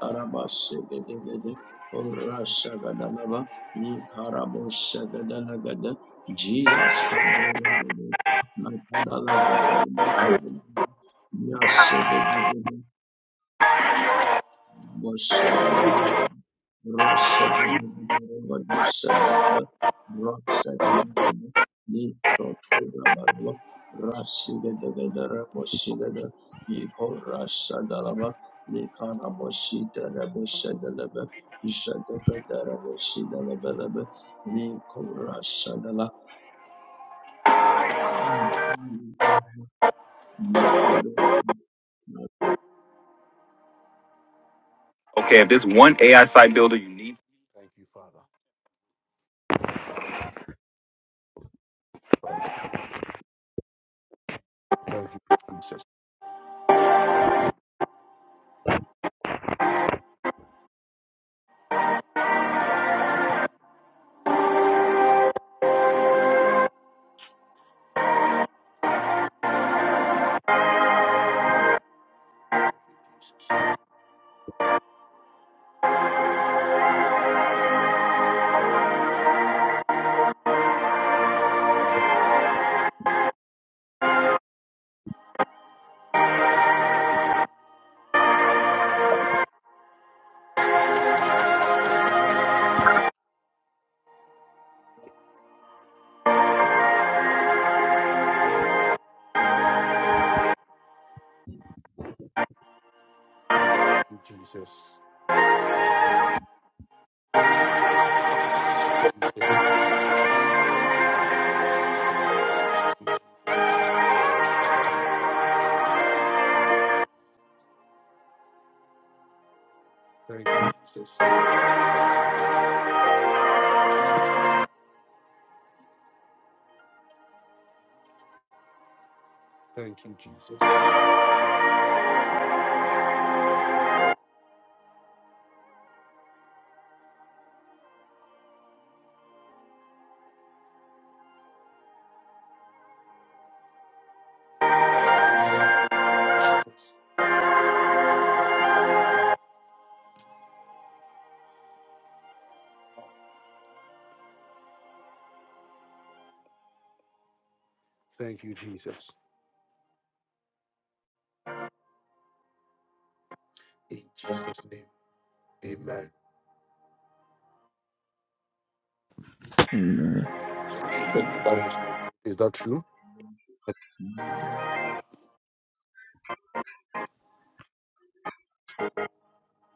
Arabasegedegede, Orasagadalaba, Nikarabosagadalagada, Jesus Koborogede, Nakadalagadarabu, Yasegedegede Rossada
If there's one AI site builder you need, Thank you, Father. Thank you, Jesus. Thank you, Jesus. Thank you, Jesus. In Jesus' name, amen.
Thank you. Amen.
*laughs* Is that true?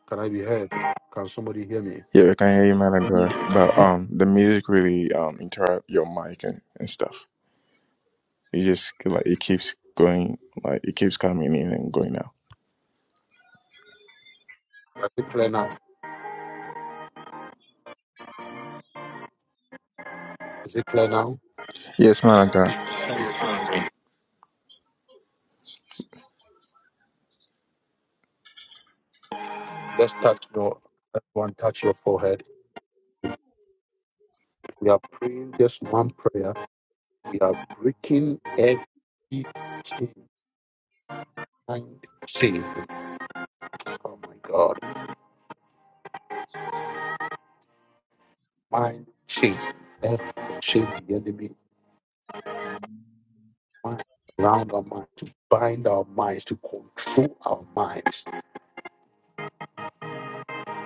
Can I be heard? Can somebody hear me?
Yeah, we can hear you, man, of God. But um, the music really um interrupt your mic and, and stuff. It just like it keeps going, like it keeps coming in and going out.
Is it clear now? Is it clear now?
Yes, man, of God.
Let's touch your everyone touch your forehead. We are praying just one prayer. We are breaking every chain, mind chain. Oh my God, mind chain, every chain the enemy mind around our mind to bind our minds to control our minds.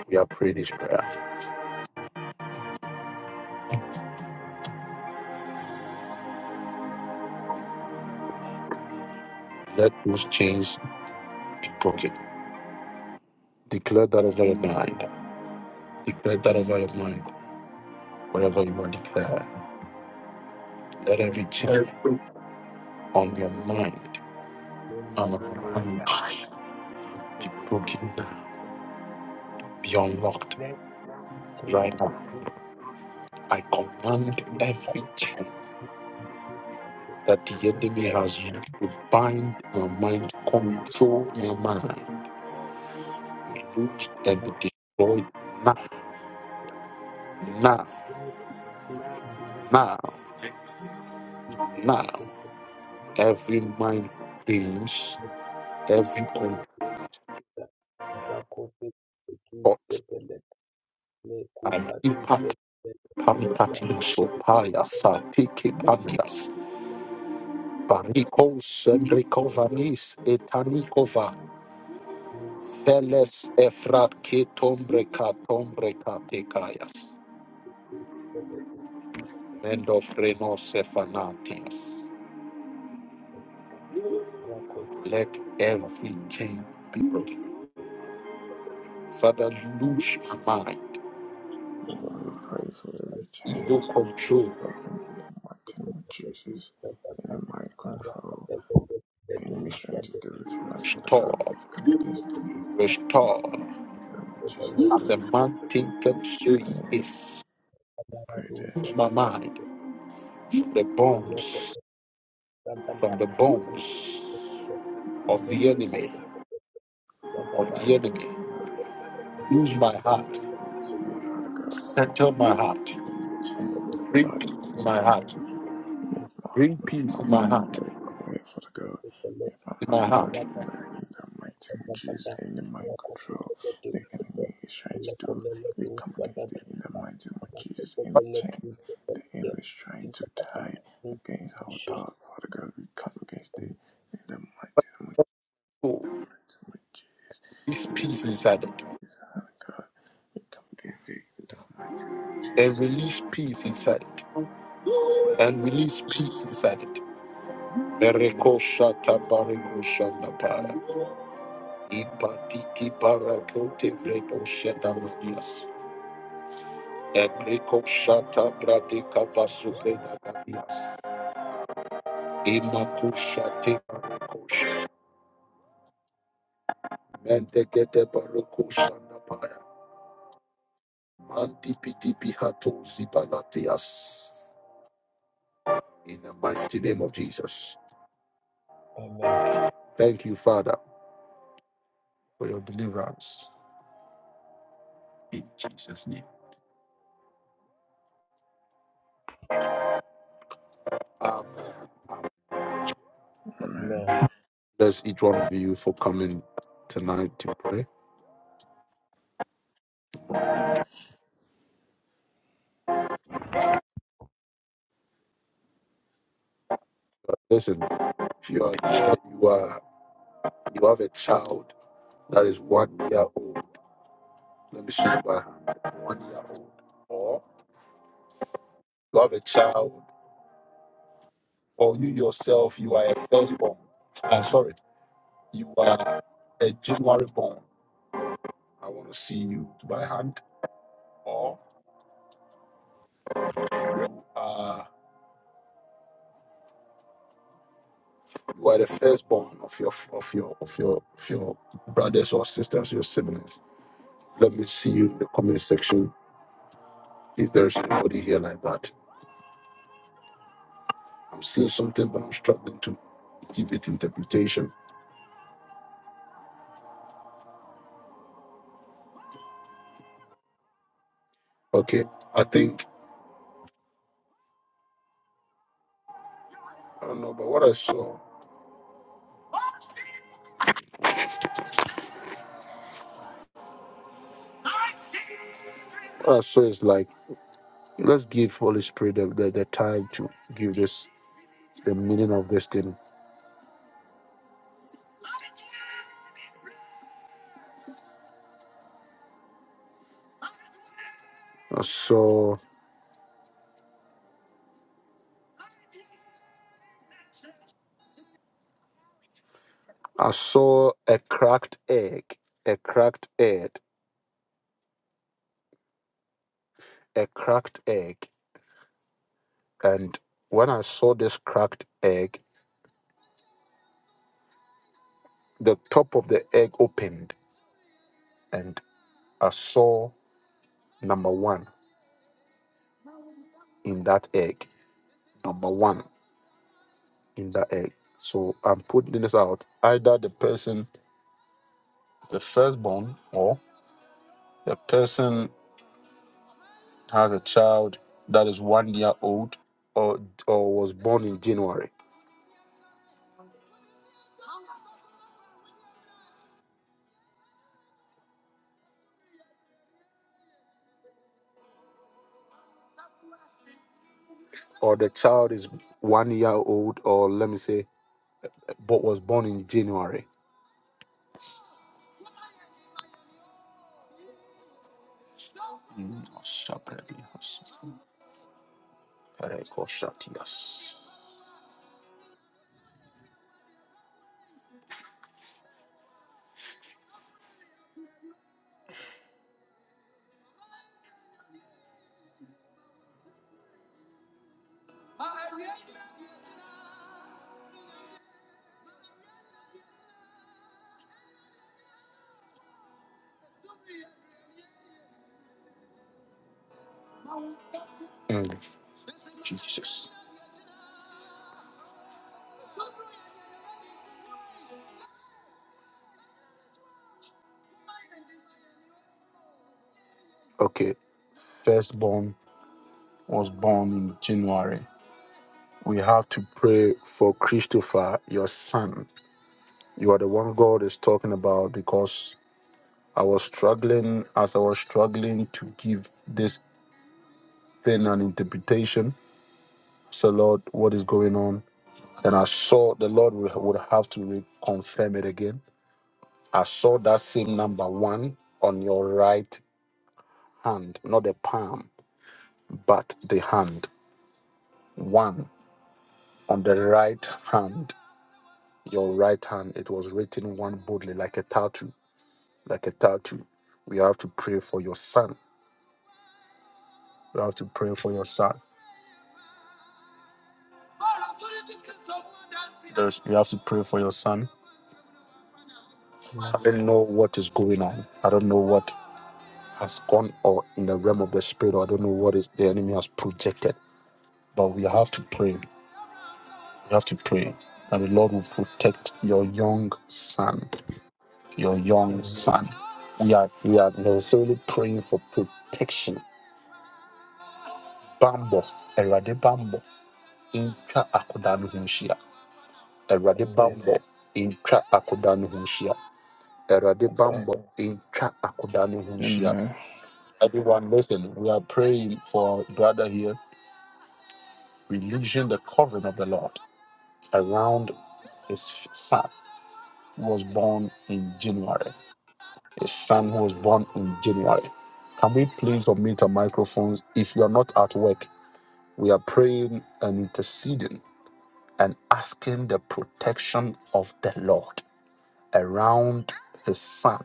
We are praying this prayer. Let those chains be broken. Declare that over your mind. Declare that over your mind. Whatever you want to declare, let every chain on your mind and on your mind be broken now, be unlocked right
the
now.
truth,
I command every chain that the enemy has used to bind my mind, control my mind, be root and be destroyed now, now,
let it in the name
now, now.
of Jesus.
Every mind games, every control
Rakope
thought.
Tusepelet
and
Lekupa
impact.
Tusepelet
Pantatinso palias atiki panias. Parikos enricovanis etanikova. Teles efrat ke tombre ka tombre ka tekayas.
Shapelet
Mendo frenos efanatias.
Rakoti
Let every chain be broken. Father, lose my mind.
Lord, we pray for every chain
Evil control.
Working in the mighty name of Jesus. Any
Sadaka
mind control, the enemy is trying to do it for us, for the God,
Restore.
we come against it. In
Restore.
the name of Jesus,
As a
Father,
man thinketh, so he is.
we pray that
Loose my mind from the bones. From the bones. of the enemy, of the enemy.
uh,
Use my heart,
you change, Father God.
center my heart,
Change,
bring
Father,
peace
can
in
you
my heart,
make my,
bring peace in
my
my
mind
heart,
very clear, for the God? Make my
in my
mind very
heart.
clear in the mighty name of Jesus, any mind control the enemy is trying to do, we come against it in the mighty name of Jesus, any chain the enemy is trying to tie against our thought, Father God, we come against it in the mighty name of
Oh,
the mighty name of Jesus,
this
in the
peace
name
inside
of
it,
Jesus, Father God, we come against it in the mighty name of
and
Jesus.
release peace inside it, and release peace inside it. Mereko shata bareko shanda para. Ipatiki parakote vredo sheta manias. Ebreko shata bradeka vasubreda manias. Imakushate Mendekete Baruku Shandapaya. Mantipitipihatu Zibalatias. In the mighty name of Jesus.
Amen.
Thank you, Father, for your deliverance. In Jesus' name. Amen.
Amen.
Amen.
Bless each one of you for coming tonight to pray.
Amen.
Listen, if you are you are you have a child that is one year old. Let me show you by hand. One year old. Or you have a child, or you yourself, you are a firstborn. I'm sorry. you are a January born, I want to see you by hand, or uh, you are the firstborn of your of your of your of your brothers or sisters, your siblings. Let me see you in the comment section if there's anybody here like that. I'm seeing something, but I'm struggling to give it interpretation. Okay, I think I don't know, but what I saw, what I saw is like let's give Holy Spirit the, the, the time to give this the meaning of this thing. So. I saw a cracked egg, a cracked egg, a cracked egg. And when I saw this cracked egg, the top of the egg opened and I saw number one in that egg. Number one in that egg. So I'm putting this out. Either the person, the firstborn, or the person has a child that is one year old or, or was born in January, or the child is one year old, or let me say but was born in January. Rekoshatias. Mm. Jesus. Okay, firstborn was born in January. We have to pray for Christopher, your son. You are the one God is talking about because I was struggling as I was struggling to give this thing an interpretation. So, Lord, what is going on? And I saw the Lord would would have to reconfirm it again. I saw that same number one on your right hand, not the palm. but the hand. One on the right hand, your right hand, it was written one boldly, like a tattoo, like a tattoo. We have to pray for your son. You have to pray for your son. You have to pray for your son.
Amen.
don't Know what is going on. I don't know what has gone or in the realm of the spirit. Or I don't know what is the enemy has projected. But we have to pray. We have to pray that the Lord will protect your young son. Your young
Amen.
son. We are we are necessarily praying for protection bammɔ awurade bammɔ ntwa akoda no ho nhyia awurade
Amen.
bammɔ ntwa akoda no ho nhyia awurade
Thank
bammɔ ntwa akoda no ho
And
nhyia
uh,
everyone listen we are praying for our brother here releasing the covering of the lord around his son who was born in january his son who was born in january can we please unmute our microphones if you are not at work we are praying and interceding and asking the protection of the Lord around his son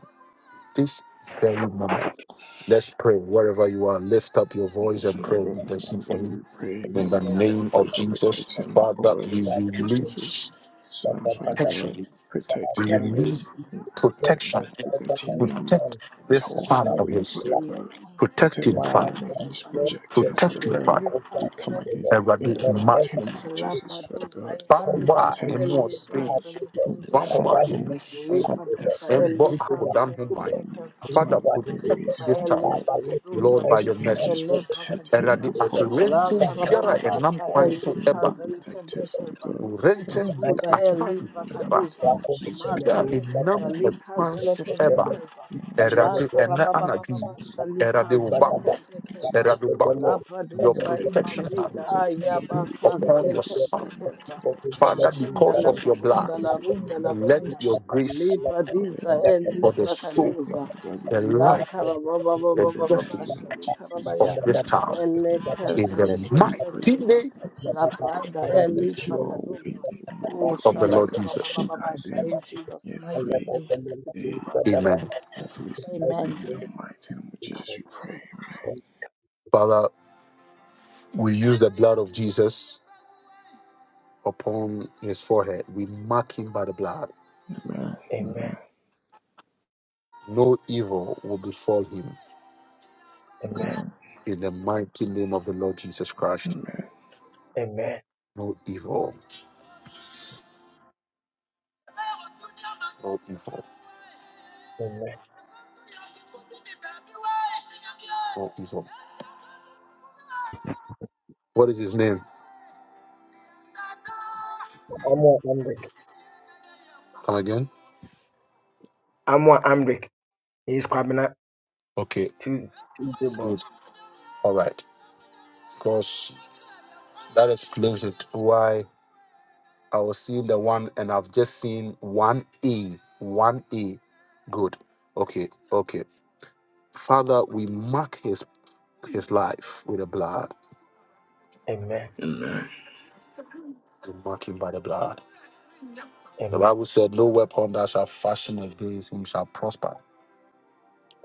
this very moment. Let's pray wherever you are. Lift up your voice and
Father
pray.
God,
Intercede
Father
for
God,
him
we pray and
in
we,
the
we
name
pray
of
for
Jesus.
protection
Father,
over
we release
Christopher's son. Father God,
protection.
protect
We
him and,
release
and
protection.
protect him and
Protect
his
this
whole
son of
family.
his.
Father God,
likhaza
Protect
whatever
him,
the
Father.
lekhente
enemy is
kheza
projecting,
Protect
Father
him,
librakaduza
God,
Father.
we
likhaza
come
lekhente
against it in
Eradi
the
kheza
ma-
mighty name of Jesus. Father
labraduza
God, we
Bamba
imazuda
protect
emu
his son
ọdun,
elikhaza lekhente
from
bamba
kheza
from
emo
from
libraduza
every
Embo
elikhaza
akodam human.
lekhente
um,
kheza
plan
Father,
of
protect
mazuza
enemies,
this
Father
child,
God.
elibrakaduza
Lord, by
Let your
your
brida
angels
mercies.
protect him
elibrakaduza
and
Eradi
his whole family,
aturentin
Father
biara
God.
enam
lakarabababasha
kwan
Let
so
him be
eba.
elikhaza lekhente
protected, Father
kheza
God. Let
Rentin
him be
imazuda
attack
protected in the
biara
mighty
elibrakaduza
name of Jesus, Father
biara
God.
enam
mazekedeza
Let him be
kwan
likhaza
so
protected in
lekhente
the
eba.
mighty
kheza
name of
La
Jesus.
Eradi ene anadwi.
karababababa
Let him be
Eradi
protected
shalikaza
in the
ubambo.
mighty name of
lekendekeza.
Jesus.
Eradi
La
ubambo. Your
Whatever
praduza
the enemy
protection
is
hand
imazida
projecting,
be
Father God, we come
ayabakaza
upon your
against it in
son.
the mighty
lekendekeza.
name of
Father,
Jesus.
Makunda
Father
because
la
of
God,
your
we come
blood,
karunda la
against it in the
runda la
mighty name
let
of
kunda.
your
Jesus.
grace
Li
Whatever
pradiza
the
el li
enemy
for the
is
soul,
projecting,
prakaduza.
Father God, we
the
come
La
against it
life,
In
the
the
destiny
karabababababa
name of
of
Jesus,
shalikarabaya.
in
this
the
child
mighty
you.
name of
in
Elekeza
the
Jesus, we pray
mighty
for
lekendekeza.
name
Amen.
protection,
La
Father God.
pranda el li
Let your
prakaduza.
in- in
Oh,
warrior
of the
shala
Lord
angels
Jesus.
guide
karabababasha,
them
in Jesus' mighty
every
name, thank you,
day,
Jesus.
Amen.
Lepra kadis.
every single
Amen.
day. In the mighty name of Jesus, we pray.
Father, we use the blood of Jesus upon his forehead. We mark him by the blood.
Amen. Amen.
No evil will befall him
Amen.
Amen.
in the mighty name of the Lord Jesus Christ.
Amen.
Amen.
No evil, no evil,
Amen.
no evil. What is his name?
Amwa Amrik.
Come again?
Amwa Amrik. He is Kwabena
Okay,
Tuesday born.
good. All right. Because that explains it why I was seeing the one, and I've just seen one A, one A. Good. Okay, okay. Father, we mark his his life with the blood.
Amen.
Amen.
We mark him by the blood. The
Amen.
Bible said, "No weapon that shall fashion against him shall prosper,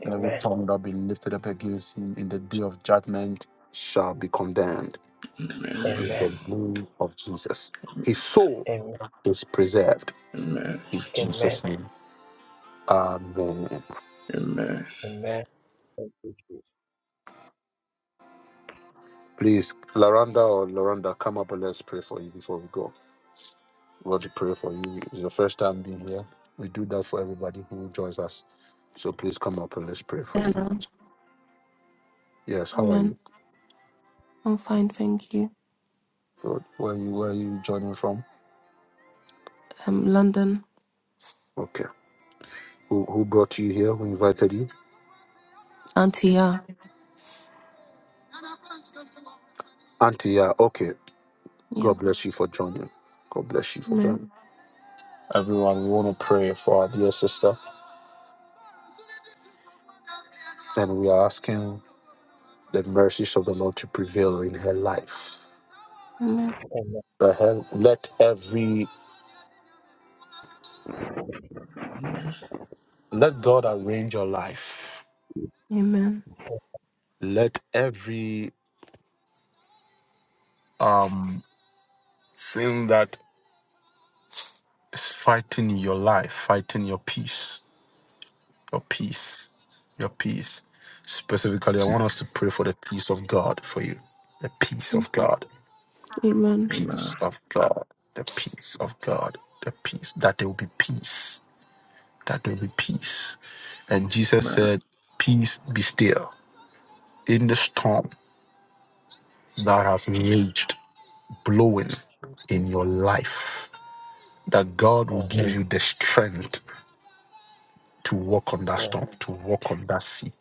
and every
Amen.
tongue that be lifted up against him in the day of judgment shall be condemned."
Amen. Amen.
In
Amen.
the name of Jesus, his soul
Amen.
is preserved
Amen.
in
Amen.
Jesus' name. Amen.
Amen.
Amen. Thank you, Jesus.
Please, Laranda or Loranda, come up and let's pray for you before we go. We want to pray for you. It's your first time being here. We do that for everybody who joins us. So please come up and let's pray for you.
Hello.
Yes, how are you?
Amen. I'm fine, thank you.
Good. Where are you where are you joining from?
Um, London,
Okay. Who who brought you here? Who invited you?
Auntie, yeah.
Auntie, yeah, okay.
Yeah.
God bless you for joining. God bless you for
Amen.
joining. Everyone, we want to pray for our dear sister. And we are asking the mercies of the Lord to prevail in her life.
Amen.
Amen.
Let her- let every Let God arrange your life.
Amen.
Let every um thing that is fighting your life, fighting your peace, your peace, your peace. Specifically, I want us to pray for the peace of God for you. The peace of God.
Amen.
Peace
Amen.
of God. The peace of God. The peace. That there will be peace. That there will be peace. And Jesus
Amen.
said, Peace be still in the storm that has raged blowing in your life that God will
Amen.
give you the strength to walk on that
Amen.
storm, to walk on that sea.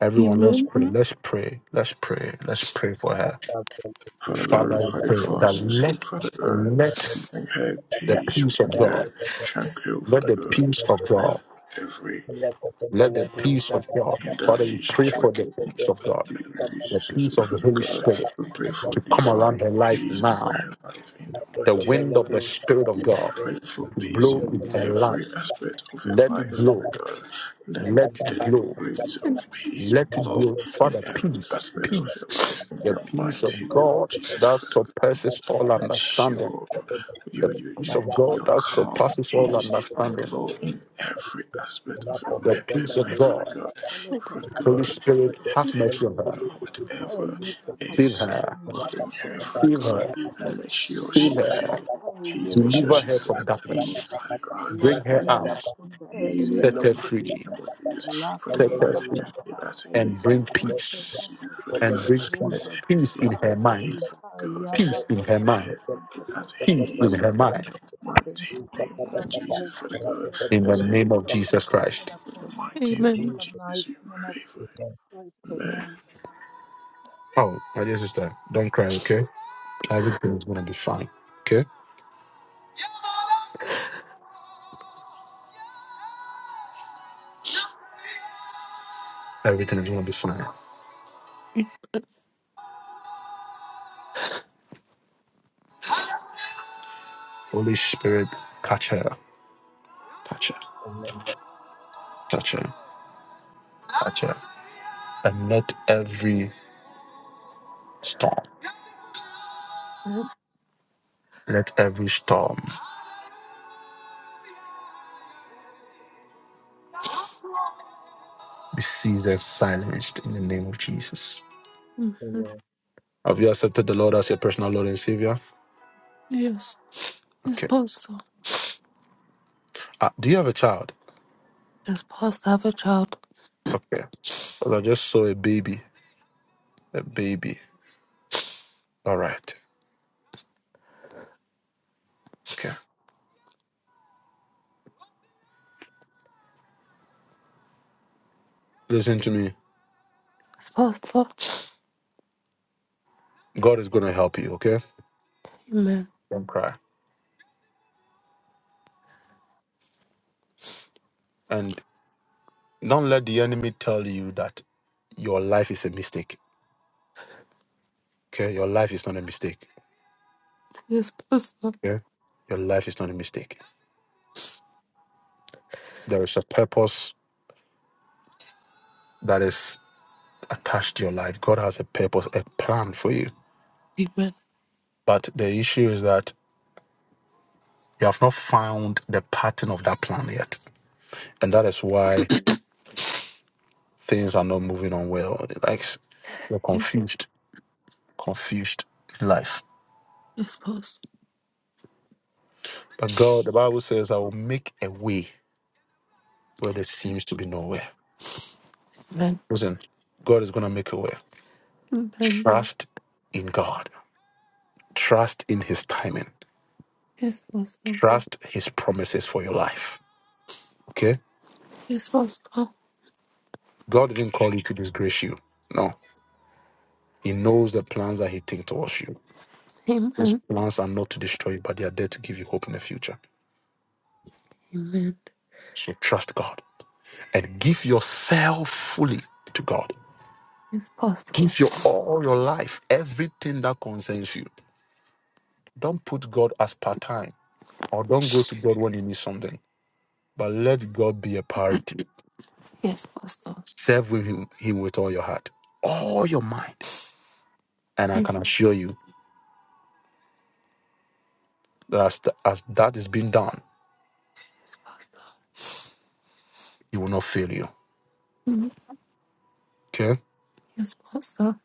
Everyone, let's
Amen.
pray. Let's pray. Let's pray. Let's pray for her.
Amen. thank you,
Father God, we
Father, we
Zadaba,
pray
pray
for our
that
sister,
let
Father God.
let
Bring her
the
peace,
peace of
bring her
God,
Rasta,
tranquil,
let
Father
the
thank you,
God.
peace of
Zadaba,
Let
God,
every
Leko, thank
let the
you,
peace of
Zadaba,
God. Father, we pray
indulgence
for
work
Rasta,
the
thank
peace
you,
of God,
be
Zadaba,
the
released, sister,
peace of the
Father
Thank
Holy
God.
Spirit
We pray for
to come
divine
around her life
peace over
now.
her life in the
The
mighty
wind of
name.
the Spirit of
We
God
pray for
to
peace
blow
in
in her life.
every aspect of their
Let it
life, my
blow.
God. Let
Let it
the
blow.
breeze
And
of peace
Let it
blow
blow.
in
Father,
every
peace,
aspect of
peace.
your life, in
The
your
peace of
mighty name of
God
Jesus,
that
Father God.
surpasses all
Let
understanding.
your,
The
your, your,
peace
your,
of God
your
that
calm
surpasses all
peace
understanding.
blow in every aspect of your
The
life,
peace
your
of
life, Father
God.
God.
God,
Abashaleke
Father
Holy
God,
Spirit,
Zalakentakuza,
protect
have
her,
yes.
mercy on her.
Father God,
Labraduza,
whatever
Elibra
Save
is
Kaduza,
her.
bothering
Mazuza,
her, Father
Save
Elibra
God.
her.
Kaduza,
and Make sure
Save
she
Elibra
her.
feels
Duza,
Please make sure
Deliver
Eliakoza,
she
her
feels
from darkness.
ease,
Lekentakoza,
Father God.
Bring
Let
her
Labranda,
it
out.
Laprunda,
ease in
Amen.
Set
the
Elibra
her
mighty
free.
Kadiza,
and what is
La
for the
Set
God.
her
Let
free.
her feel
Karababababa,
at
And
ease
Shalika,
in
bring
the mighty and what
peace.
is for
Zelekentakuza,
the
And
God.
bring
Let
peace.
Oza,
her
Peace
Zuza,
feel
in her
at
you.
mind.
ease
Mazida,
for the God.
In
Peace in
Ayabaka,
Let
her mind
her feel at
Zelekentakuza,
peace in
ease
her
Amen.
in
mind
the
Thank
mighty
you,
name of
Jesus.
Jesus for the God.
in the
Let her
name of
Lekhozelethokoza.
Jesus
Thank
feel
you,
in
Christ.
Father God.
the mighty name
In
Amen.
of
Jesus'
the
Jesus. We
mighty name of
pray for
Jesus
name,
Christ,
it.
amen.
Oh, my dear sister, don't cry, okay? Everything is going to be fine, okay? Everything is going to be fine. Holy Spirit, catch her, touch her,
amen,
touch her, touch her. And let every storm, let every storm be seized and silenced in the name of Jesus.
Mm.
amen,
Have you accepted the Lord as your personal Lord and Savior?
Yes. Yes,
Okay.
Pastor.
Uh, do you have a child?
Yes, Pastor, I have a child.
Okay. Well, I just saw a baby. A baby. All right. Okay. Listen to me.
Yes, Pastor.
God is going to help you, okay?
Amen.
Don't cry. And don't let the enemy tell you that your life is a mistake, okay? Your life is not a mistake,
Yes, Pastor.
okay? Your life is not a mistake. There is a purpose that is attached to your life. God has a purpose, a plan for you.
Amen.
But the issue is that you have not found the pattern of that plan yet. And that is why things are not moving on well. Like you're
Yes.
confused, confused in life.
Yes, Pastor.
But God, the Bible says, I will make a way where there seems to be nowhere.
Amen.
Listen, God is going to make a way.
Amen.
Trust in God. Trust in His timing.
Yes, Pastor.
Trust His promises for your life. Okay?
Yes, Pastor.
God didn't call you to disgrace you. No. He knows the plans that He thinks towards you. His
Amen.
plans are not to destroy you, but they are there to give you hope in the future.
Amen.
So trust God and give yourself fully to God.
Yes, Pastor.
Give your all your life, everything that concerns you. Don't put God as part time or don't go to God when you need something But let God be a priority.
Yes, Pastor.
Serve with him, him with all your heart, all your mind. And I can assure you that as, th- as that is being done, he will not fail you.
Mm,
Okay?
Yes, Pastor.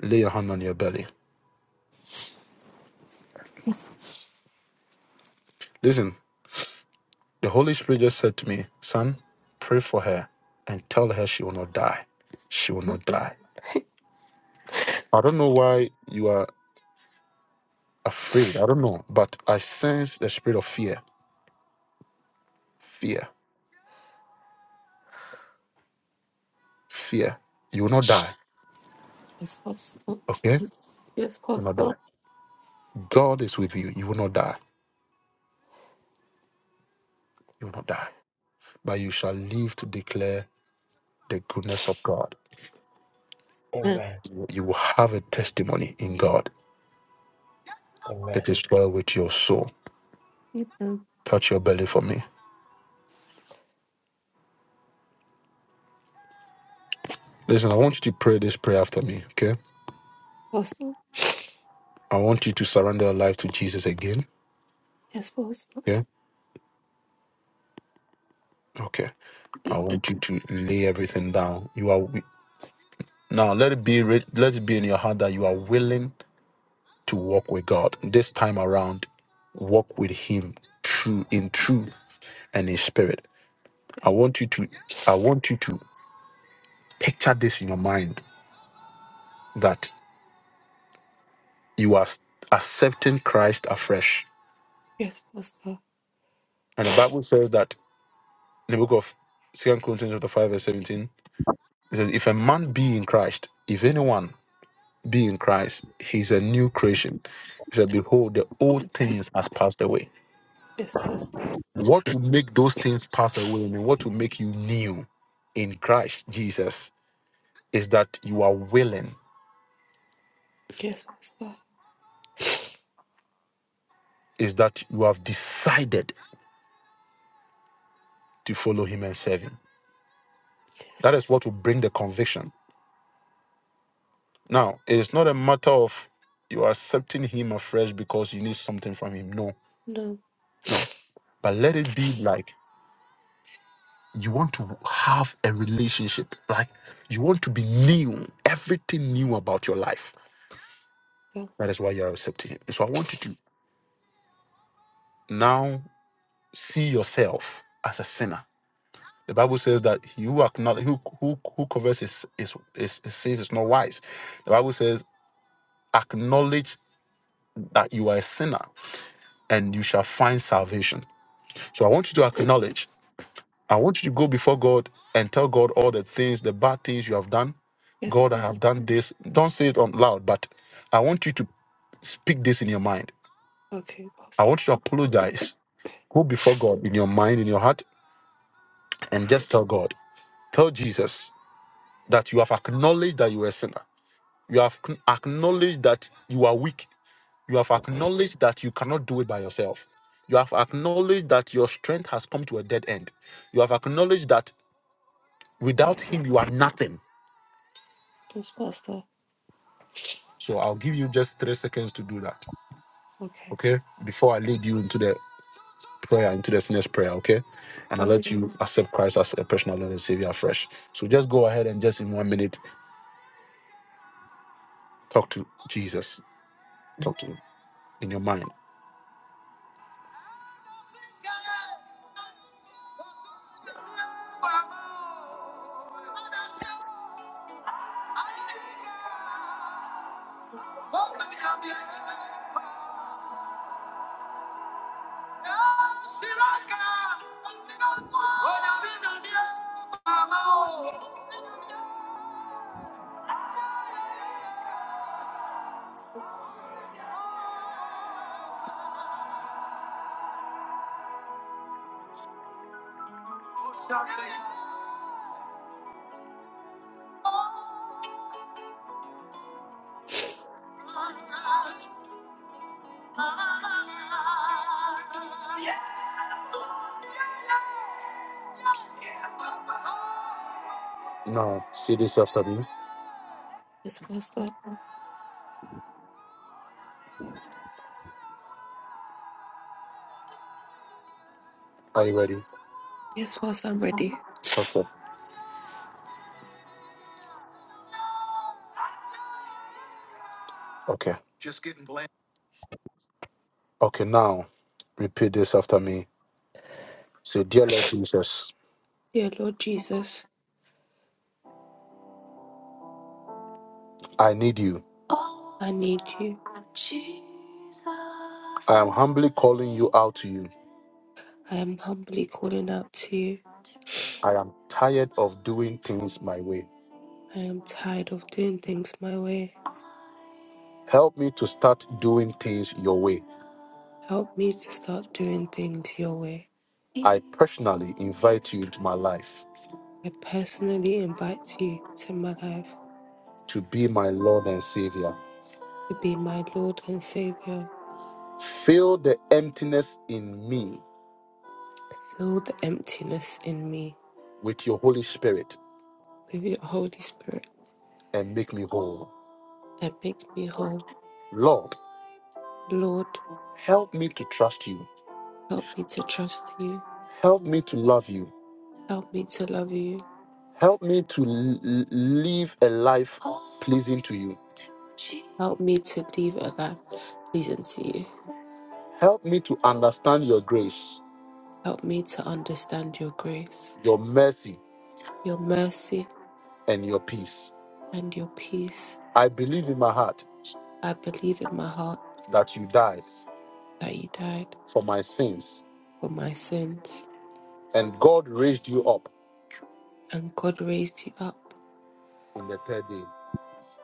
Lay your hand on your belly. Listen, the Holy Spirit just said to me, Son, pray for her and tell her she will not die. She will not die. I don't know why you are afraid. I don't know. But I sense the spirit of fear. Fear. Fear. You will not die.
Yes, Pastor.
Okay? You
Yes,
will not
Pastor.
die. God is with you. You will not die. You will not die but you shall live to declare the goodness of God.
amen,
Amen.
amen,
You will have a testimony in God. It is well with your soul.
Amen.
Touch your belly for me. Listen, I want you to pray this prayer after me, okay?
Pastor.
I want you to surrender your life to Jesus again,
Yes, Pastor.
okay? Okay. I want you to lay everything down. You are wi- now let it be re- let it be in your heart that you are willing to walk with God. This time around, walk with him true in true, and in spirit. I
Yes, Pastor.
want you to I want you to picture this in your mind that you are accepting Christ afresh.
Yes, Pastor.
And the Bible says that in the book of Second Corinthians chapter 5, verse 17, it says, If a man be in Christ, if anyone be in Christ, he's a new creation. He said, Behold, the old things has passed away.
Yes, Pastor.
What will make those things pass away and what will make you new in Christ Jesus is that you are willing,
Yes, Pastor.
is that you have decided to follow him and serve him.
Yes,
That is
Pastor.
what will bring the conviction Now, it's not a matter of you accepting him afresh because you need something from him. No,
No.
no. But let it be like you want to have a relationship, like you want to be new, everything new about your life.
So,
That is why you are accepting him. And so I want you to now see yourself as a sinner. The Bible says that he who acknowledge, who, who, who covers his, his, his, his sins is not wise. The Bible says, acknowledge that you are a sinner and you shall find salvation. So I want you to acknowledge. I want you to go before God and tell God all the things, the bad things you have done.
yes,
God, I
Pastor.
have done this. Don't say it out loud, but I want you to speak this in your mind.
Okay,
I
Pastor.
want you to apologize. Go before God in your mind, in your heart, and just tell God. Tell Jesus that you have acknowledged that you are a sinner. You have ac- acknowledged that you are weak. You have acknowledged that you cannot do it by yourself. You have acknowledged that your strength has come to a dead end. You have acknowledged that Without him, you are nothing.
Yes, Pastor.
So I'll give you just three seconds to do that,
Okay.
okay? Before I lead you into the prayer, into the sinner's prayer, okay? And i let
Okay.
you accept Christ as a personal Lord and Savior afresh. So just go ahead and just in one minute, talk to Jesus. Talk to him in your mind. Now, say this after me.
Yes, Pastor.
Are you ready?
Yes, Pastor, I'm ready.
Okay. Okay. Okay, now repeat this after me. Say, Dear Lord Jesus,
Dear Lord Jesus,
I need you.
I need you.
I am humbly calling you out to you.
I am humbly calling out to you.
I am tired of doing things my way.
I am tired of doing things my way.
Help me to start doing things your way.
Help me to start doing things your way.
I personally invite you into my life
I personally invite you to my life
to be my Lord and Savior.
to be my Lord and Savior.
Fill the emptiness in me
Fill the emptiness in me
with your Holy Spirit
with your Holy Spirit
and make me whole.
and make me whole.
Lord,
Lord,
help me to trust you.
help me to trust you.
Help me to love you.
Help me to love you.
Help me to l- l- live a life pleasing to you.
Help me to live a life pleasing to you.
Help me to understand your grace,
Help me to understand your grace,
your mercy,
your mercy,
and your peace.
and your peace.
I believe in my heart
I believe in my heart
that you died
that you died
for my sins
for my sins
and God raised you up
and God raised you up.
on the third day.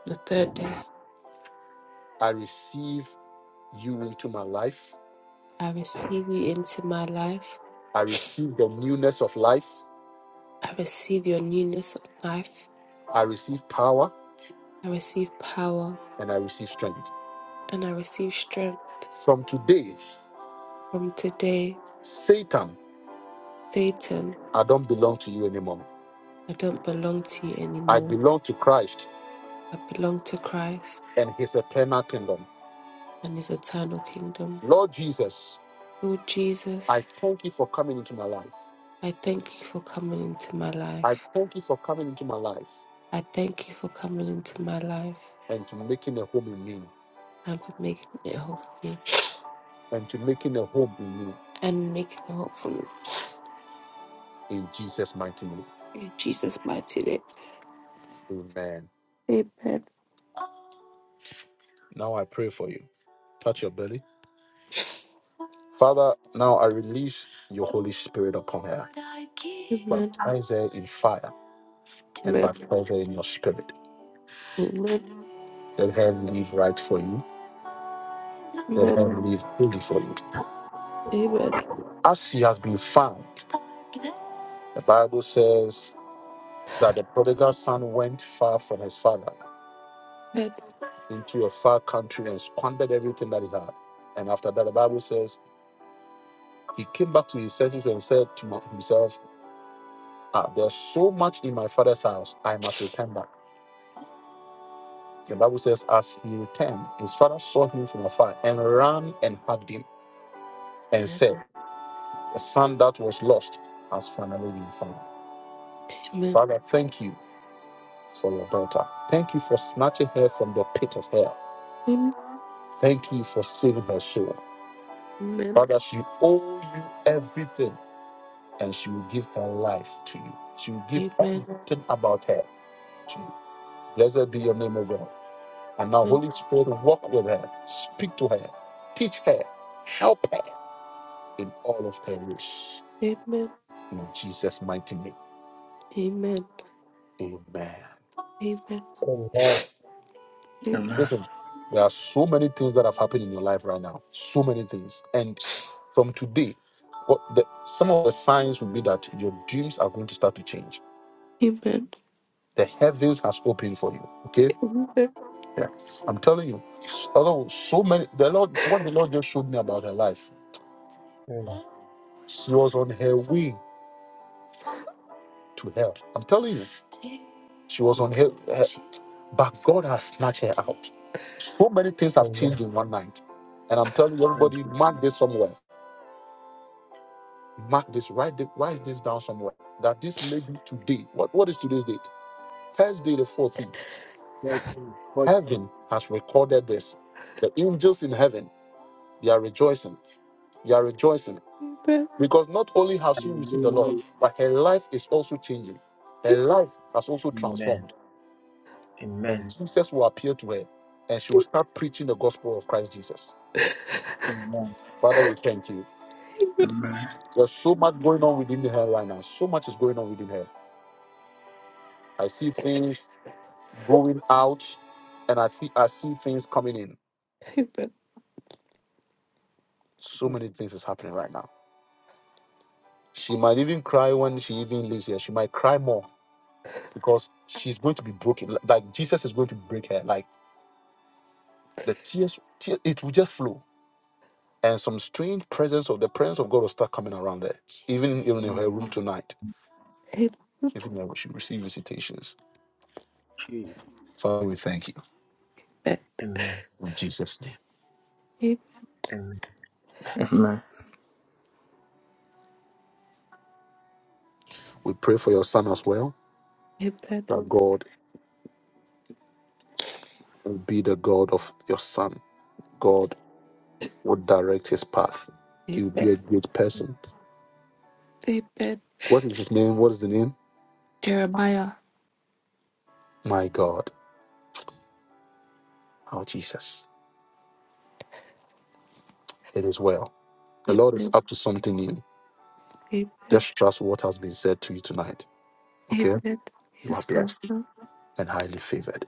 The third day,
I receive you into my life.
I receive you into my life.
I receive the newness of life.
I receive your newness of life.
I receive power
I receive power
and I receive strength.
and I receive strength.
From today,
From today,
Satan,
Satan,
I don't belong to you anymore.
I don't belong to you
I
anymore.
belong to Christ
I belong to Christ
and his eternal kingdom.
and his eternal kingdom.
Lord Jesus,
Lord
I
Jesus,
thank you for coming into my life.
I thank you for coming into my
I
life.
thank you for coming into my life
I thank you for coming into my life
and to making a home in me
and for making it whole for me
and to making a home in me
and making it whole for me.
in Jesus' mighty name.
In Jesus' mighty name.
Amen.
Amen.
Now I pray for you. Touch your belly. Father, now I release your Holy Spirit upon her.
Amen.
Baptize her in fire and
Amen.
baptize her in your spirit.
Amen.
Let her live right for you. Let
Amen.
her live truly for you.
Amen.
As she has been found, the Bible says that the prodigal son went far from his father into a far country and squandered everything that he had. And after that, the Bible says he came back to his senses and said to himself, ah, There's so much in my father's house, I must return back. The Bible says, as he returned, his father saw him from afar and ran and hugged him and
Amen.
said, The son that was lost has finally been found. Father, thank you for your daughter. Thank you for snatching her from the pit of hell.
Amen. Amen.
Thank you for saving her soul. Father, she owes you everything and she will give her life to you. She will
Amen.
give
Amen. Amen.
everything about her to you. Blessed be your name, O God. And now,
Amen.
Holy Spirit, walk with her, speak to her, teach her, help her. in all of her ways.
Amen. Amen. Amen. Amen. Amen. Amen.
In Jesus' mighty name. Amen.
amen, amen,
Amen. Amen.
Listen, there are so many things that have happened in your life right now. So many things. And from today, what the, some of the signs will be that your dreams are going to start to change. The heavens has opened for you. Okay? Yeah. I'm telling you. Although so many the Lord what the Lord just showed me about her life. She was on her way to hell. I'm telling you. She was on her her But God has snatched her out. So many things have
amen.
changed in one night. And I'm telling you,
Thank
everybody,
you,
mark this somewhere. Mark this, write, the, write this down somewhere. That this lady today, what, what is today's date? Thursday, the 14th.
thank you, God.
Heaven has recorded this. The angels in heaven, they are rejoicing. They are rejoicing. Because not only has she received the Lord,
Hallelujah.
but her life is also changing. Her life has also
Amen,
transformed. And
amen,
Jesus will appear to her and she will start preaching the gospel of Christ Jesus
amen,
Father, we thank you.
Amen.
There's so much going on within the hair right now. So much is going on within her. I see things going out, and I see I see things coming in.
Amen.
So many things is happening right now. She might even cry when she even leaves here. She might cry more because she's going to be broken. Like Jesus is going to break her. Like the tears, tear, it will just flow. And some strange presence of the presence of God will start coming around there. Even even in her
mm,
room tonight. Even when she receives visitations.
Jesus,
Father, we thank you.
amen,
In Jesus' name.
amen,
Amen.
We pray for your son as well,
Amen.
that God will be the God of your son. God will direct his path. He will be
Amen.
a great person.
Amen.
What is his name? What is the name?
Jeremiah.
My God. our Jesus. It is well. The Lord is
Amen.
up to something new.
Amen.
Just trust what has been said to you tonight. Okay?
Amen.
You are
Yes,
blessed
Pastor.
and highly favored.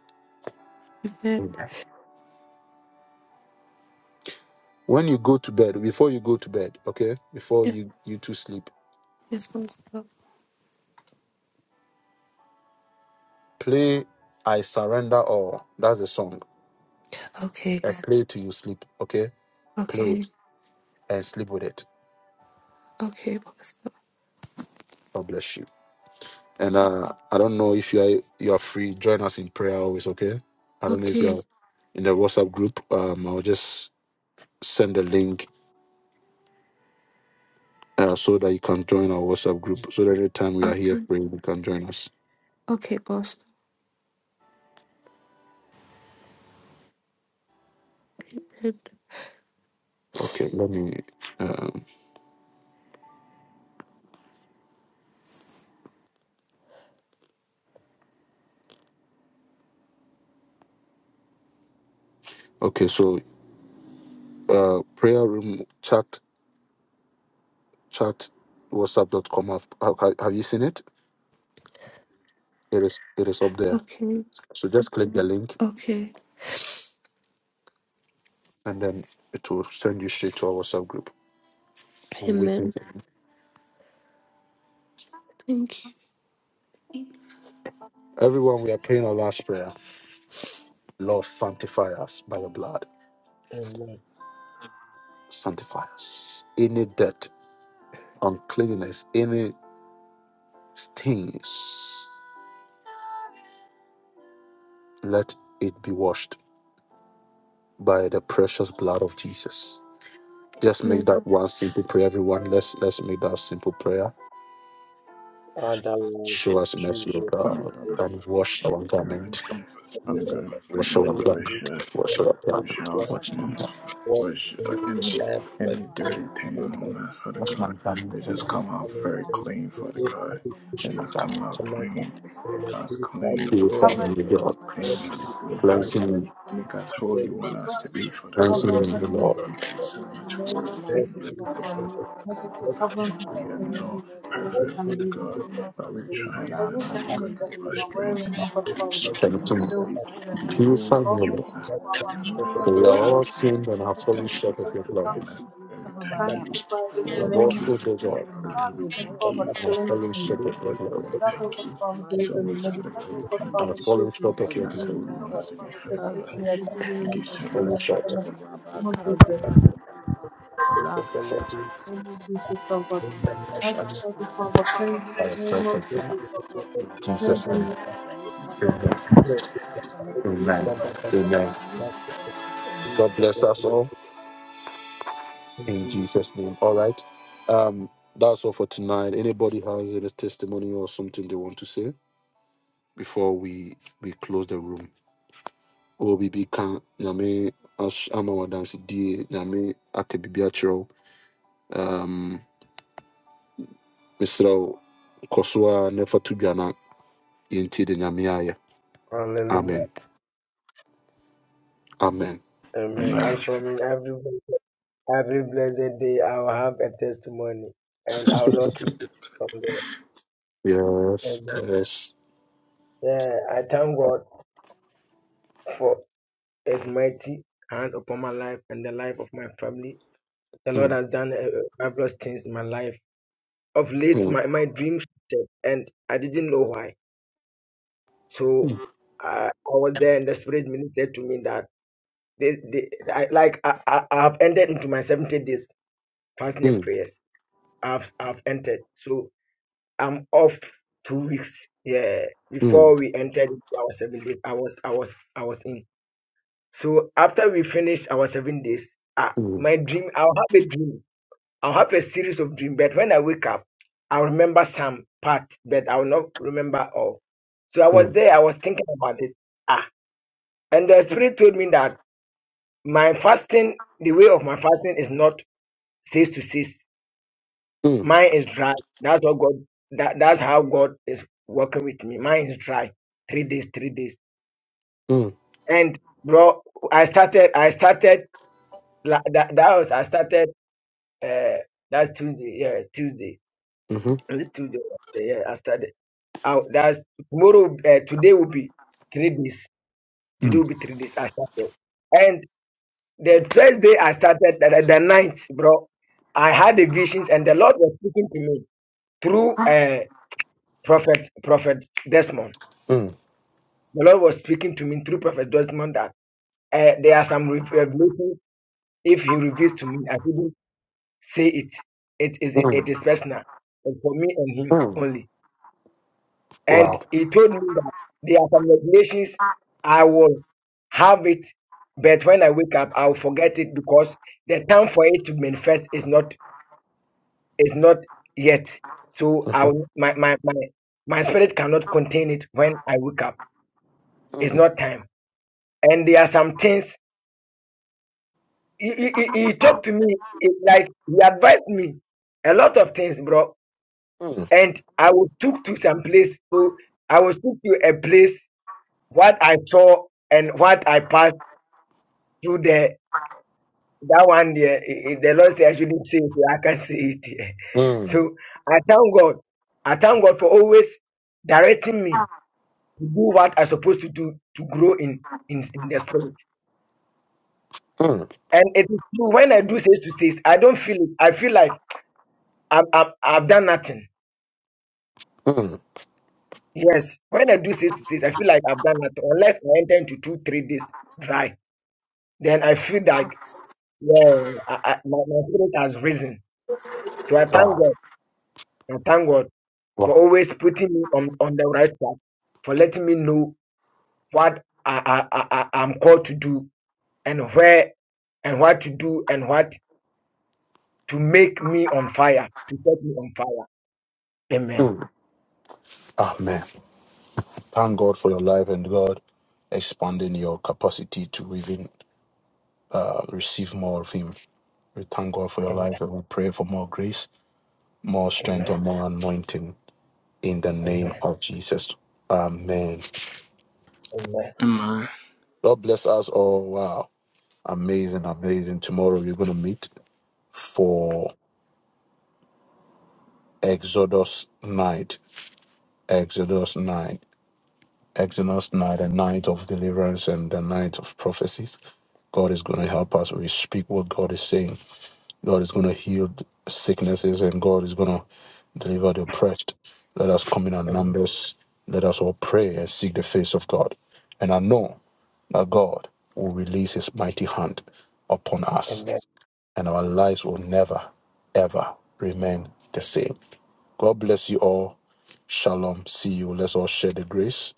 Amen.
When you go to bed, before you go to bed, okay? Before
Yeah.
you, you two sleep,
Yes, Pastor.
play I Surrender All. That's the song.
Okay.
And play till you sleep, okay? Play
Okay.
it and sleep with it.
Okay, Pastor.
God bless you. And uh, I don't know if you are you are free. Join us in prayer always, okay? I don't know if you
Okay.
are in the WhatsApp group. Um, I'll just send the link uh, so that you can join our WhatsApp group. So that every time we are here
Okay.
praying, you can join us.
Okay, boss. Amen.
Okay, let me. Um, okay, so uh, prayer room chat chat WhatsApp WhatsApp.com. Have, have have you seen it? It is it is up there.
Okay.
So just click the link
Okay.
and then it will send you straight to our WhatsApp group. I'm
Amen.
waiting.
Thank you.
Everyone, we are praying our last prayer. Lord, sanctify us by your blood.
amen.
Sanctify us. Any dirt, uncleanness, any stains, let it be washed by the precious blood of Jesus. Just make
Amen.
that one simple prayer, everyone. Let's let's make that simple prayer.
Father, Lord
Show us mercy,
Jesus,
O
we
Father
pray
God,
God, our
and wash our
God.
garment.
I'm going
Wash
for
our
your
to
mercy,
wash
garment.
us,
for
Wash our
your
garment.
wash our
blood,
Wash my
Father
and
God,
garment.
wash my
for
wash
blood.
uh,
your
Oh,
any
Father
blood,
God,
for
any
show us
your
dirty thing
mercy.
blood,
Oh,
for your
on
Father
us, the
blood.
God,
Wash my
God.
garment.
They
in
just
the
come
Wash
out
mighty name
very
of
clean,
Jesus,
for the
and
God.
I'm doing
They
my
just
myself,
come
Father,
garment.
out
in the
clean.
sinner's
Make
stand. Oh,
us
Father
clean
God.
Purify
from
cover
me, O
Oh,
God.
Father God,
anything
if
they
that we
you have
can
do, Father
cover
us,
Cleanse
me
God.
my
me
with
Make
Father,
us
what they
whole
did
you
so
want us
well.
to
Lucas,
be, for the God.
Cover
Cleansing
and
me, O
protect
Kempis,
Lord.
Thank you so
Likadusa,
me in
much
the
for
name of
everything
Jesus
you
Mazuda,
so
have done
far. I can
Lipakadusa,
cover
but
and
we
protect
are
the
Mazuda,
not
relationship from every
Lekas,
perfect, Father
family in the
God,
name of
but
Lekempisa,
we're
Jesus.
trying,
La
and I
Every
know you're going
garment
to
Padusa,
that
give
we
our
are
strength
wearing, help us,
to
Lipakadusa,
Father,
to
that we
to
can
Strengthen me.
still
to
Mazuda,
be
Purify
who
Likas,
me, O
you
Lord.
almost
want us to
from
be,
our
Lekempisa,
Father
meaning of
God.
For
We
we are
blood,
thank
La
and
all
you.
sinned and
Kamababa,
protect
have
us
We
fallen
thank
from the
you for
short of
effects
your
of
glory.
sanctifying us.
suffering.
And we thank
Shalikabaya,
you
Sanctify with
for
We
the
Le
have all
name
making
of
sinned,
us
O
Padusa,
holy,
God,
the
Father
blood
God. We
of the
Mazida,
thank
cover
you.
and have
cleanse
Likas,
fallen
me.
Amen.
short of your
Father
May
God,
the
glory.
We
blood
Lekempisa,
of
thank
the
you
cover
so
deliver me. May
much,
Mazuda,
the
Father
blood
God. We
of the
thank
And
cover
have
you
Lipradusa,
fallen
shoot me.
for
short of
making
your
May
us
the
glory.
who
Vrida
blood
you
of
want us
the
to be,
cover
eli
Father
protect
God.
me.
kazele
May the
We
rain
Thank you so
kempukeza.
from
much,
Fallen
the cover.
Father
short.
God.
Ora
May the
ba
name of Jesus.
kazele kebeza. La
Fallen
kababa
short.
babasha
In the Name
in
of
Jesus'
Jesus, O
mighty
God.
name.
Fallen
As I'm
short.
ready
La
for the
kababa
cleanse me
By
babasha.
in the name
yourself,
of
O
Thank you,
God.
Jesus, O God.
Jesus.
In
Thank you,
Cleanse
Jesus'
Father.
me in
name.
the name of
Le
Jesus, O
Amen.
God. In
brakabeza li
the
kazele
Name of
Amen.
Jesus,
kempukeza. Father,
Amen.
what
O God.
was the care for so
God
many
bless us all. In Jesus' name. All right. Um, that's all for tonight. Anybody has any testimony or something they want to say before we we close the room? obibi ka nyame as- ama wadansedie nyame aka biribi akyerɛ wo um, meserɛ wo kɔ so a na ɛfa to dwa na yɛntie de nyame ayɛ
Hallelujah.
amen amen
Amen.
Amen.
And for me, everyone. Every blessed day I'll have a testimony and I'll not keep it from God.
yes
Amen.
yes
Yeah, I thank God for His mighty hand upon my life and the life of my family. The Lord
Mm,
has done uh, uh, marvelous things in my life. Of late,
mm,
my, my dreams shifted and I didn't know why. So I, I was there and the Spirit ministered to me that they, they, I, like I, I, I have entered into my 70 days fasting and
mm,
prayers. I've, I've entered. So I'm off two weeks. Yeah,
mm, mm,
before we entered into our seven days, I was I was I was in. So after we finished our seven days, uh,
mm, mm,
my dream I'll have a dream. I'll have a series of dreams, but when I wake up, I'll remember some part, but I'll not remember all. So I was there, I was thinking about it. Ah, and the spirit told me that my fasting, the way of my fasting is not cease to cease.
mm, mm,
Mine is dry. That's what God. That that's how God is working with me. Mine is dry. Three days, three days. And bro, I started. I started. la- That, that was. I started. Uh, that's Tuesday. Yeah, Tuesday.
mhm,
It's Tuesday. Yeah, I started. I, that's tomorrow. Uh, today will be three days. Today will be three days. I started. And the first day I started, the, the the ninth, bro, I had the visions, and the Lord was speaking to me through uh, prophet, prophet Desmond
mm,
The Lord was speaking to me through Prophet Desmond that uh, there are some rev- revelations. If He reveals to me, I couldn't say it. It is it, it
mm,
is personal, and for me and Him
mm.
only.
Wow.
And He told me that there are some revelations I will have it, but when I wake up, I will forget it because the time for it to manifest is not is not yet. So I
Mhm.
will, my, my my my spirit cannot contain it when I wake up. It's
Mm,
not time. And there are some things. he, he, he he talked to me eh, like he advised me a lot of things, bro.
mm,
And I was took to some place. So I was took to a place what I saw and what I passed through there. That one there, eh, eh, the Lord said I shouldn't say it. I can't say it. here.
mm,
So I thank God. I thank God for always directing me to do what I'm supposed to do to grow in in, in the spirit.
mm,
And it is true when I do says to says, I don't feel it. I feel like I've, I've, I've done nothing
mm.
Yes, when I do six to six, I feel like I've done that. Unless I enter into two, three days dry, then I feel like well, I, I, my, my spirit has risen. So I thank
Wow.
God. I thank God for
Wow.
always putting me on, on the right path, for letting me know what I, I, I, I- I'm called to do and where and what to do and what to make me on fire, to set me on fire. Amen.
Mm. Amen. Thank God for your life and God expanding your capacity to even uh, receive more of Him. We thank God for your
Amen.
life and we pray for more grace, more strength,
Amen.
and more anointing in the name
Amen.
of Jesus. Amen.
Amen.
Amen.
God bless us all. Wow. Amazing, amazing. Tomorrow we're going to meet for Exodus night. Exodus night, Exodus night, the night of deliverance and the night of prophecies. God is going to help us. We speak what God is saying God is going to heal th- sicknesses and God is going to deliver the oppressed. Let us come in our numbers. Let us all pray and seek the face of God. And I know that God will release his mighty hand upon
Amen.
us and our lives will never, ever remain the same. God bless you all. Shalom. See you. Let's all share the grace.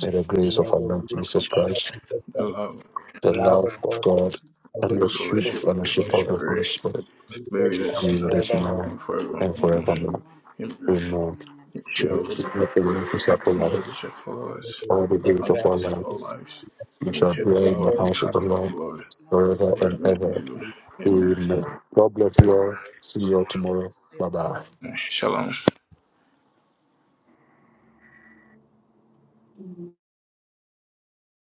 May the grace
So
of our
Amen.
Lord
much
Jesus
grace.
Christ,
The love.
the
the
love of
love of
God,
are
God,
in the
and the
and
We
the
function
sweet
sweet
bless
of
you,
fellowship of
Lord,
the
fellowship
this
Holy
Holy
of the
Spirit
God.
Holy
Spirit.
Spirit
be with us
Maybe
They
now
that's
be
and
were
with
not
us
forevermore.
now
for
transformed.
everyone.
and forevermore.
Amen.
Amen.
Amen.
It
She will
shall be.
be
Shalom.
with us
Its
after
message shall follow
all the days
on
of
the
our
days of our
lives.
lives.
We
And we
shall
Shalom.
shall
dwell in
dwell
the
in the
house of the
hearts
coming
of the
Lord
down.
Lord
Just Lord,
forever
Amen.
and
forever
forever
ever.
and ever.
and ever.
Amen.
Amen.
Amen.
God bless you all.
Amen.
See you all tomorrow.
Bless
Bye
you.
bye.
Shalom.